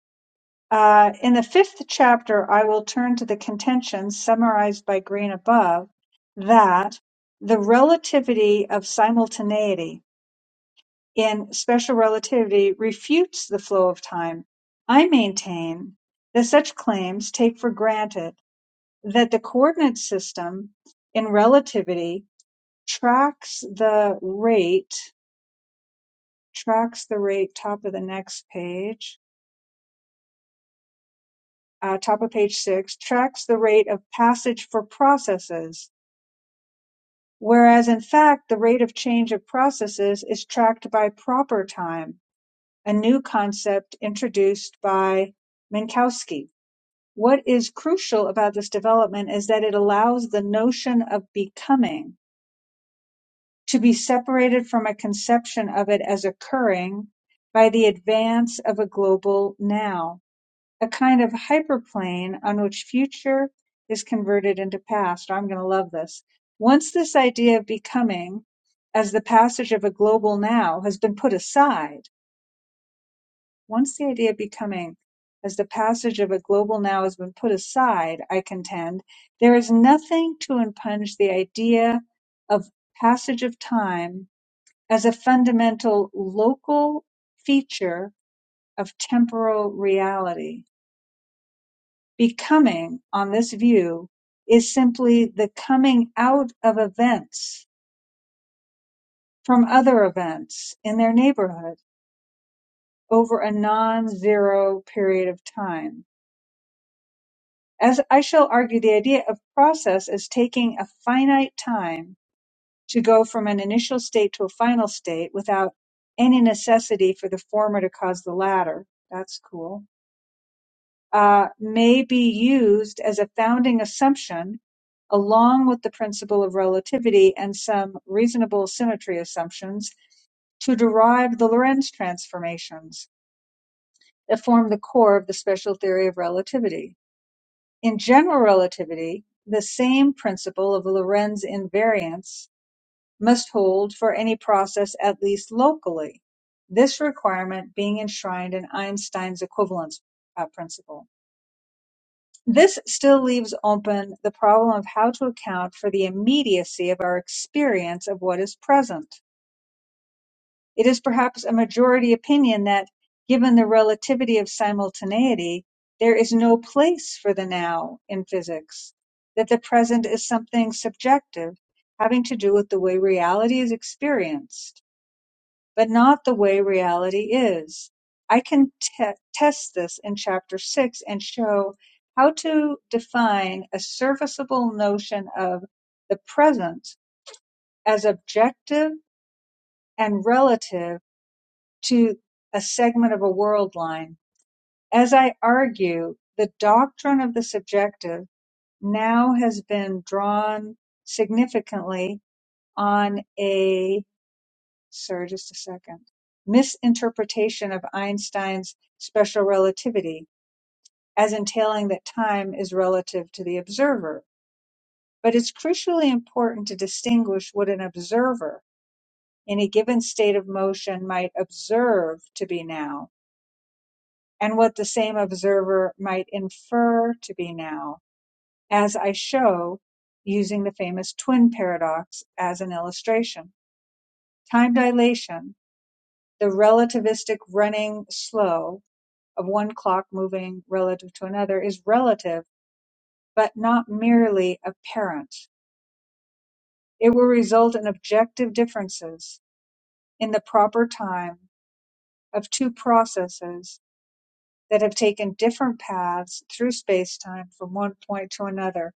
[SPEAKER 1] Uh, in the fifth chapter, I will turn to the contentions summarized by Green above that the relativity of simultaneity in special relativity refutes the flow of time. I maintain that such claims take for granted that the coordinate system in relativity tracks the rate tracks the rate top of the next page uh, top of page six tracks the rate of passage for processes whereas in fact the rate of change of processes is tracked by proper time a new concept introduced by minkowski what is crucial about this development is that it allows the notion of becoming to be separated from a conception of it as occurring by the advance of a global now, a kind of hyperplane on which future is converted into past. I'm going to love this. Once this idea of becoming as the passage of a global now has been put aside, once the idea of becoming as the passage of a global now has been put aside, I contend, there is nothing to impinge the idea of passage of time as a fundamental local feature of temporal reality. Becoming, on this view, is simply the coming out of events from other events in their neighborhood over a non-zero period of time. As I shall argue, the idea of process is taking a finite time to go from an initial state to a final state without any necessity for the former to cause the latter. That's cool uh, may be used as a founding assumption along with the principle of relativity and some reasonable symmetry assumptions to derive the Lorentz transformations that form the core of the special theory of relativity. In general relativity, the same principle of Lorentz invariance must hold for any process at least locally, this requirement being enshrined in Einstein's equivalence uh, principle. This still leaves open the problem of how to account for the immediacy of our experience of what is present. It is perhaps a majority opinion that, given the relativity of simultaneity, there is no place for the now in physics, that the present is something subjective having to do with the way reality is experienced but not the way reality is. I can te- test this in chapter 6 and show how to define a serviceable notion of the present as objective and relative to a segment of a world line. As I argue, the doctrine of the subjective now has been drawn significantly on a sir, just a second. Misinterpretation of Einstein's special relativity as entailing that time is relative to the observer. But it's crucially important to distinguish what an observer in a given state of motion might observe to be now and what the same observer might infer to be now, as I show using the famous twin paradox as an illustration. Time dilation, the relativistic running slow of one clock moving relative to another is relative, but not merely apparent. It will result in objective differences in the proper time of two processes that have taken different paths through spacetime from one point to another.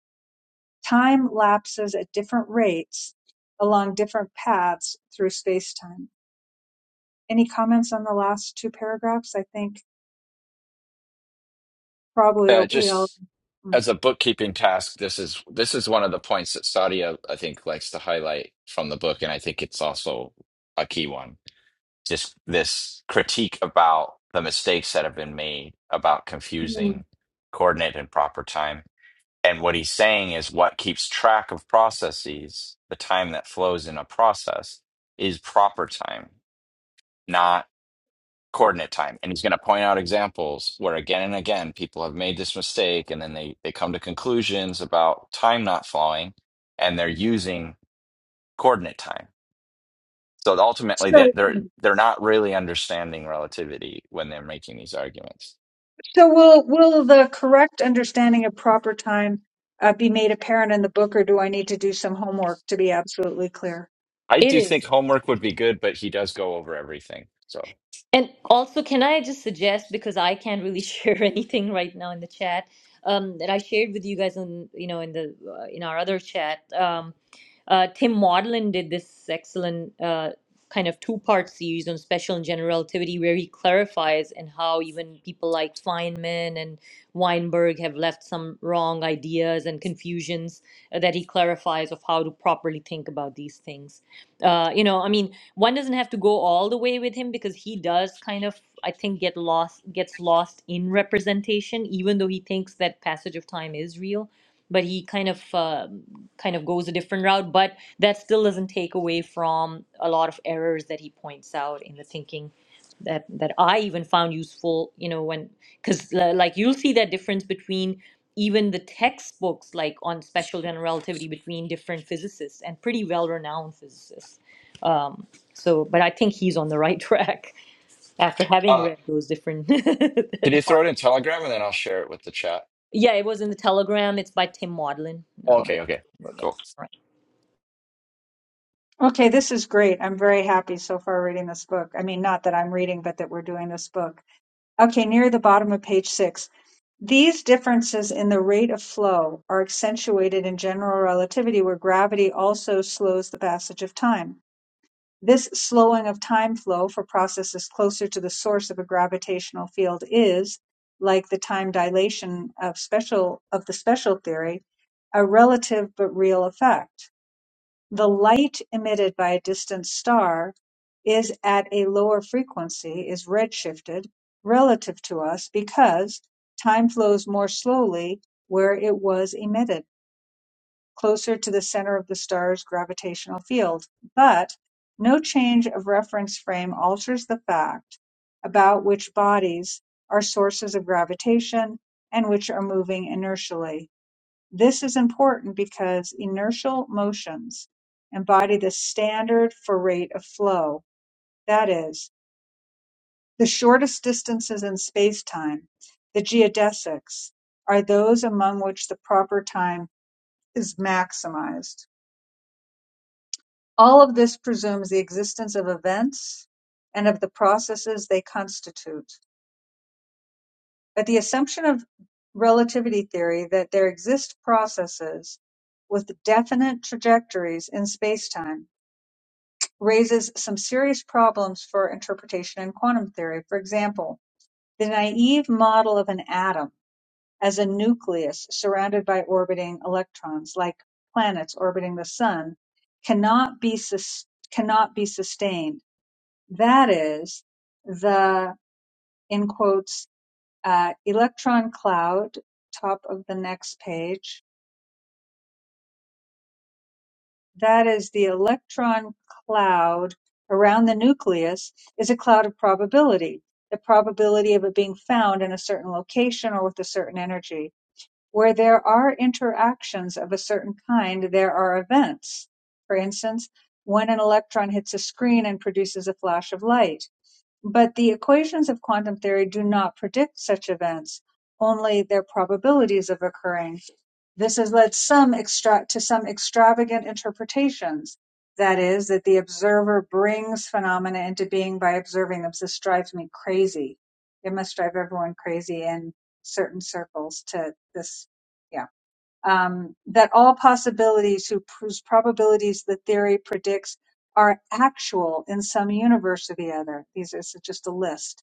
[SPEAKER 1] Time lapses at different rates along different paths through spacetime. Any comments on the last two paragraphs? I think probably
[SPEAKER 3] Uh,
[SPEAKER 1] we all.
[SPEAKER 3] just as a bookkeeping task, this is this is one of the points that Sadia, I think, likes to highlight from the book, and I think it's also a key one. Just this critique about the mistakes that have been made about
[SPEAKER 1] Mm.
[SPEAKER 3] confusing coordinate and proper time. And what he's saying is what keeps track of processes, the time that flows in a process, is proper time, not coordinate time and he's going to point out examples where again and again people have made this mistake and then they they come to conclusions about time not flowing and they're using coordinate time so ultimately that they're
[SPEAKER 1] Sure.
[SPEAKER 3] they're not really understanding relativity when they're making these arguments
[SPEAKER 1] So will will the correct understanding of proper time uh, be made apparent in the book, or do I need to do some homework to be absolutely clear?
[SPEAKER 3] i
[SPEAKER 2] it
[SPEAKER 3] do
[SPEAKER 2] is
[SPEAKER 3] think homework would be good but he does go over everything so
[SPEAKER 2] And also, can I just suggest because I can't really share anything right now in the chat um, that I shared with you guys on you know in the uh, in our other chat. Um, uh, Tim Maudlin did this excellent uh, kind of two part series on special and general relativity where he clarifies and how even people like Feynman and Weinberg have left some wrong ideas and confusions uh, that he clarifies of how to properly think about these things. Uh, you know, I mean one doesn't have to go all the way with him because he does kind of I think get lost gets lost in representation, even though he thinks that passage of time is real. But he kind of um kind of goes a different route, but that still doesn't take away from a lot of errors that he points out in the thinking that that I even found useful. You know, when because uh, like you'll see that difference between even the textbooks like on special general relativity between different physicists and pretty well renowned physicists Um, so, but I think he's on the right track after having
[SPEAKER 3] uh
[SPEAKER 2] read those different.
[SPEAKER 3] can you throw it in telegram and then i'll share it with the chat
[SPEAKER 2] yeah, it was in the Telegram. It's by Tim Maudlin. No, not
[SPEAKER 3] okay okay
[SPEAKER 2] again.
[SPEAKER 3] cool
[SPEAKER 1] Okay, this is great. I'm very happy so far reading this book. I mean, not that I'm reading, but that we're doing this book. Okay, near the bottom of page six. These differences in the rate of flow are accentuated in general relativity, where gravity also slows the passage of time. This slowing of time flow for processes closer to the source of a gravitational field is, like the time dilation of special of the special theory, a relative but real effect. The light emitted by a distant star is at a lower frequency, is redshifted relative to us because time flows more slowly where it was emitted closer to the center of the star's gravitational field, but no change of reference frame alters the fact about which bodies are sources of gravitation and which are moving inertially. This is important because inertial motions embody the standard for rate of flow, that is, the shortest distances in space-time, the geodesics, are those among which the proper time is maximized. All of this presumes the existence of events and of the processes they constitute, but the assumption of relativity theory that there exist processes with definite trajectories in spacetime raises some serious problems for interpretation in quantum theory. For example, the naive model of an atom as a nucleus surrounded by orbiting electrons, like planets orbiting the sun, cannot be sus- cannot be sustained That is, the in quotes uh, electron cloud, top of the next page, that is the electron cloud around the nucleus is a cloud of probability, the probability of it being found in a certain location or with a certain energy. Where there are interactions of a certain kind, there are events. For instance, when an electron hits a screen and produces a flash of light But the equations of quantum theory do not predict such events, only their probabilities of occurring. This has led some extra- to some extravagant interpretations. That is, that the observer brings phenomena into being by observing them. This drives me crazy. It must drive everyone crazy in certain circles to this. Yeah um, that all possibilities who, whose probabilities the theory predicts are actual in some universe or the other. These is just a list.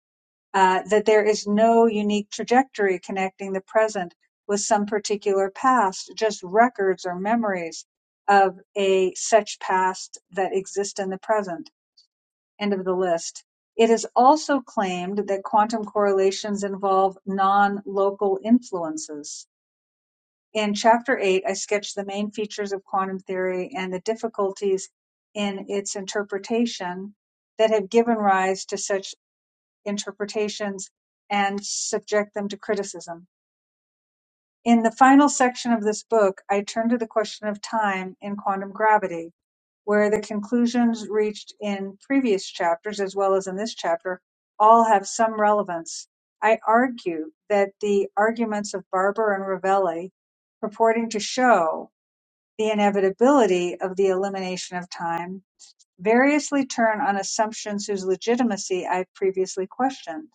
[SPEAKER 1] Uh, that there is no unique trajectory connecting the present with some particular past, just records or memories of a such past that exist in the present. End of the list. It is also claimed that quantum correlations involve non-local influences in Chapter 8, I sketched the main features of quantum theory and the difficulties in its interpretation that have given rise to such interpretations and subject them to criticism. In the final section of this book, I turn to the question of time in quantum gravity, where the conclusions reached in previous chapters, as well as in this chapter, all have some relevance. I argue that the arguments of Barber and Ravelli purporting to show the inevitability of the elimination of time variously turn on assumptions whose legitimacy I've previously questioned.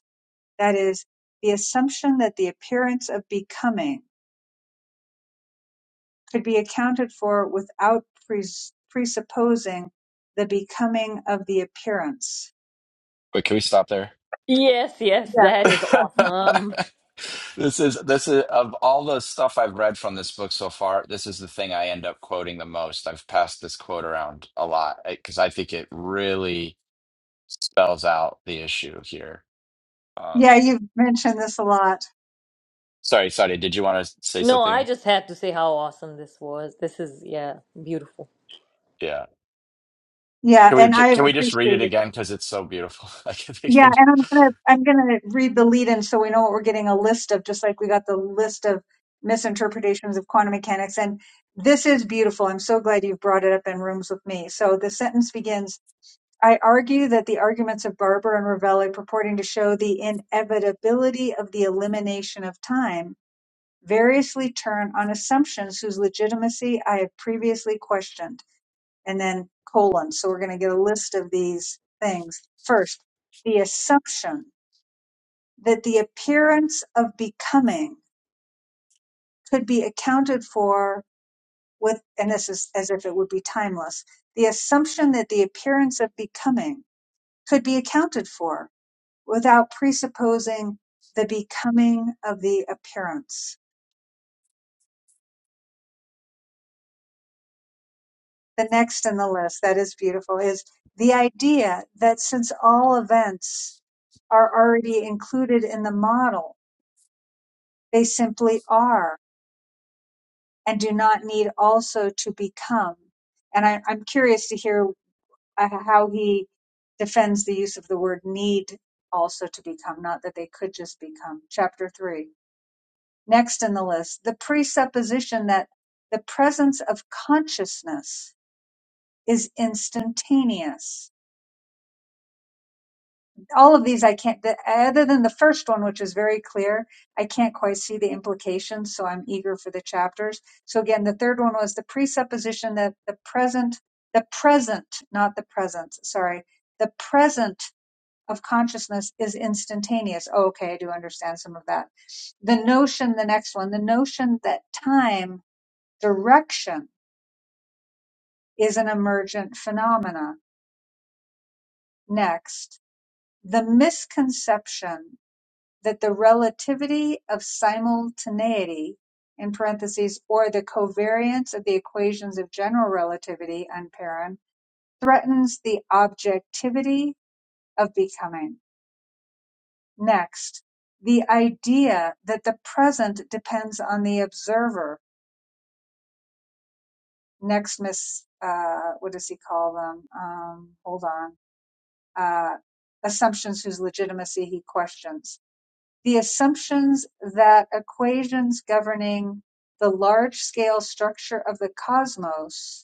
[SPEAKER 1] That is, the assumption that the appearance of becoming could be accounted for without pres- presupposing the becoming of the appearance.
[SPEAKER 3] Wait, can we stop there
[SPEAKER 2] Yes, yes,
[SPEAKER 1] Yeah.
[SPEAKER 2] that is awesome.
[SPEAKER 3] This is this is of all the stuff I've read from this book so far, this is the thing I end up quoting the most. I've passed this quote around a lot because I think it really spells out the issue here. Um,
[SPEAKER 1] Yeah, you've mentioned this a lot.
[SPEAKER 3] sorry, sorry. Did you want to say
[SPEAKER 2] No, I
[SPEAKER 3] something?
[SPEAKER 2] just had to say how awesome this was. This is yeah, beautiful.
[SPEAKER 3] Yeah.
[SPEAKER 1] Yeah,
[SPEAKER 3] Can we
[SPEAKER 1] and
[SPEAKER 3] ju-
[SPEAKER 1] I have
[SPEAKER 3] can we just read it
[SPEAKER 1] appreciated
[SPEAKER 3] again because it's so beautiful? I can think
[SPEAKER 1] Yeah,
[SPEAKER 3] it-
[SPEAKER 1] and I'm gonna I'm gonna read the lead in so we know what we're getting a list of, just like we got the list of misinterpretations of quantum mechanics. And this is beautiful. I'm so glad you've brought it up in rooms with me. So the sentence begins, I argue that the arguments of Barber and Ravelli purporting to show the inevitability of the elimination of time variously turn on assumptions whose legitimacy I have previously questioned. And then colon. So we're gonna get a list of these things. First, the assumption that the appearance of becoming could be accounted for with, and this is as if it would be timeless, the assumption that the appearance of becoming could be accounted for without presupposing the becoming of the appearance. The next in the list that is beautiful is the idea that since all events are already included in the model, they simply are and do not need also to become and I, I'm curious to hear uh, how he defends the use of the word need also to become, not that they could just become. Chapter 3. Next in the list, the presupposition that the presence of consciousness is instantaneous. All of these I can't, the, other than the first one, which is very clear, I can't quite see the implications, so I'm eager for the chapters. So again, the third one was the presupposition that the present, the present, not the presence, sorry, the present of consciousness is instantaneous. Oh, okay, I do understand some of that. The notion, the next one, the notion that time, direction is an emergent phenomena. Next, the misconception that the relativity of simultaneity in parentheses or the covariance of the equations of general relativity unparen threatens the objectivity of becoming Next, the idea that the present depends on the observer. Next, miss, uh, what does he call them? Um, hold on. Uh, assumptions whose legitimacy he questions. The assumptions that equations governing the large scale structure of the cosmos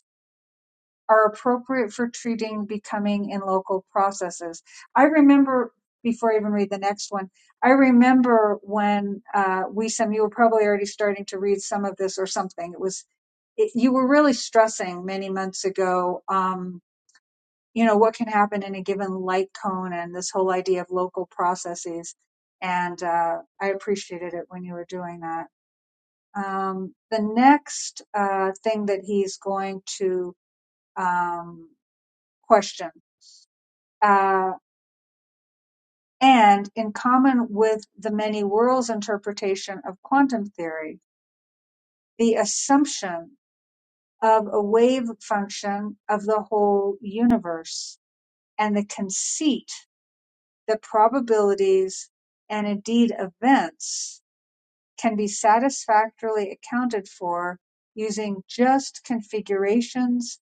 [SPEAKER 1] are appropriate for treating becoming in local processes. I remember before I even read the next one, I remember when uh, we some you were probably already starting to read some of this or something. It was it, you were really stressing many months ago. Um, you know what can happen in a given light cone and this whole idea of local processes. And uh, I appreciated it when you were doing that. Um, the next uh, thing that he's going to um, question Uh, and in common with the many worlds interpretation of quantum theory, the assumption of a wave function of the whole universe and the conceit that probabilities and indeed events can be satisfactorily accounted for using just configurations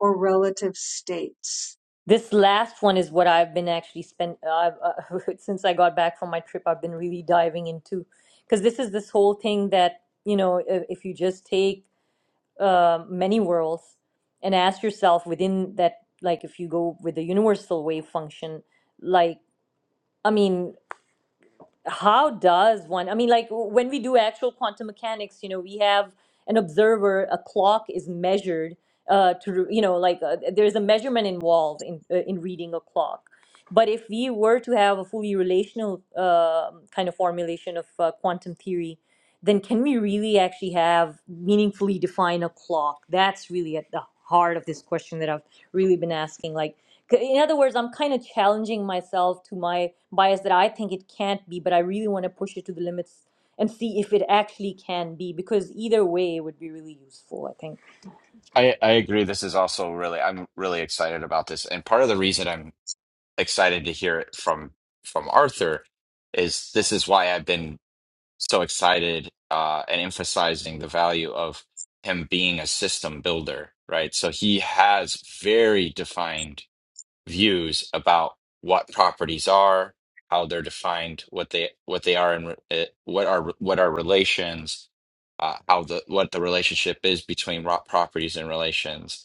[SPEAKER 1] or relative states.
[SPEAKER 2] This last one is what I've been actually spent I've, uh, since I got back from my trip. I've been really diving into because this is this whole thing that you know if, if you just take uh, many worlds and ask yourself within that, like if you go with the universal wave function, like, I mean, how does one i mean like when we do actual quantum mechanics you know we have an observer a clock is measured uh to you know like uh, there's a measurement involved in uh, in reading a clock but if we were to have a fully relational uh, kind of formulation of uh, quantum theory then can we really actually have meaningfully define a clock that's really at the heart of this question that i've really been asking like in other words, I'm kind of challenging myself to my bias that I think it can't be, but I really want to push it to the limits and see if it actually can be, because either way it would be really useful, I think.
[SPEAKER 3] I I agree. This is also really I'm really excited about this, and part of the reason I'm excited to hear it from from Arthur is this is why I've been so excited uh, and emphasizing the value of him being a system builder, right? So he has very defined views about what properties are, how they're defined, what they what they are, and uh, what are what are relations, uh, how the what the relationship is between raw properties and relations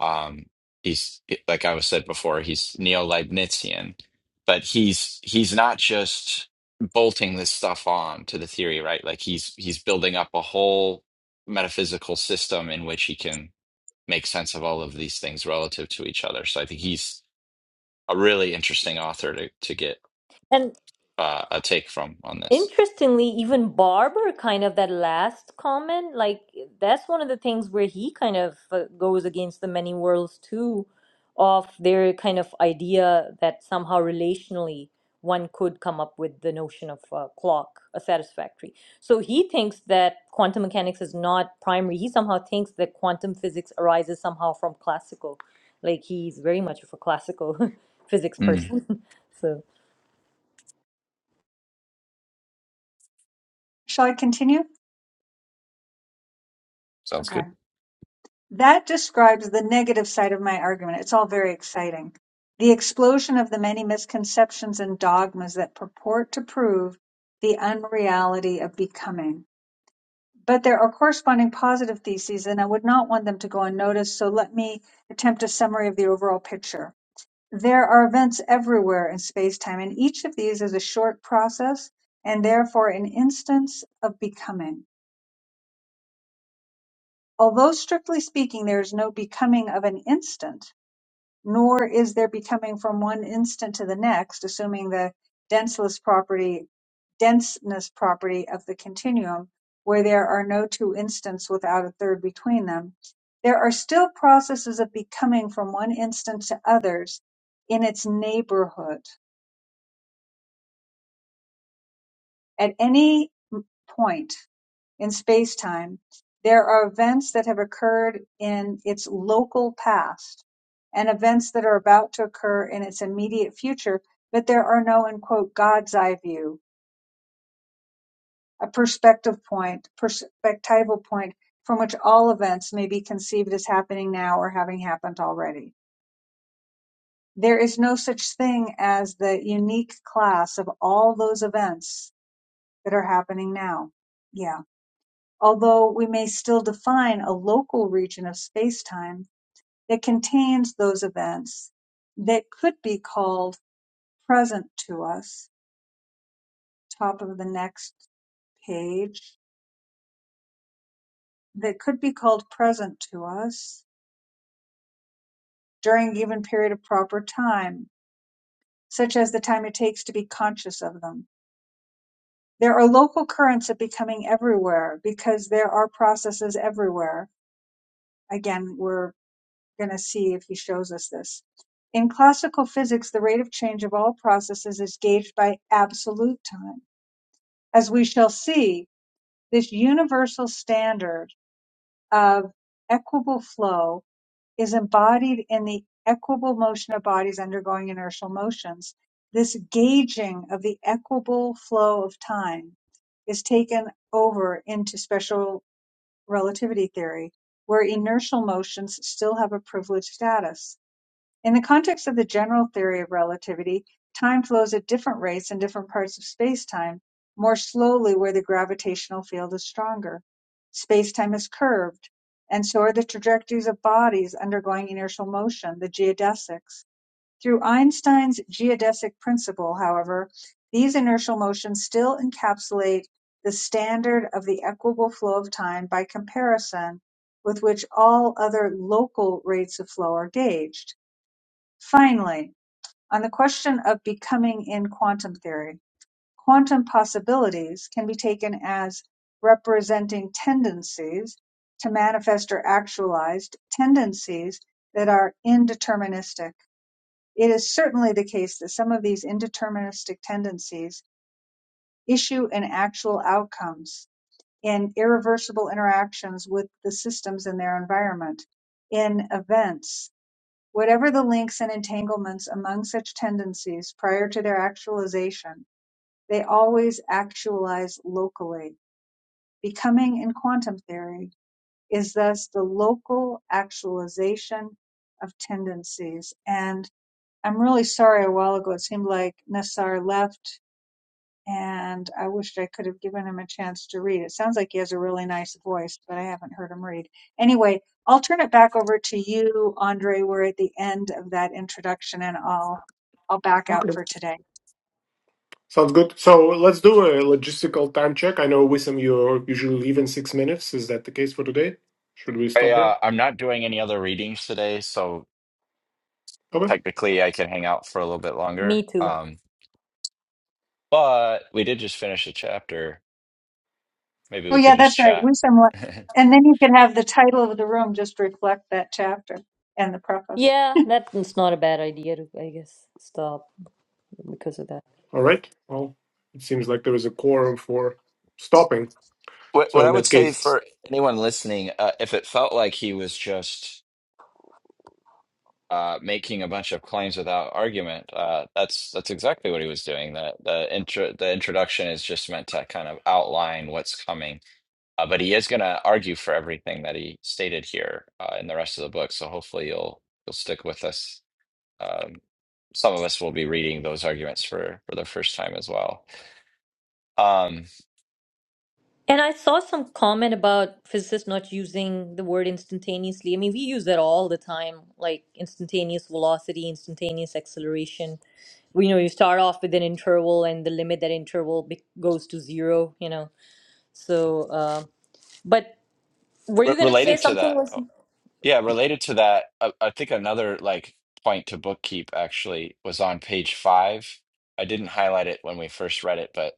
[SPEAKER 3] um he's like i was said before he's neo-leibnizian but he's he's not just bolting this stuff on to the theory right like he's he's building up a whole metaphysical system in which he can make sense of all of these things relative to each other so i think he's a really interesting author to to get
[SPEAKER 2] And.
[SPEAKER 3] uh, a take from on this
[SPEAKER 2] Interestingly, even Barber kind of that last comment, like that's one of the things where he kind of uh, goes against the many worlds too, of their kind of idea that somehow relationally one could come up with the notion of a clock, a satisfactory. So he thinks that quantum mechanics is not primary. He somehow thinks that quantum physics arises somehow from classical. Like he's very much of a classical physics
[SPEAKER 3] Mm,
[SPEAKER 2] person. So
[SPEAKER 1] Shall I continue?
[SPEAKER 3] sounds
[SPEAKER 1] Okay.
[SPEAKER 3] good
[SPEAKER 1] That describes the negative side of my argument. It's all very exciting. The explosion of the many misconceptions and dogmas that purport to prove the unreality of becoming. But there are corresponding positive theses, and I would not want them to go unnoticed, so let me attempt a summary of the overall picture. There are events everywhere in space time, and each of these is a short process and therefore an instance of becoming. Although strictly speaking, there is no becoming of an instant, nor is there becoming from one instant to the next, assuming the denseless property, denseness property of the continuum, where there are no two instants without a third between them. There are still processes of becoming from one instant to others in its neighborhood. At any point in space-time, there are events that have occurred in its local past and events that are about to occur in its immediate future, but there are no, in quote, God's eye view, a perspective point, perspectival point from which all events may be conceived as happening now or having happened already. There is no such thing as the unique class of all those events that are happening now. Yeah. Although we may still define a local region of spacetime that contains those events that could be called present to us, top of the next page, that could be called present to us during a given period of proper time, such as the time it takes to be conscious of them. There are local currents of becoming everywhere because there are processes everywhere. Again, we're going to see if he shows us this. In classical physics, the rate of change of all processes is gauged by absolute time. As we shall see, this universal standard of equable flow is embodied in the equable motion of bodies undergoing inertial motions. This gauging of the equable flow of time is taken over into special relativity theory, where inertial motions still have a privileged status in the context of the general theory of relativity, time flows at different rates in different parts of spacetime, more slowly where the gravitational field is stronger. Spacetime is curved, and so are the trajectories of bodies undergoing inertial motion, the geodesics. Through Einstein's geodesic principle, however, these inertial motions still encapsulate the standard of the equable flow of time by comparison with which all other local rates of flow are gauged. Finally, on the question of becoming in quantum theory, quantum possibilities can be taken as representing tendencies to manifest or actualized tendencies that are indeterministic. It is certainly the case that some of these indeterministic tendencies issue in actual outcomes, in irreversible interactions with the systems in their environment, in events Whatever the links and entanglements among such tendencies prior to their actualization, they always actualize locally; becoming, in quantum theory, is thus the local actualization of tendencies. And I'm really sorry a while ago it seemed like Nassar left and I wished I could have given him a chance to read. It sounds like he has a really nice voice, but I haven't heard him read. Anyway, I'll turn it back over to you, Andre. We're at the end of that introduction, and I'll I'll back out for today.
[SPEAKER 4] Sounds good. So let's do a logistical time check. I know Wissam, you usually leave in six minutes. Is that the case for today? Should we
[SPEAKER 3] I,
[SPEAKER 4] stop here?
[SPEAKER 3] uh, i'm not doing any other readings today so
[SPEAKER 4] Okay.
[SPEAKER 3] technically i can hang out for a little bit longer
[SPEAKER 2] me too.
[SPEAKER 3] Um, But we did just finish a chapter. Maybe
[SPEAKER 1] Oh
[SPEAKER 3] we
[SPEAKER 1] yeah,
[SPEAKER 3] could just
[SPEAKER 1] that's right.
[SPEAKER 3] chat.
[SPEAKER 1] Wisdom, le- and then you can have the title of the room just reflect that chapter and the preface.
[SPEAKER 2] Yeah, that's not a bad idea to, I guess, stop because of that.
[SPEAKER 4] All right. Well, it seems like there is a quorum for stopping.
[SPEAKER 3] What what
[SPEAKER 4] So
[SPEAKER 3] I
[SPEAKER 4] in
[SPEAKER 3] would
[SPEAKER 4] that
[SPEAKER 3] say
[SPEAKER 4] case,
[SPEAKER 3] for anyone listening, uh, if it felt like he was just uh, making a bunch of claims without argument, uh, that's that's exactly what he was doing. The the intro the introduction is just meant to kind of outline what's coming. Uh, but he is going to argue for everything that he stated here uh, in the rest of the book. So hopefully you'll you'll stick with us. Um, some of us will be reading those arguments for for the first time as well. Um,
[SPEAKER 2] And I saw some comment about physicists not using the word instantaneously. I mean, we use that all the time, like instantaneous velocity, instantaneous acceleration. We, you know, you start off with an interval and the limit that interval be- goes to zero, you know. So, uh, but were you
[SPEAKER 3] Re-
[SPEAKER 2] going to say
[SPEAKER 3] related to that,
[SPEAKER 2] something?
[SPEAKER 3] oh, yeah, related to that, I, I think another like point to bookkeep actually was on page five. I didn't highlight it when we first read it, but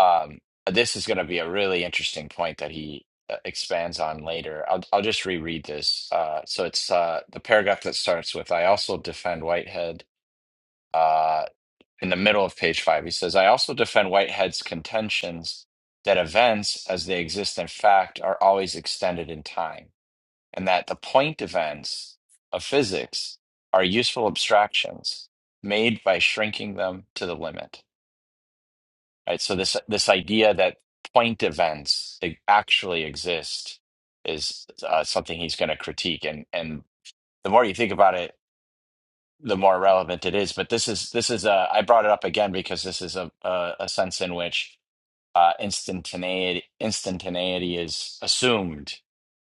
[SPEAKER 3] um, this is going to be a really interesting point that he uh, expands on later. I'll I'll just reread this. Uh, so it's uh, the paragraph that starts with "I also defend Whitehead." Uh, in the middle of page five, he says, "I also defend Whitehead's contentions." That events, as they exist in fact, are always extended in time and that the point events of physics are useful abstractions made by shrinking them to the limit. Right. So this this idea that point events e- actually exist is uh, something he's going to critique, and and the more you think about it, the more relevant it is. But this is this is a, I brought it up again because this is a a, a sense in which uh, instantaneity instantaneity is assumed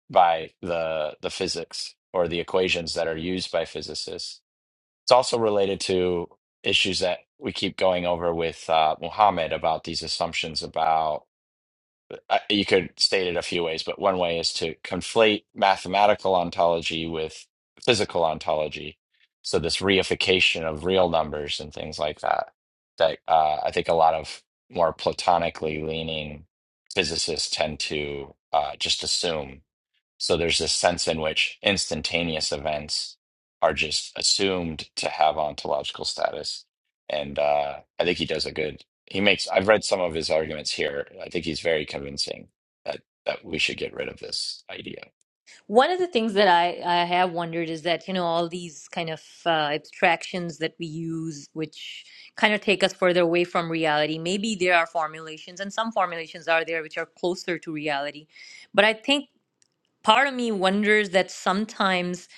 [SPEAKER 3] by the the physics or the equations that are used by physicists. It's also related to issues that we keep going over with uh, Muhammad about these assumptions about I- you could state it a few ways, but one way is to conflate mathematical ontology with physical ontology. So this reification of real numbers and things like that, that uh, I think a lot of more platonically leaning physicists tend to uh, just assume so there's this sense in which instantaneous events are just assumed to have ontological status. And uh, I think he does a good, he makes, I've read some of his arguments here. I think he's very convincing that, that we should get rid of this idea.
[SPEAKER 2] One of the things that I, I have wondered is that, you know, all these kind of uh, abstractions that we use, which kind of take us further away from reality, maybe there are formulations, and some formulations are there which are closer to reality. But I think part of me wonders that sometimes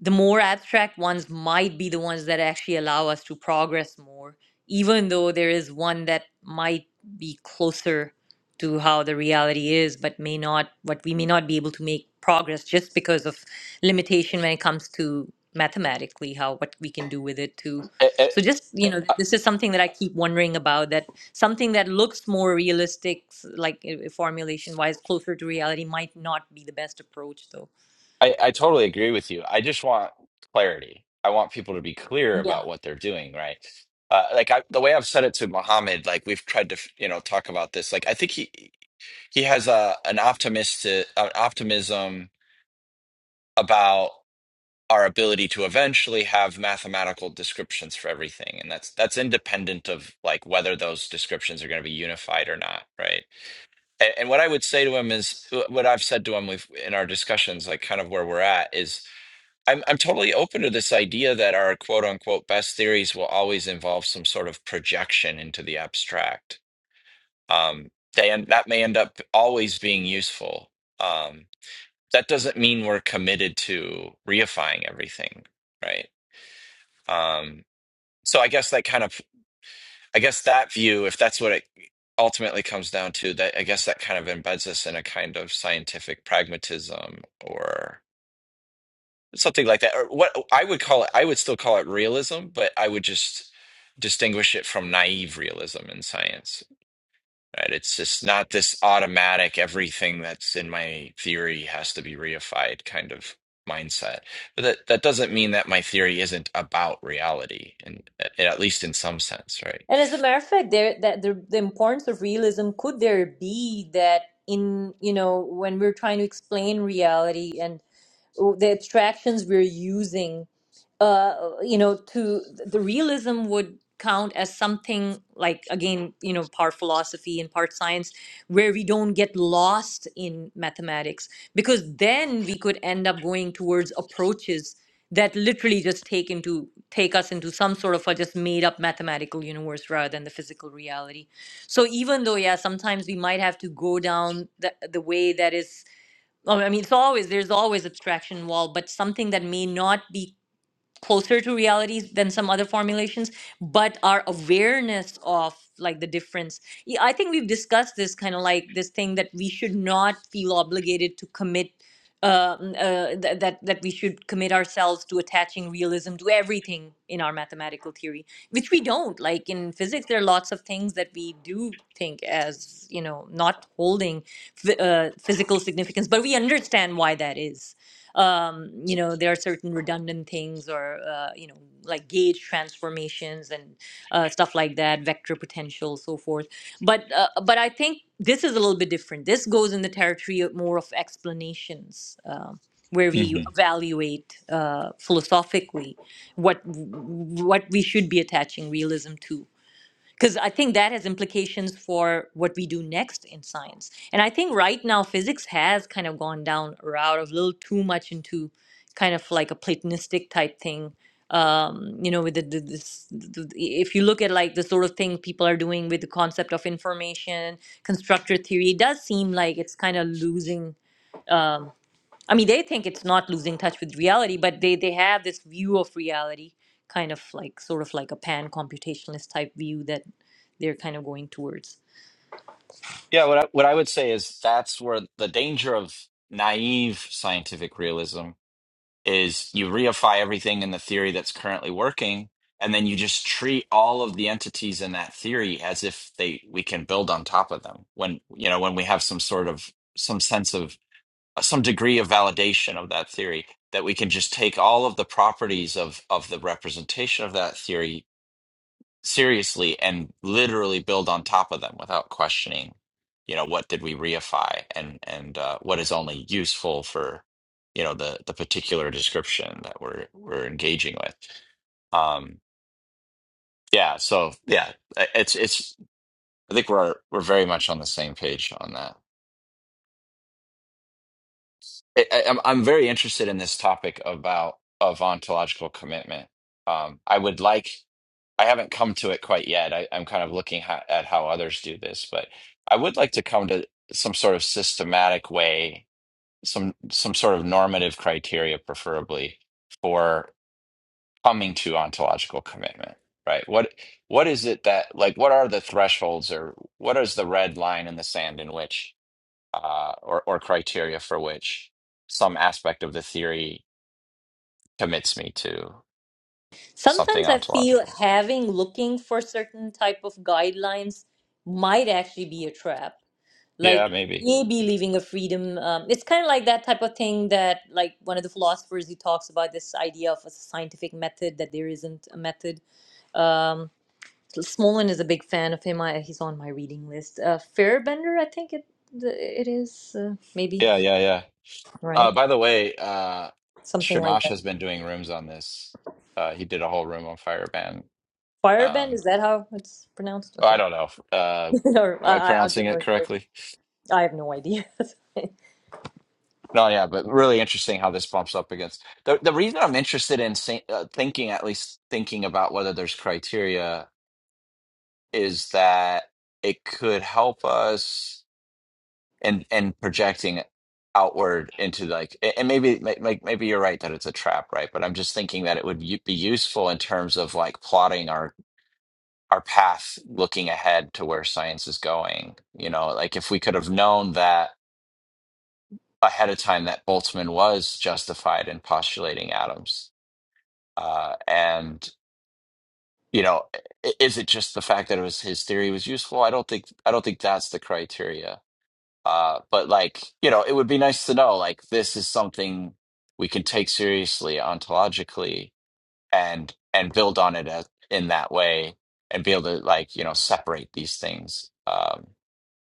[SPEAKER 2] the more abstract ones might be the ones that actually allow us to progress more, even though there is one that might be closer to how the reality is, but may not, but we may not be able to make progress just because of limitation when it comes to mathematically how what we can do with it too.
[SPEAKER 3] I, I,
[SPEAKER 2] So just you know, this is something that I keep wondering about. that something that looks more realistic s- like uh, formulation wise closer to reality might not be the best approach though
[SPEAKER 3] I I totally agree with you. I just want clarity. I want people to be clear
[SPEAKER 2] Yeah.
[SPEAKER 3] about what they're doing, right? Uh, like I, the way I've said it to Muhammad, like we've tried to, you know, talk about this. Like I think he, he has a an optimistic an optimism about our ability to eventually have mathematical descriptions for everything and that's that's independent of like whether those descriptions are going to be unified or not right and, and what i would say to him is uh, what i've said to him with, in our discussions like kind of where we're at is I'm, I'm totally open to this idea that our quote unquote best theories will always involve some sort of projection into the abstract um, they, end- that may end up always being useful um, that doesn't mean we're committed to reifying everything, right? Um, so I guess that kind of, I guess that view, if that's what it ultimately comes down to, that I guess that kind of embeds us in a kind of scientific pragmatism or something like that. Or what I would call it, I would still call it realism, but I would just distinguish it from naive realism in science. Right? It's just not this automatic everything that's in my theory has to be reified kind of mindset. But that that doesn't mean that my theory isn't about reality, and at least in some sense, right?
[SPEAKER 2] And as a matter of fact, there that the, the importance of realism could there be that in you know when we're trying to explain reality and the abstractions we're using, uh, you know, to the realism would count as something like again, you know, part philosophy and part science, where we don't get lost in mathematics because then we could end up going towards approaches that literally just take into take us into some sort of a just made up mathematical universe rather than the physical reality so even though yeah sometimes we might have to go down the, the way that is well, i mean it's always there's always abstraction involved but something that may not be closer to realities than some other formulations but our awareness of like the difference yeah, i think we've discussed this kind of like this thing that we should not feel obligated to commit uh, mm, uh, th- that that we should commit ourselves to attaching realism to everything in our mathematical theory which we don't like in physics there are lots of things that we do think as you know not holding phy- uh, physical significance but we understand why that is um, you know there are certain redundant things or uh, you know like gauge transformations and uh, stuff like that vector potential so forth but uh, but i think this is a little bit different this goes in the territory of more of explanations um, where we Okay. evaluate uh, philosophically what what we should be attaching realism to because I think that has implications for what we do next in science. And I think right now physics has kind of gone down a route of a little too much into kind of like a Platonistic type thing. Um, you know, with the, the this, the, the- if you look at like the sort of thing people are doing with the concept of information, constructor theory, it does seem like it's kind of losing. Um, I mean, they think it's not losing touch with reality, but they they have this view of reality, kind of like sort of like a pan computationalist type view that they're kind of going towards.
[SPEAKER 3] Yeah, what I, what I would say is that's where the danger of naive scientific realism is you reify everything in the theory that's currently working and then you just treat all of the entities in that theory as if they we can build on top of them when you know when we have some sort of some sense of uh, some degree of validation of that theory that we can just take all of the properties of of the representation of that theory seriously and literally build on top of them without questioning you know what did we reify and and uh, what is only useful for you know the the particular description that we're we're engaging with um yeah so yeah it's it's i think we're we're very much on the same page on that I, I- I'm I'm very interested in this topic about of ontological commitment. Um, I would like I haven't come to it quite yet. I, I'm kind of looking ha at how others do this, but I would like to come to some sort of systematic way, some some sort of normative criteria, preferably for coming to ontological commitment. Right? What what is it that like? What are the thresholds, or what is the red line in the sand in which? uh, or or criteria for which some aspect of the theory commits me to something
[SPEAKER 2] Sometimes I feel
[SPEAKER 3] ontological.
[SPEAKER 2] having looking for certain type of guidelines might actually be a trap. Like
[SPEAKER 3] Yeah, maybe.
[SPEAKER 2] maybe leaving a freedom. Um, it's kind of like that type of thing that like one of the philosophers he talks about this idea of a scientific method that there isn't a method. Um, So Smolin is a big fan of him. I, he's on my reading list. Uh, Firebender, I think it it is uh, maybe
[SPEAKER 3] Yeah, yeah, yeah.
[SPEAKER 2] right,
[SPEAKER 3] Uh, by the way, uh,
[SPEAKER 2] something like
[SPEAKER 3] Shamash
[SPEAKER 2] that.
[SPEAKER 3] has been doing rooms on this. Uh, he did a whole room on Fireban.
[SPEAKER 2] Firebend
[SPEAKER 3] Um,
[SPEAKER 2] is that how it's pronounced?
[SPEAKER 3] I
[SPEAKER 2] Okay,
[SPEAKER 3] don't know. Uh,
[SPEAKER 2] or
[SPEAKER 3] am I
[SPEAKER 2] I I I
[SPEAKER 3] pronouncing
[SPEAKER 2] don't
[SPEAKER 3] it
[SPEAKER 2] know.
[SPEAKER 3] correctly?
[SPEAKER 2] I have no idea.
[SPEAKER 3] No, yeah, but really interesting how this bumps up against the the reason I'm interested in sa- uh, thinking, at least thinking about whether there's criteria, is that it could help us and and projecting outward into like a- and maybe like maybe you're right that it's a trap right but i'm just thinking that it would u- be useful in terms of like plotting our our path looking ahead to where science is going you know like if we could have known that ahead of time that boltzmann was justified in postulating atoms uh and you know i- is it just the fact that it was his theory was useful i don't think i don't think that's the criteria Uh, but like, you know, it would be nice to know like this is something we can take seriously ontologically and and build on it as, in that way and be able to like, you know, separate these things um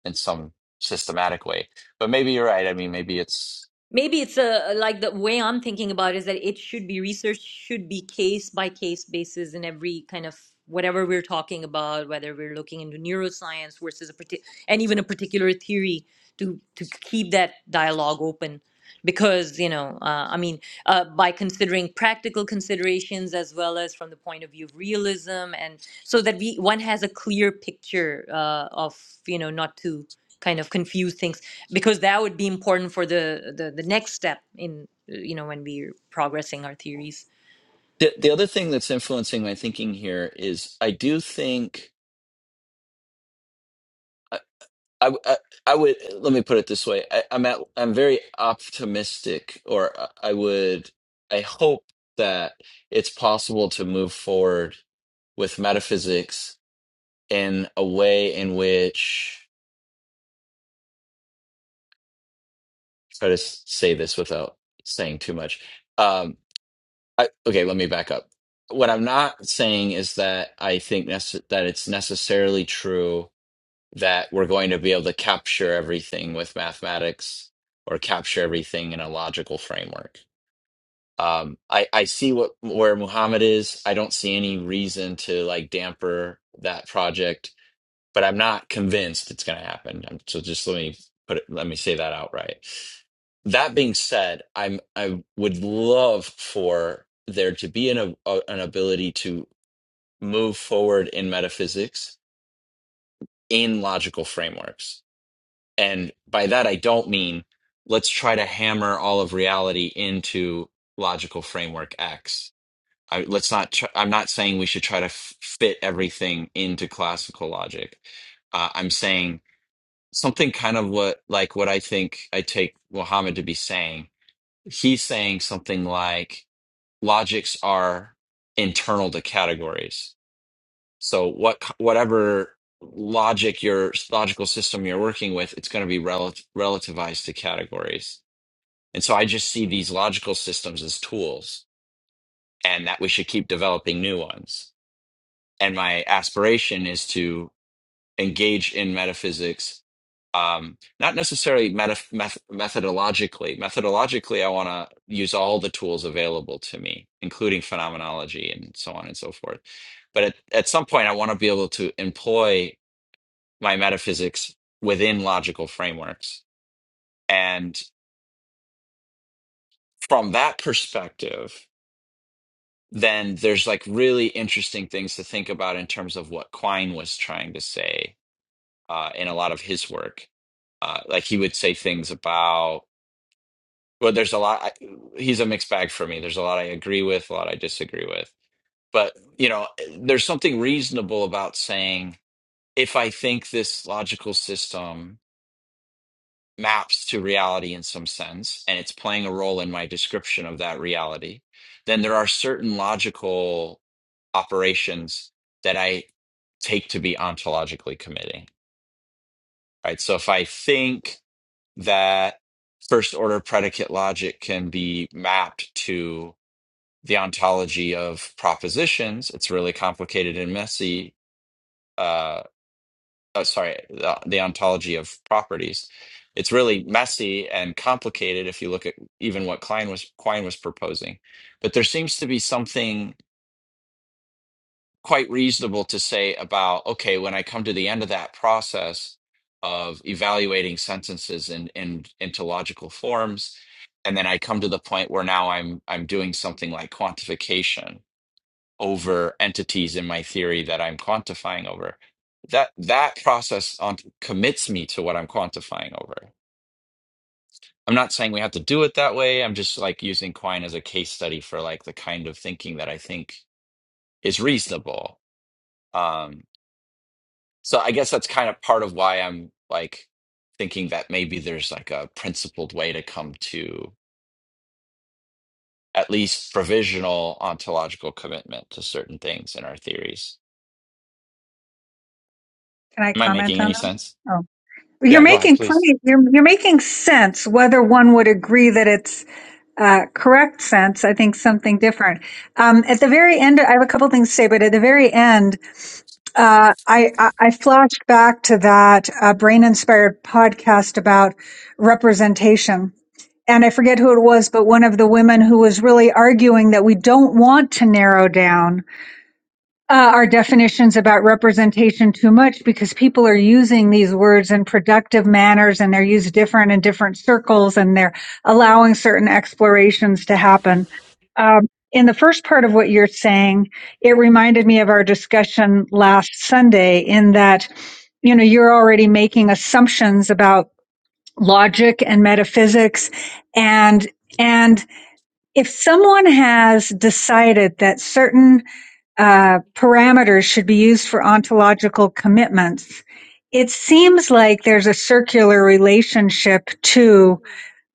[SPEAKER 3] in some systematic way. But maybe you're right. I mean, maybe it's
[SPEAKER 2] Maybe it's a like the way I'm thinking about it is that it should be research should be case by case basis in every kind of whatever we're talking about, whether we're looking into neuroscience versus a partic and even a particular theory to to keep that dialogue open because you know uh, I mean uh, by considering practical considerations as well as from the point of view of realism and so that we one has a clear picture uh, of you know not to kind of confuse things because that would be important for the the, the next step in uh, you know when we're progressing our theories
[SPEAKER 3] the the other thing that's influencing my thinking here is I do think. I, I, I would let me put it this way. I, I'm at I'm very optimistic, or I would I hope that it's possible to move forward with metaphysics in a way in which try to s- say this without saying too much. Um, I, okay, let me back up. What I'm not saying is that I think nece- that it's necessarily true that we're going to be able to capture everything with mathematics or capture everything in a logical framework. Um, I, I see what where Muhammad is. I don't see any reason to like damper that project, but I'm not convinced it's going to happen. i so just let me put it, let me say that outright. That being said, I'm I would love for there to be an a, an ability to move forward in metaphysics in logical frameworks And by that, I don't mean let's try to hammer all of reality into logical framework X. I, let's not. Tr- I'm not saying we should try to f- fit everything into classical logic. Uh, I'm saying something kind of what like what I think I take Muhammad to be saying. He's saying something like logics are internal to categories so what whatever logic your logical system you're working with, it's going to be rel- relativized to categories. And so I just see these logical systems as tools and that we should keep developing new ones. And my aspiration is to engage in metaphysics um, not necessarily meta- meth- methodologically. Methodologically, I want to use all the tools available to me, including phenomenology and so on and so forth. But at, at some point, I want to be able to employ my metaphysics within logical frameworks. And from that perspective, then there's like really interesting things to think about in terms of what Quine was trying to say uh, in a lot of his work. Uh, like he would say things about, well, there's a lot, I, he's a mixed bag for me. There's a lot I agree with, a lot I disagree with. But, you know, there's something reasonable about saying, if I think this logical system maps to reality in some sense, and it's playing a role in my description of that reality, then there are certain logical operations that I take to be ontologically committing, right? So if I think that first order predicate logic can be mapped to the ontology of propositions, it's really complicated and messy. uh, oh, sorry, the, the ontology of properties. It's really messy and complicated if you look at even what Klein was Quine was proposing. But there seems to be something quite reasonable to say about okay, when I come to the end of that process of evaluating sentences in, in into logical forms, and then I come to the point where now I'm I'm doing something like quantification over entities in my theory that I'm quantifying over. That that process on, commits me to what I'm quantifying over. I'm not saying we have to do it that way. I'm just like using Quine as a case study for like the kind of thinking that I think is reasonable. Um, so I guess that's kind of part of why I'm like thinking that maybe there's like a principled way to come to at least provisional ontological commitment to certain things in our theories.
[SPEAKER 1] Can I
[SPEAKER 3] Am I
[SPEAKER 1] comment
[SPEAKER 3] making
[SPEAKER 1] on
[SPEAKER 3] any
[SPEAKER 1] that?
[SPEAKER 3] sense?
[SPEAKER 1] Oh, you're
[SPEAKER 3] Yeah, go ahead,
[SPEAKER 1] making
[SPEAKER 3] please.
[SPEAKER 1] plenty. You're you're making sense. Whether one would agree that it's uh, correct sense, I think something different. Um, at the very end, I have a couple things to say, but at the very end, uh, I, I I flashed back to that uh, brain inspired podcast about representation. And I forget who it was, but one of the women who was really arguing that we don't want to narrow down uh, our definitions about representation too much because people are using these words in productive manners and they're used different in different circles and they're allowing certain explorations to happen. Um, in the first part of what you're saying, it reminded me of our discussion last Sunday in that, you know, you're already making assumptions about logic and metaphysics and, and if someone has decided that certain uh, parameters should be used for ontological commitments. It seems like there's a circular relationship to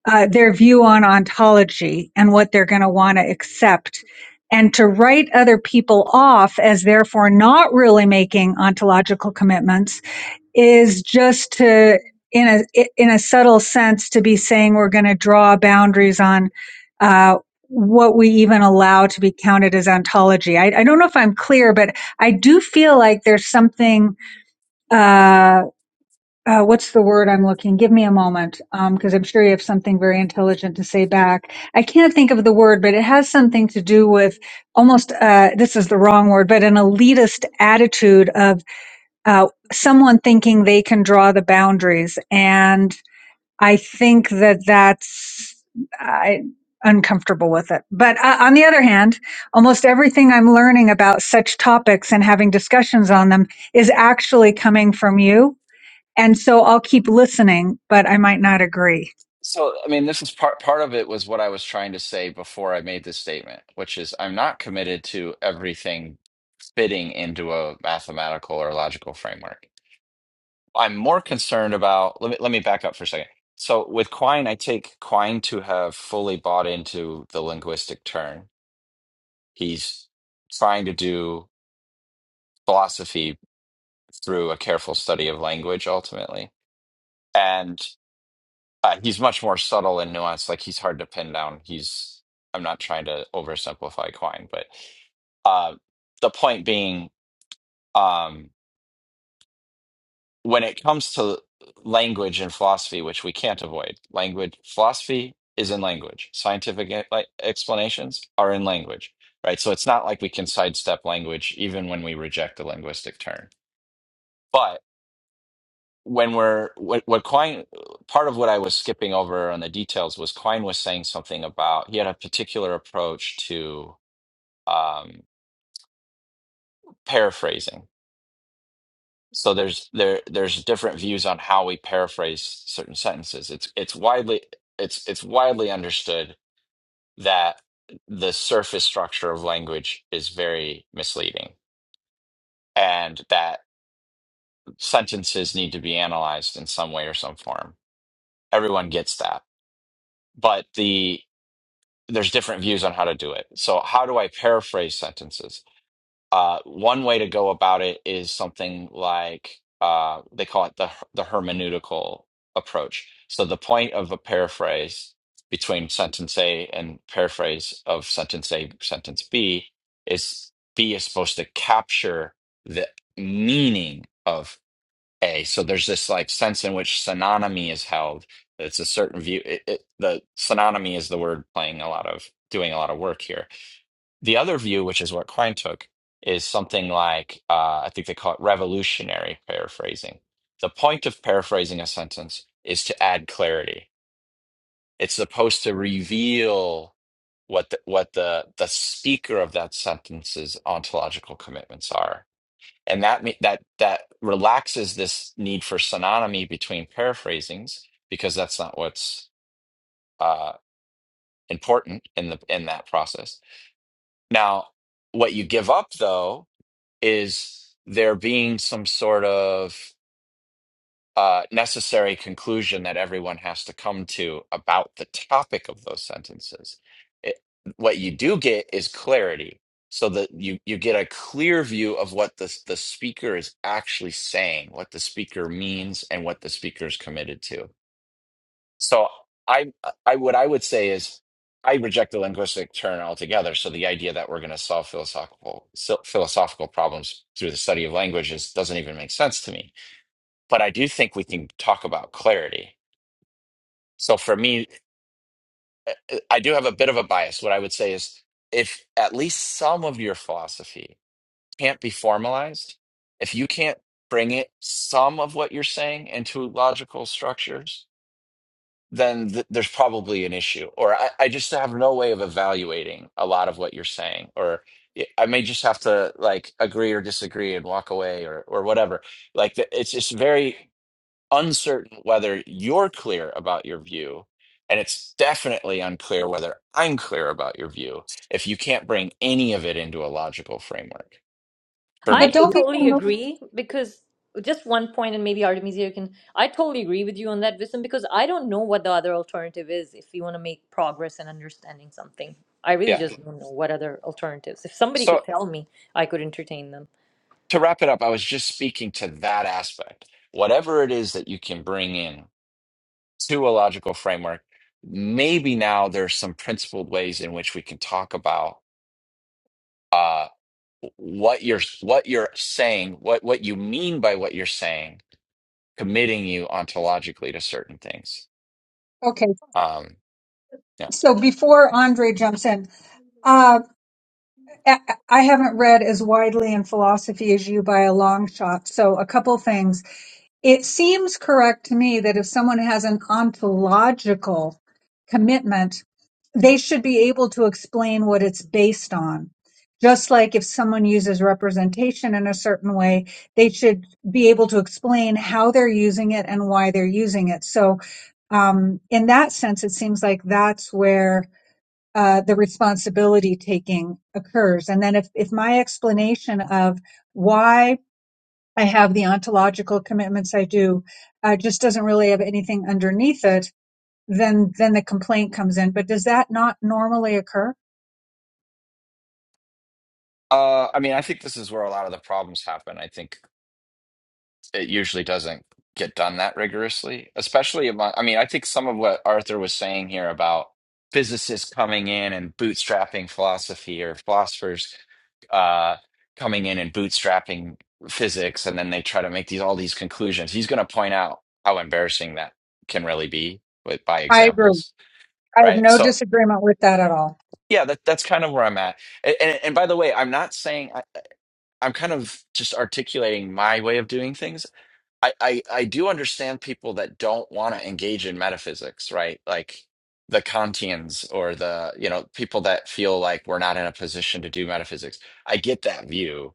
[SPEAKER 1] uh, their view on ontology and what they're going to want to accept. And to write other people off as therefore not really making ontological commitments is just to in a in a subtle sense to be saying we're going to draw boundaries on uh, what we even allow to be counted as ontology. I, I don't know if I'm clear, but I do feel like there's something. Uh, uh, what's the word I'm looking? Give me a moment, because um, I'm sure you have something very intelligent to say back. I can't think of the word, but it has something to do with almost. Uh, this is the wrong word, but an elitist attitude of uh, someone thinking they can draw the boundaries. And I think that that's I, uncomfortable with it. But uh, on the other hand, almost everything I'm learning about such topics and having discussions on them is actually coming from you. And so I'll keep listening, but I might not agree.
[SPEAKER 3] So, I mean, this is part part of it was what I was trying to say before I made this statement, which is I'm not committed to everything fitting into a mathematical or logical framework. I'm more concerned about let me let me back up for a second. So with Quine, I take Quine to have fully bought into the linguistic turn. He's trying to do philosophy through a careful study of language ultimately. and. Uh, he's much more subtle and nuanced. Like he's hard to pin down. He's I'm not trying to oversimplify Quine, but uh, the point being, um, when it comes to language and philosophy, which we can't avoid, language philosophy is in language. Scientific e- like, explanations are in language, right? So it's not like we can sidestep language even when we reject the linguistic term. when we're what, what Quine part of what I was skipping over on the details was Quine was saying something about he had a particular approach to um, paraphrasing. So there's there there's different views on how we paraphrase certain sentences. It's it's widely it's it's widely understood that the surface structure of language is very misleading and that sentences need to be analyzed in some way or some form. Everyone gets that. But the there's different views on how to do it. So, how do I paraphrase sentences? Uh, one way to go about it is something like uh, they call it the the hermeneutical approach. So, the point of a paraphrase between sentence A and paraphrase of sentence A, sentence B is B is supposed to capture the meaning of a. So there's this like sense in which synonymy is held. It's a certain view. It, it, the synonymy is the word playing a lot of doing a lot of work here. The other view, which is what Quine took, is something like uh, I think they call it revolutionary paraphrasing. The point of paraphrasing a sentence is to add clarity. It's supposed to reveal what the, what the the speaker of that sentence's ontological commitments are and that me- that that relaxes this need for synonymy between paraphrasings because that's not what's uh, important in the in that process. Now, what you give up though is there being some sort of uh, necessary conclusion that everyone has to come to about the topic of those sentences. It, what you do get is clarity, so that you you get a clear view of what the the speaker is actually saying, what the speaker means, and what the speaker is committed to. So I I what I would say is. I reject the linguistic turn altogether. So the idea that we're going to solve philosophical so- philosophical problems through the study of languages doesn't even make sense to me but I do think we can talk about clarity. So for me, uh, uh, I do have a bit of a bias. What I would say is if at least some of your philosophy can't be formalized, if you can't bring it, some of what you're saying into logical structures, then th- there's probably an issue. Or I, I just have no way of evaluating a lot of what you're saying. Or I may just have to like agree or disagree and walk away or, or whatever like the, it's just very uncertain whether you're clear about your view, and it's definitely unclear whether I'm clear about your view if you can't bring any of it into a logical framework for
[SPEAKER 2] I
[SPEAKER 1] But
[SPEAKER 3] me.
[SPEAKER 2] actually
[SPEAKER 1] don't people
[SPEAKER 2] totally
[SPEAKER 1] know?
[SPEAKER 2] agree because just one point, and maybe Artemisia can. I totally agree with you on that, Wisdom, because I don't know what the other alternative is if you want to make progress in understanding something. I really
[SPEAKER 3] Yeah.
[SPEAKER 2] just don't know what other alternatives. If somebody
[SPEAKER 3] So
[SPEAKER 2] could tell me, I could entertain them.
[SPEAKER 3] to wrap it up, I was just speaking to that aspect. Whatever it is that you can bring in to a logical framework, maybe now there's some principled ways in which we can talk about uh, what you're what you're saying, what what you mean by what you're saying, committing you ontologically to certain things.
[SPEAKER 1] Okay,
[SPEAKER 3] Um, yeah.
[SPEAKER 1] so before Andre jumps in, I haven't read as widely in philosophy as you by a long shot. So, a couple things. It seems correct to me that if someone has an ontological commitment, they should be able to explain what it's based on. Just like if someone uses representation in a certain way, they should be able to explain how they're using it and why they're using it. So, um, in that sense, it seems like that's where uh, the responsibility taking occurs. And then if, if my explanation of why I have the ontological commitments I do uh, just doesn't really have anything underneath it, then then the complaint comes in. But does that not normally occur?
[SPEAKER 3] Uh, I mean, I think this is where a lot of the problems happen. I think it usually doesn't get done that rigorously, especially among, I mean, I think some of what Arthur was saying here about physicists coming in and bootstrapping philosophy or philosophers uh, coming in and bootstrapping physics, and then they try to make these all these conclusions. He's going to point out how embarrassing that can really be with by
[SPEAKER 1] I agree.
[SPEAKER 3] examples
[SPEAKER 1] I have
[SPEAKER 3] right?
[SPEAKER 1] no
[SPEAKER 3] So
[SPEAKER 1] disagreement with that at all.
[SPEAKER 3] yeah that, that's kind of where i'm at A- and, and by the way i'm not saying I, i'm kind of just articulating my way of doing things I, I i do understand people that don't want to engage in metaphysics right like the kantians or the you know people that feel like we're not in a position to do metaphysics i get that view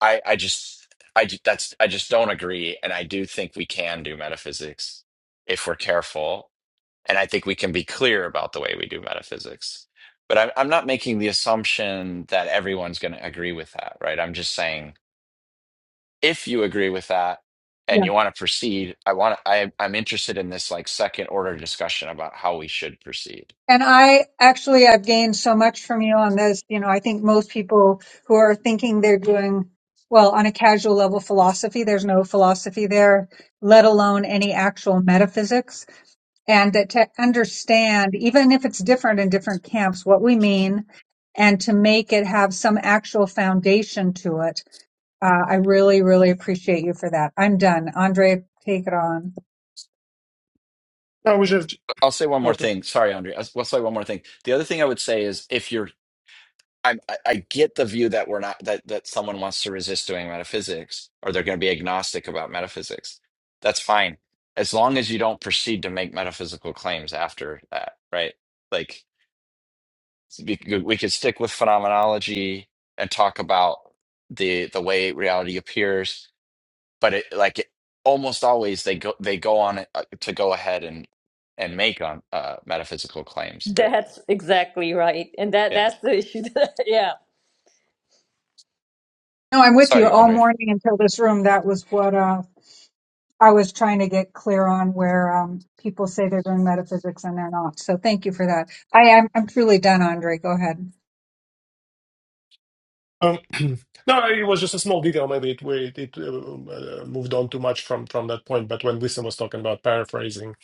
[SPEAKER 3] i i just i ju- that's i just don't agree and i do think we can do metaphysics if we're careful and I think we can be clear about the way we do metaphysics. But I'm, I'm not making the assumption that everyone's going to agree with that, right? I'm just saying if you agree with that
[SPEAKER 1] Yeah.
[SPEAKER 3] and you want to proceed, I want I I'm interested in this like second order discussion about how we should proceed.
[SPEAKER 1] And I actually, I've gained so much from you on this. You know, I think most people who are thinking they're doing well on a casual level philosophy, there's no philosophy there, let alone any actual metaphysics. And that to understand, even if it's different in different camps, what we mean and to make it have some actual foundation to it. Uh, I really, really appreciate you for that. I'm done. Andre, take it on.
[SPEAKER 4] I was just
[SPEAKER 3] I'll say one more
[SPEAKER 4] okay.
[SPEAKER 3] thing. Sorry, Andre. I'll, I'll say one more thing. The other thing I would say is if you're I'm, I I get the view that we're not that that someone wants to resist doing metaphysics or they're going to be agnostic about metaphysics. That's fine as long as you don't proceed to make metaphysical claims after that, right? Like we could, we could stick with phenomenology and talk about the the way reality appears, but it like it, almost always they go they go on uh, to go ahead and and make on uh metaphysical claims, but
[SPEAKER 2] That's exactly right, and that
[SPEAKER 3] yeah.
[SPEAKER 2] that's the issue. That, yeah.
[SPEAKER 1] No, I'm with you
[SPEAKER 3] Sorry,
[SPEAKER 1] all
[SPEAKER 3] Andre.
[SPEAKER 1] morning until this room. That was what, uh, I was trying to get clear on where um, people say they're doing metaphysics and they're not. So thank you for that. I am I'm truly done, Andre. Go ahead.
[SPEAKER 4] Um, no, it was just a small detail. Maybe it we, it uh, uh, moved on too much from from that point. But when Wisdom was talking about paraphrasing,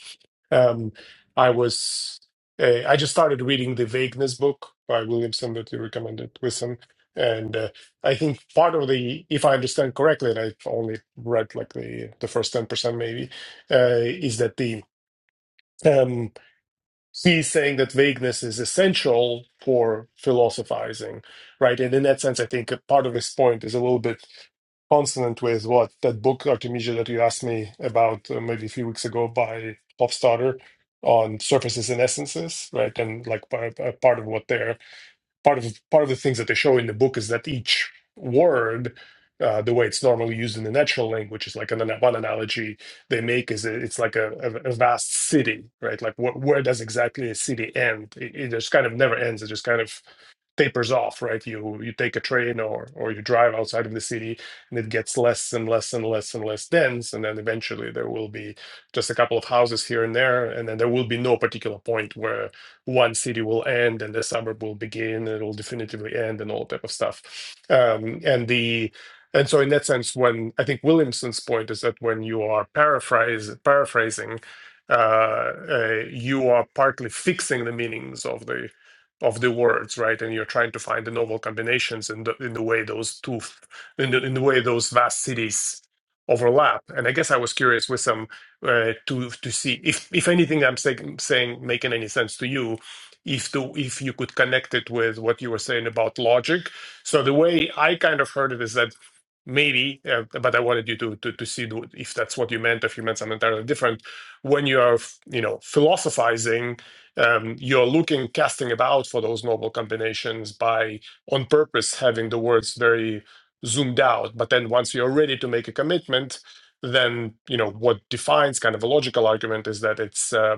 [SPEAKER 4] um, I was uh, I just started reading the Vagueness book by Williamson that you recommended, Wisdom, and uh, I think part of the, if I understand correctly, and I've only read like the the first ten percent maybe, uh, is that the um, he's saying that vagueness is essential for philosophizing, right? And in that sense, I think a part of his point is a little bit consonant with what that book, Artemisia, that you asked me about uh, maybe a few weeks ago by Hofstadter on surfaces and essences, right? And like p- a part of what they're part of part of the things that they show in the book is that each word uh, the way it's normally used in the natural language is like an, one analogy they make is it's like a, a, a vast city right like wh- where does exactly a city end it, it just kind of never ends it just kind of tapers off, right? You you take a train or or you drive outside of the city, and it gets less and less and less and less dense, and then eventually there will be just a couple of houses here and there, and then there will be no particular point where one city will end and the suburb will begin, and it will definitively end, and all type of stuff. Um, and the and so in that sense, when I think Williamson's point is that when you are paraphrase paraphrasing. Uh, uh, you are partly fixing the meanings of the of the words, right? And you're trying to find the novel combinations in the, in the way those two, f- in the, in the way those vast cities overlap. And I guess I was curious with some uh, to to see if if anything I'm saying saying making any sense to you, if the if you could connect it with what you were saying about logic. So the way I kind of heard it is that. Maybe, uh, but I wanted you to, to to see the- if that's what you meant. If you meant something entirely different, when you are, you know, philosophizing, um, you're looking casting about for those noble combinations by on purpose having the words very zoomed out but then once you're ready to make a commitment then you know what defines kind of a logical argument is that it's uh,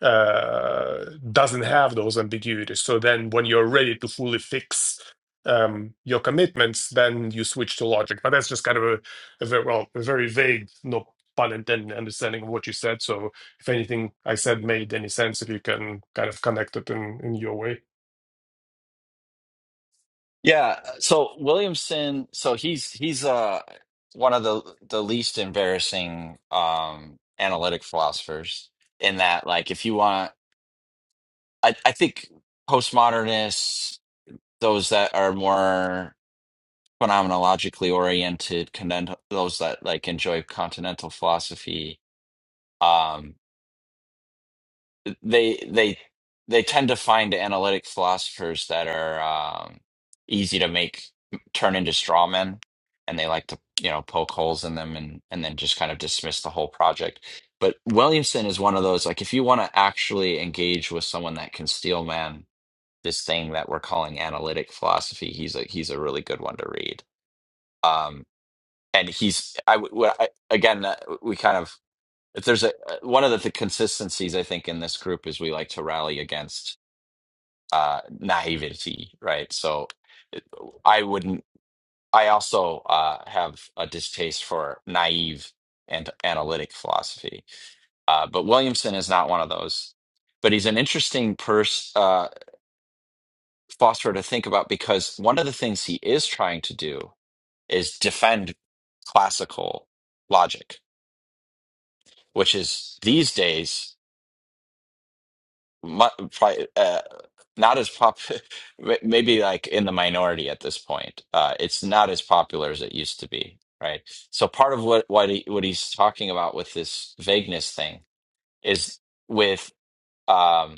[SPEAKER 4] uh, doesn't have those ambiguities so then when you're ready to fully fix um, your commitments then you switch to logic but that's just kind of a, a very well a very vague no pun intended understanding of what you said so if anything I said made any sense, if you can kind of connect it in in your way.
[SPEAKER 3] Yeah, so Williamson, so he's he's uh one of the the least embarrassing um analytic philosophers in that like if you want I I think postmodernists, those that are more phenomenologically oriented, content, those that like enjoy continental philosophy, um they they they tend to find analytic philosophers that are um, easy to make turn into straw men, and they like to you know poke holes in them and and then just kind of dismiss the whole project. But Williamson is one of those like if you want to actually engage with someone that can steel man this thing that we're calling analytic philosophy, he's a he's a really good one to read. Um, and he's I, w- w- I- again uh, we kind of if there's a uh, one of the, th- consistencies I think in this group is we like to rally against uh, naivety, right? So it- I wouldn't. I also uh, have a distaste for naive and analytic philosophy, uh, but Williamson is not one of those. But he's an interesting pers- uh, philosopher to think about because one of the things he is trying to do is defend classical logic, which is these days. mu- pri uh, not as pop, may- maybe like in the minority at this point. Uh, it's not as popular as it used to be, right? So part of what what he, what he's talking about with this vagueness thing is with um,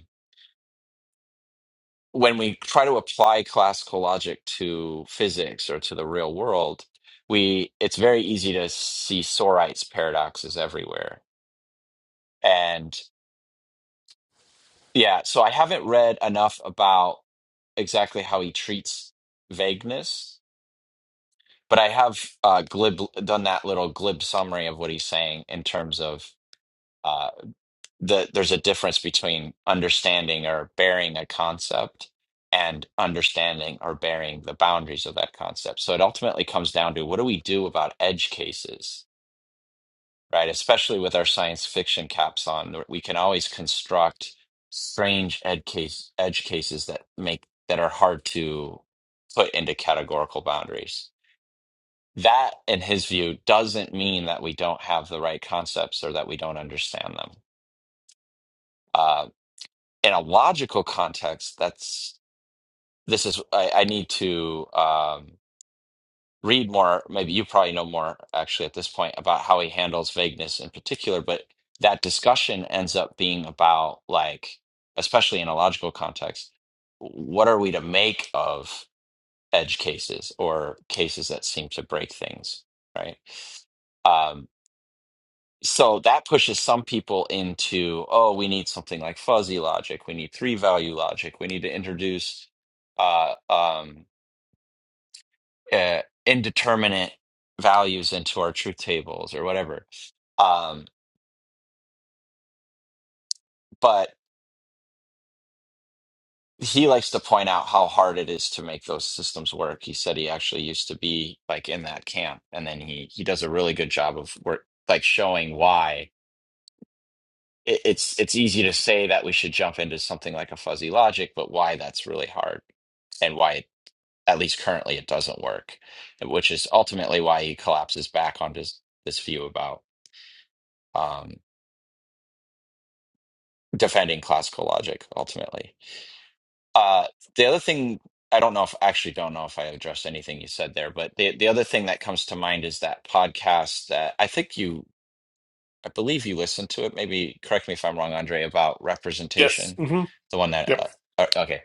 [SPEAKER 3] when we try to apply classical logic to physics or to the real world, we it's very easy to see Sorite's paradoxes everywhere, Yeah, so I haven't read enough about exactly how he treats vagueness, but I have uh, glib done that little glib summary of what he's saying in terms of uh, the there's a difference between understanding or bearing a concept and understanding or bearing the boundaries of that concept. So it ultimately comes down to what do we do about edge cases? right? Especially with our science fiction caps on, we can always construct strange ed case, edge cases that make that are hard to put into categorical boundaries. That, in his view, doesn't mean that we don't have the right concepts or that we don't understand them. Uh, in a logical context, that's this is I, I need to. um, read more. Maybe you probably know more actually at this point about how he handles vagueness in particular, but that discussion ends up being about, like, especially in a logical context, what are we to make of edge cases or cases that seem to break things, right? Um, so that pushes some people into, oh, we need something like fuzzy logic, we need three value logic, we need to introduce. Uh, um, uh, indeterminate values into our truth tables or whatever. Um, but he likes to point out how hard it is to make those systems work. He said he actually used to be like in that camp, and then he he does a really good job of work like showing why it, it's it's easy to say that we should jump into something like a fuzzy logic, but why that's really hard and why it, at least currently it doesn't work, which is ultimately why he collapses back onto this, this view about. um, defending classical logic ultimately. Uh, the other thing I don't know if actually don't know if I addressed anything you said there, but the the other thing that comes to mind is that podcast that I think you I believe you listened to it. Maybe correct me if I'm wrong, Andre, about
[SPEAKER 4] Yes.
[SPEAKER 3] representation.
[SPEAKER 4] hmm
[SPEAKER 3] The one that
[SPEAKER 4] Yep.
[SPEAKER 3] uh, uh, okay,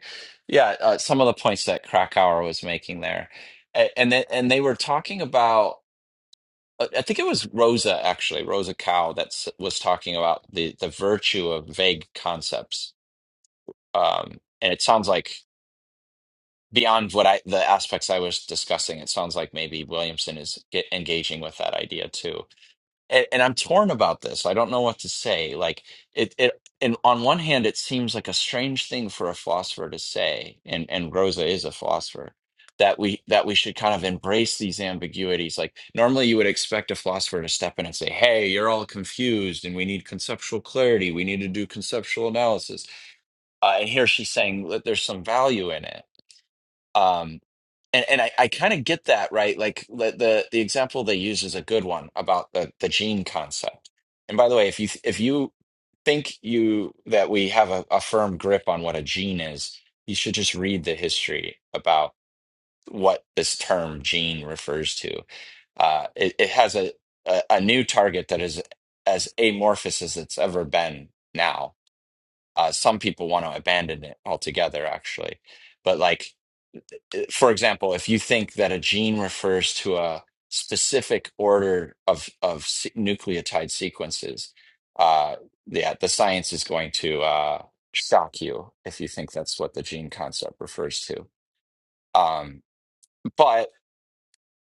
[SPEAKER 3] yeah, uh, some of the points that Krakauer was making there, A- and they, and they were talking about. I I think it was Rosa actually, Rosa Cow that s- was talking about the the virtue of vague concepts Um, and it sounds like beyond what I the aspects I was discussing, it sounds like maybe Williamson is get, engaging with that idea too. And, and I'm torn about this. I don't know what to say. Like it, it, and on one hand, it seems like a strange thing for a philosopher to say, and and Rosa is a philosopher. That we that we should kind of embrace these ambiguities. Like normally, you would expect a philosopher to step in and say, "Hey, you're all confused, and we need conceptual clarity. We need to do conceptual analysis." uh, and here she's saying that there's some value in it um and and i, I kind of get that right like the, the the example they use is a good one about the the gene concept and by the way if you if you think you that we have a, a firm grip on what a gene is you should just read the history about what this term gene refers to uh it, it has a, a a new target that is as amorphous as it's ever been now uh, some people want to abandon it altogether, actually. But, like, eh, for example, if you think that a gene refers to a specific order of, of se- nucleotide sequences, uh, yeah, the science is going to uh, shock you if you think that's what the gene concept refers to. Um, but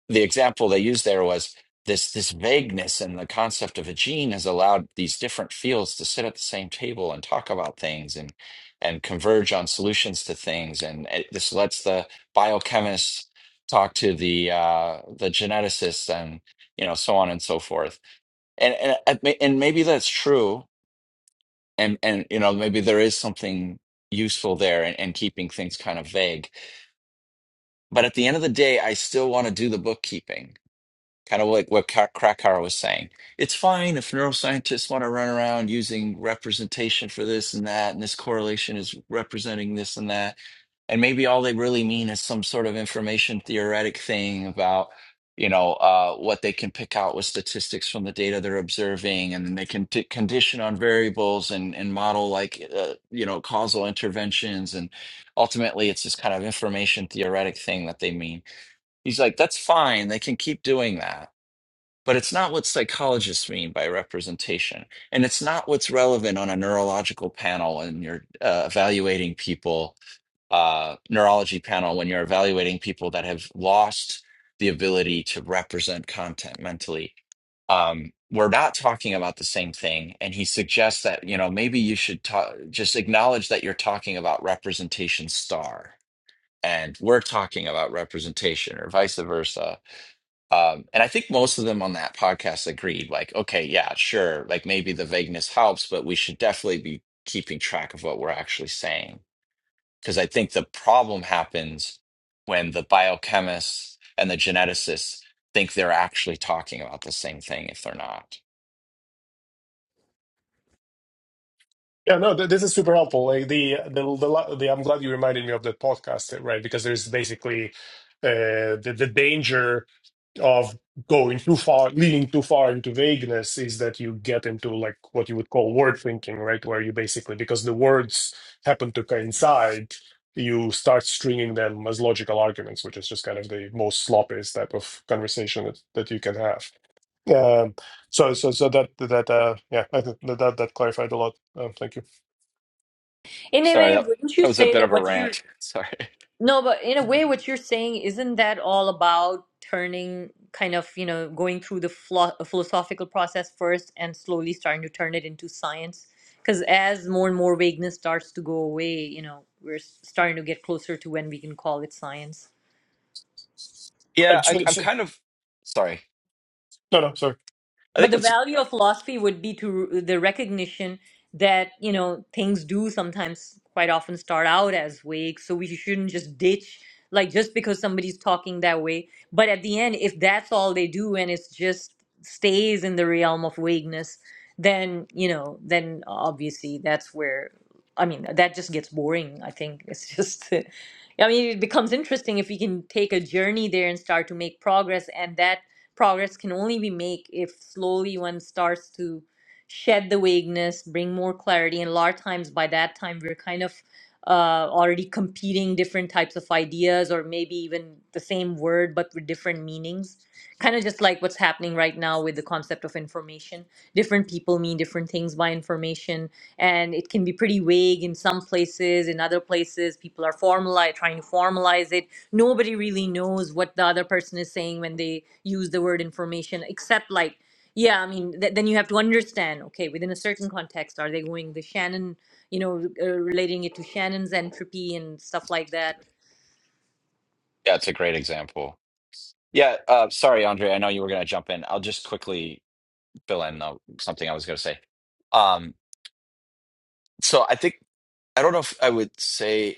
[SPEAKER 3] the example they used there was this this vagueness and the concept of a gene has allowed these different fields to sit at the same table and talk about things and and converge on solutions to things and it, this lets the biochemist talk to the uh, the geneticist and you know so on and so forth and and and maybe that's true and and you know maybe there is something useful there in and keeping things kind of vague but at the end of the day I still want to do the bookkeeping Kind of like what Ka- Krakauer was saying. It's fine if neuroscientists want to run around using representation for this and that, and this correlation is representing this and that. And maybe all they really mean is some sort of information theoretic thing about, you know, uh, what they can pick out with statistics from the data they're observing, and then they can t- condition on variables and and model like, uh, you know, causal interventions. And ultimately, it's this kind of information theoretic thing that they mean. He's like, that's fine. They can keep doing that but it's not what psychologists mean by representation. And it's not what's relevant on a neurological panel when you're uh, evaluating people, uh, neurology panel, when you're evaluating people that have lost the ability to represent content mentally. Um, we're not talking about the same thing. And he suggests that, you know, maybe you should ta- just acknowledge that you're talking about representation star and we're talking about representation or vice versa um, and I think most of them on that podcast agreed, like, okay, yeah, sure, like maybe the vagueness helps, but we should definitely be keeping track of what we're actually saying. Because I think the problem happens when the biochemists and the geneticists think they're actually talking about the same thing if they're not.
[SPEAKER 4] Yeah, no, th- this is super helpful. Like the, the the la- the I'm glad you reminded me of that podcast, right? Because there's basically uh, the the danger. of going too far, leaning too far into vagueness is that you get into like what you would call word thinking, right? Where you basically, because the words happen to coincide, you start stringing them as logical arguments, which is just kind of the most sloppiest type of conversation that, that you can have. Um, so, so, so that, that, uh, yeah, I think that, that, that clarified a lot. Um, thank you.
[SPEAKER 2] In a
[SPEAKER 3] Sorry,
[SPEAKER 2] way,
[SPEAKER 3] that,
[SPEAKER 2] wouldn't you
[SPEAKER 3] that was a
[SPEAKER 2] say
[SPEAKER 3] bit
[SPEAKER 2] that
[SPEAKER 3] of a
[SPEAKER 2] what you're
[SPEAKER 3] rant. Sorry.
[SPEAKER 2] No, but in a way, what you're saying, isn't that all about turning kind of, you know, going through the phlo philosophical process first and slowly starting to turn it into science? Because as more and more vagueness starts to go away, you know, we're s- starting to get closer to when we can call it science.
[SPEAKER 3] Yeah,
[SPEAKER 4] Right.
[SPEAKER 3] I,
[SPEAKER 4] So,
[SPEAKER 3] I'm
[SPEAKER 4] so,
[SPEAKER 3] kind of sorry.
[SPEAKER 4] no, no, sorry.
[SPEAKER 3] I
[SPEAKER 2] But
[SPEAKER 3] think
[SPEAKER 2] the
[SPEAKER 3] it's,
[SPEAKER 2] value
[SPEAKER 3] uh,
[SPEAKER 2] of philosophy would be to the recognition that, you know, things do sometimes quite often start out as vague. So we shouldn't just ditch, like, just because somebody's talking that way. But at the end, if that's all they do and it's just stays in the realm of vagueness, then, you know, then obviously that's where, I mean, that just gets boring. I think it's just. I mean, it becomes interesting if we can take a journey there and start to make progress, and that progress can only be made if slowly one starts to shed the vagueness, bring more clarity. And a lot of times by that time, we're kind of uh, already competing different types of ideas or maybe even the same word but with different meanings. Kind of just like what's happening right now with the concept of information. Different people mean different things by information, and it can be pretty vague in some places. In other places, people are formalize trying to formalize it nobody really knows what the other person is saying when they use the word information except like yeah i mean th- then you have to understand okay within a certain context are they going the shannon you know r- uh, relating it to shannon's entropy and stuff like that
[SPEAKER 3] yeah, it's a great example. Yeah, uh, sorry, Andre, I know you were going to jump in. I'll just quickly fill in uh, something I was going to say. Um, so I think I don't know if I would say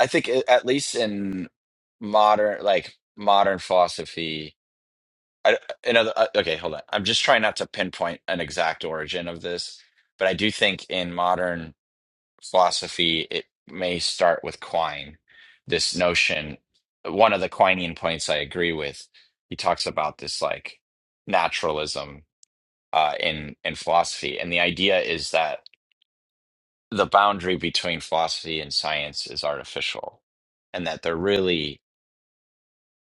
[SPEAKER 3] I think a- at least in modern like modern philosophy. I, in other, uh, okay, hold on. I'm just trying not to pinpoint an exact origin of this, but I do think in modern philosophy it may start with Quine. This notion, one of the Quinean points I agree with, he talks about this like naturalism uh, in in philosophy, and the idea is that the boundary between philosophy and science is artificial and that they're really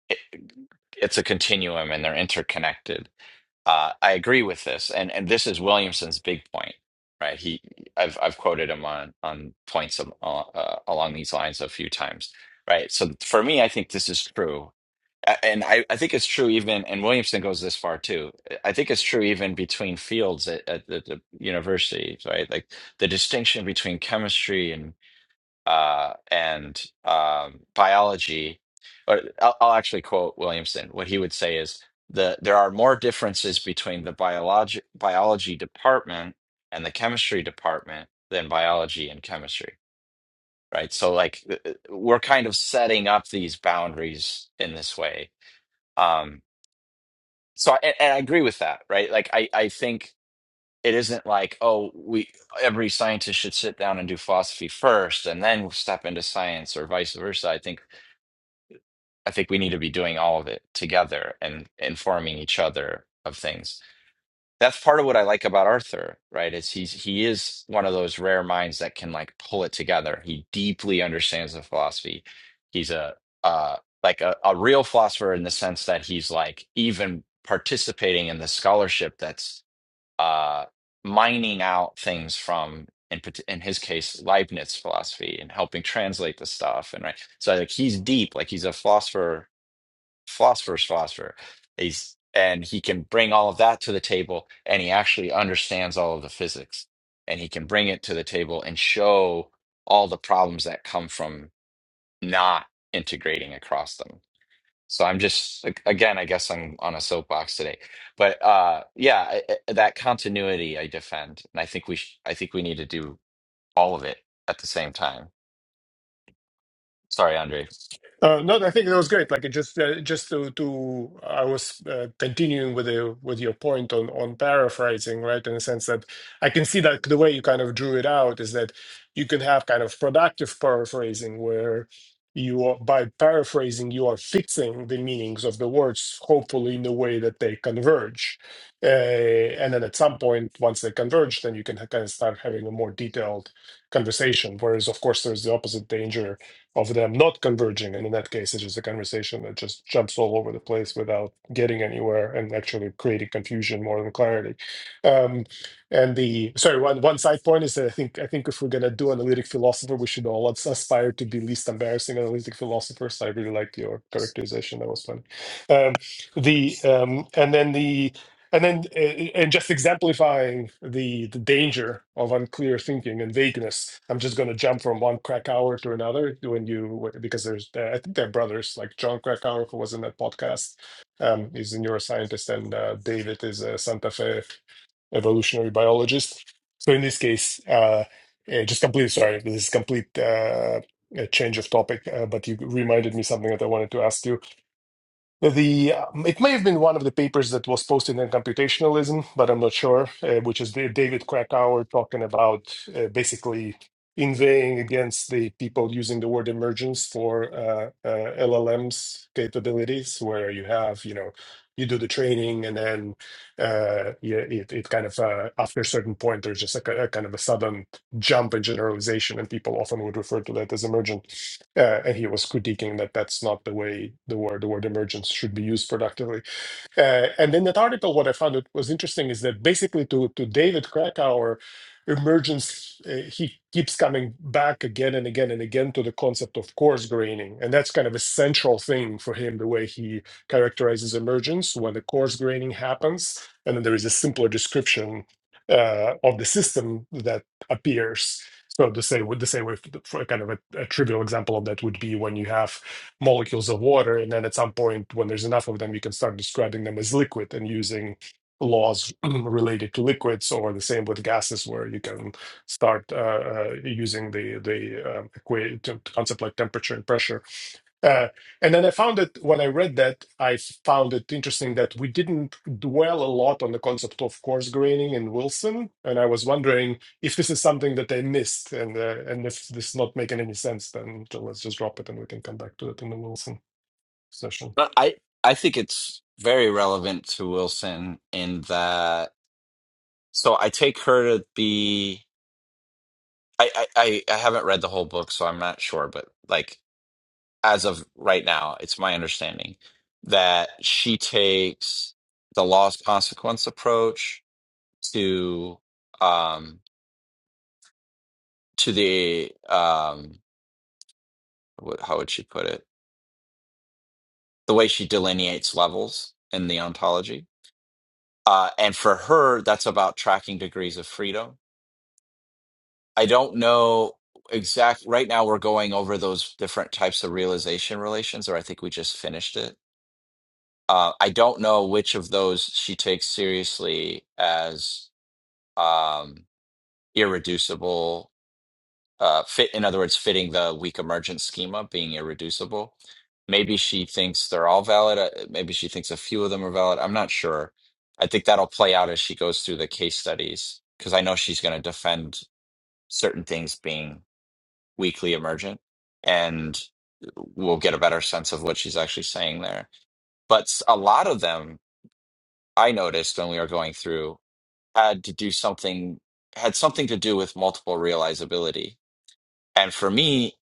[SPEAKER 3] it, it's a continuum and they're interconnected uh, i agree with this and and this is williamson's big point right he i've i've quoted him on on points of, uh, uh, along these lines a few times right so for me i think this is true A- and I, I think it's true even and williamson goes this far too i think it's true even between fields at, at the, the universities right like the distinction between chemistry uh, and um, biology. Or I'll, I'll actually quote Williamson. What he would say is the there are more differences between the biology biology department and the chemistry department than biology and chemistry. Right. So like th- th- we're kind of setting up these boundaries in this way. Um, so I, and and I agree with that. Right. Like I I think. It isn't like, oh, we every scientist should sit down and do philosophy first and then step into science or vice versa. I think I think we need to be doing all of it together and informing each other of things. That's part of what I like about Arthur, right? Is he's he is one of those rare minds that can like pull it together. He deeply understands the philosophy. He's a uh like a, a real philosopher in the sense that he's like even participating in the scholarship that's uh mining out things from in pat- in his case Leibniz philosophy and helping translate the stuff and right. So like he's deep, like he's a philosopher philosopher's philosopher. He's and he can bring all of that to the table, and he actually understands all of the physics, and he can bring it to the table and show all the problems that come from not integrating across them. So I'm just ag- again, I guess I'm on a soapbox today, but uh, yeah, I, I- that continuity I defend, and I think we sh I think we need to do all of it at the same time. Sorry, Andre.
[SPEAKER 4] Uh, no, I think that was great. Like it just, uh, just to, to I was uh, continuing with the, with your point on on paraphrasing, right? In the sense that I can see that the way you kind of drew it out is that you can have kind of productive paraphrasing where you are, by paraphrasing you are fixing the meanings of the words, hopefully in a way that they converge, uh, and then at some point once they converge, then you can kind of start having a more detailed conversation. Whereas, of course, there's the opposite danger of them not converging. And in that case, it's just a conversation that just jumps all over the place without getting anywhere and actually creating confusion more than clarity. Um, and the sorry, one one side point is that I think I think if we're gonna do analytic philosopher, we should all as- aspire to be least embarrassing analytic philosophers. I really liked your characterization; that was funny. Um, the um, and then the and then uh, uh, and just exemplifying the the danger of unclear thinking and vagueness i'm just going to jump from one krakauer to another when you because there's uh, i think they're brothers like john krakauer who was in that podcast um he's a neuroscientist and uh, david is a santa fe evolutionary biologist so in this case uh eh, just complete sorry this is complete uh a change of topic, uh, but you reminded me something that I wanted to ask you the um, it may have been one of the papers that was posted in Computationalism, but I'm not sure, uh, which is the David Krakauer talking about uh, basically inveighing against the people using the word emergence for uh, uh, LLM's capabilities, where you have, you know, you do the training and then uh, yeah, it, it kind of, uh, after a certain point, there's just like a, ki- a kind of a sudden jump in generalization, and people often would refer to that as emergent uh, and he was critiquing that that's not the way the word the word emergence should be used productively. Uh, and in that article, what I found it was interesting is that basically to, to David Krakauer, emergence, uh, he keeps coming back again and again and again to the concept of coarse graining. And that's kind of a central thing for him, the way he characterizes emergence when the coarse graining happens. And then there is a simpler description uh, of the system that appears. So the same, the same way, for, for a kind of a, a trivial example of that would be when you have molecules of water. And then at some point, when there's enough of them, you can start describing them as liquid and using laws related to liquids, or the same with gases, where you can start uh, uh, using the the um, equa- t- concept like temperature and pressure uh, and then I found that when I read that, I found it interesting that we didn't dwell a lot on the concept of coarse graining in Wilson. And I was wondering if this is something that I missed, and uh, and if this is not making any sense, then let's just drop it and we can come back to it in the Wilson session.
[SPEAKER 3] But I I think it's very relevant to Wilson in that. So I take her to be. I I I I haven't read the whole book, so I'm not sure. But like as of right now, it's my understanding that she takes the loss consequence approach to um to the um what, how would she put it? The way she delineates levels in the ontology. Uh, and for her, that's about tracking degrees of freedom I don't know exact right now we're going over those different types of realization relations, or I think we just finished it. Uh, I don't know which of those she takes seriously as um, irreducible uh, fit. In other words, fitting the weak emergent schema being irreducible. Maybe she thinks they're all valid. uh, Maybe she thinks a few of them are valid. I'm not sure. I think that'll play out as she goes through the case studies because I know she's going to defend certain things being weekly emergent and we'll get a better sense of what she's actually saying there but s- a lot of them i noticed when we were going through had to do something had something to do with multiple realizability and for me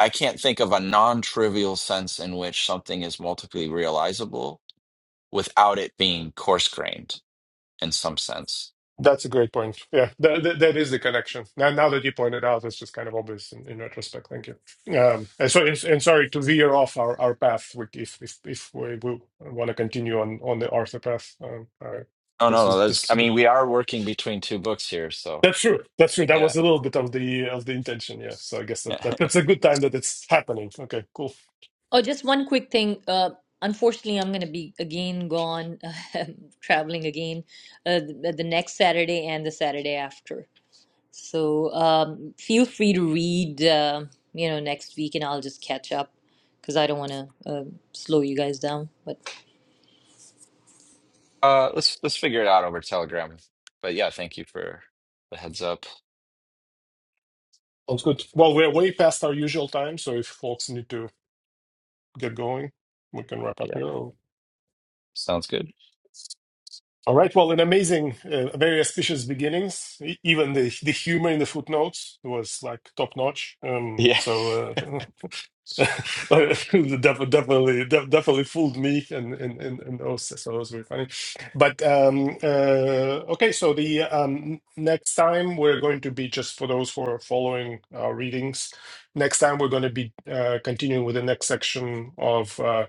[SPEAKER 3] i can't think of a non-trivial sense in which something is multiply realizable without it being coarse grained in some sense
[SPEAKER 4] That's a great point. Yeah, that, that, that is the connection. Now, now that you pointed out, it's just kind of obvious in, in retrospect. Thank you. Um, and so, and, and sorry to veer off our, our path with- if if if we, we want to continue on on the Arthur path. Um, all right,
[SPEAKER 3] oh no
[SPEAKER 4] this
[SPEAKER 3] no
[SPEAKER 4] is
[SPEAKER 3] that's
[SPEAKER 4] this
[SPEAKER 3] i
[SPEAKER 4] is good.
[SPEAKER 3] mean we are working between two books here so
[SPEAKER 4] That's true. That's true. That
[SPEAKER 3] yeah
[SPEAKER 4] was a little bit of the of the intention. Yeah. So I guess that, that that's a good time that it's happening. Okay. Cool.
[SPEAKER 2] oh just one quick thing uh unfortunately i'm going to be again gone traveling again uh, the, the next saturday and the saturday after So um, feel free to read, uh, you know, next week, and I'll just catch up because I don't want to uh, slow you guys down. But
[SPEAKER 3] Uh, let's let's figure it out over Telegram. But yeah, thank you for the heads up.
[SPEAKER 4] Sounds good. Well, we're way past our usual time, so if folks need to get going, we can wrap up
[SPEAKER 3] Yeah,
[SPEAKER 4] here.
[SPEAKER 3] sounds good.
[SPEAKER 4] All right. Well, an amazing, uh, very auspicious beginnings. E- Even the the humor in the footnotes was like top notch. Um,
[SPEAKER 3] Yeah.
[SPEAKER 4] so uh, def- definitely, def- definitely fooled me, and and and, and also, so it was very funny. But um, uh, okay, so the um, next time we're going to be just for those who are following our readings. Next time we're going to be uh, continuing with the next section of. uh,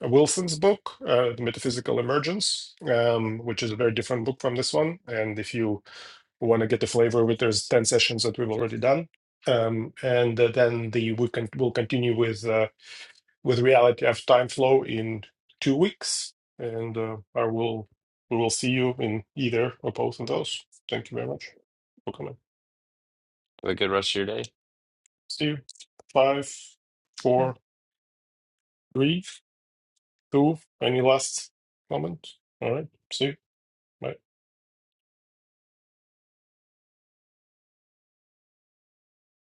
[SPEAKER 4] Wilson's book, uh, The Metaphysical Emergence, um, which is a very different book from this one. And if you want to get the flavor of it, there's 10 sessions that we've already done. Um, and uh, then the we can we'll continue with uh, with reality of time flow in two weeks, and uh, I will we will see you in either or both of those. Thank you very much for coming.
[SPEAKER 3] Have a good rest of your day.
[SPEAKER 4] See you. Five, four, three, two. Any last comment? All right. See you. Bye.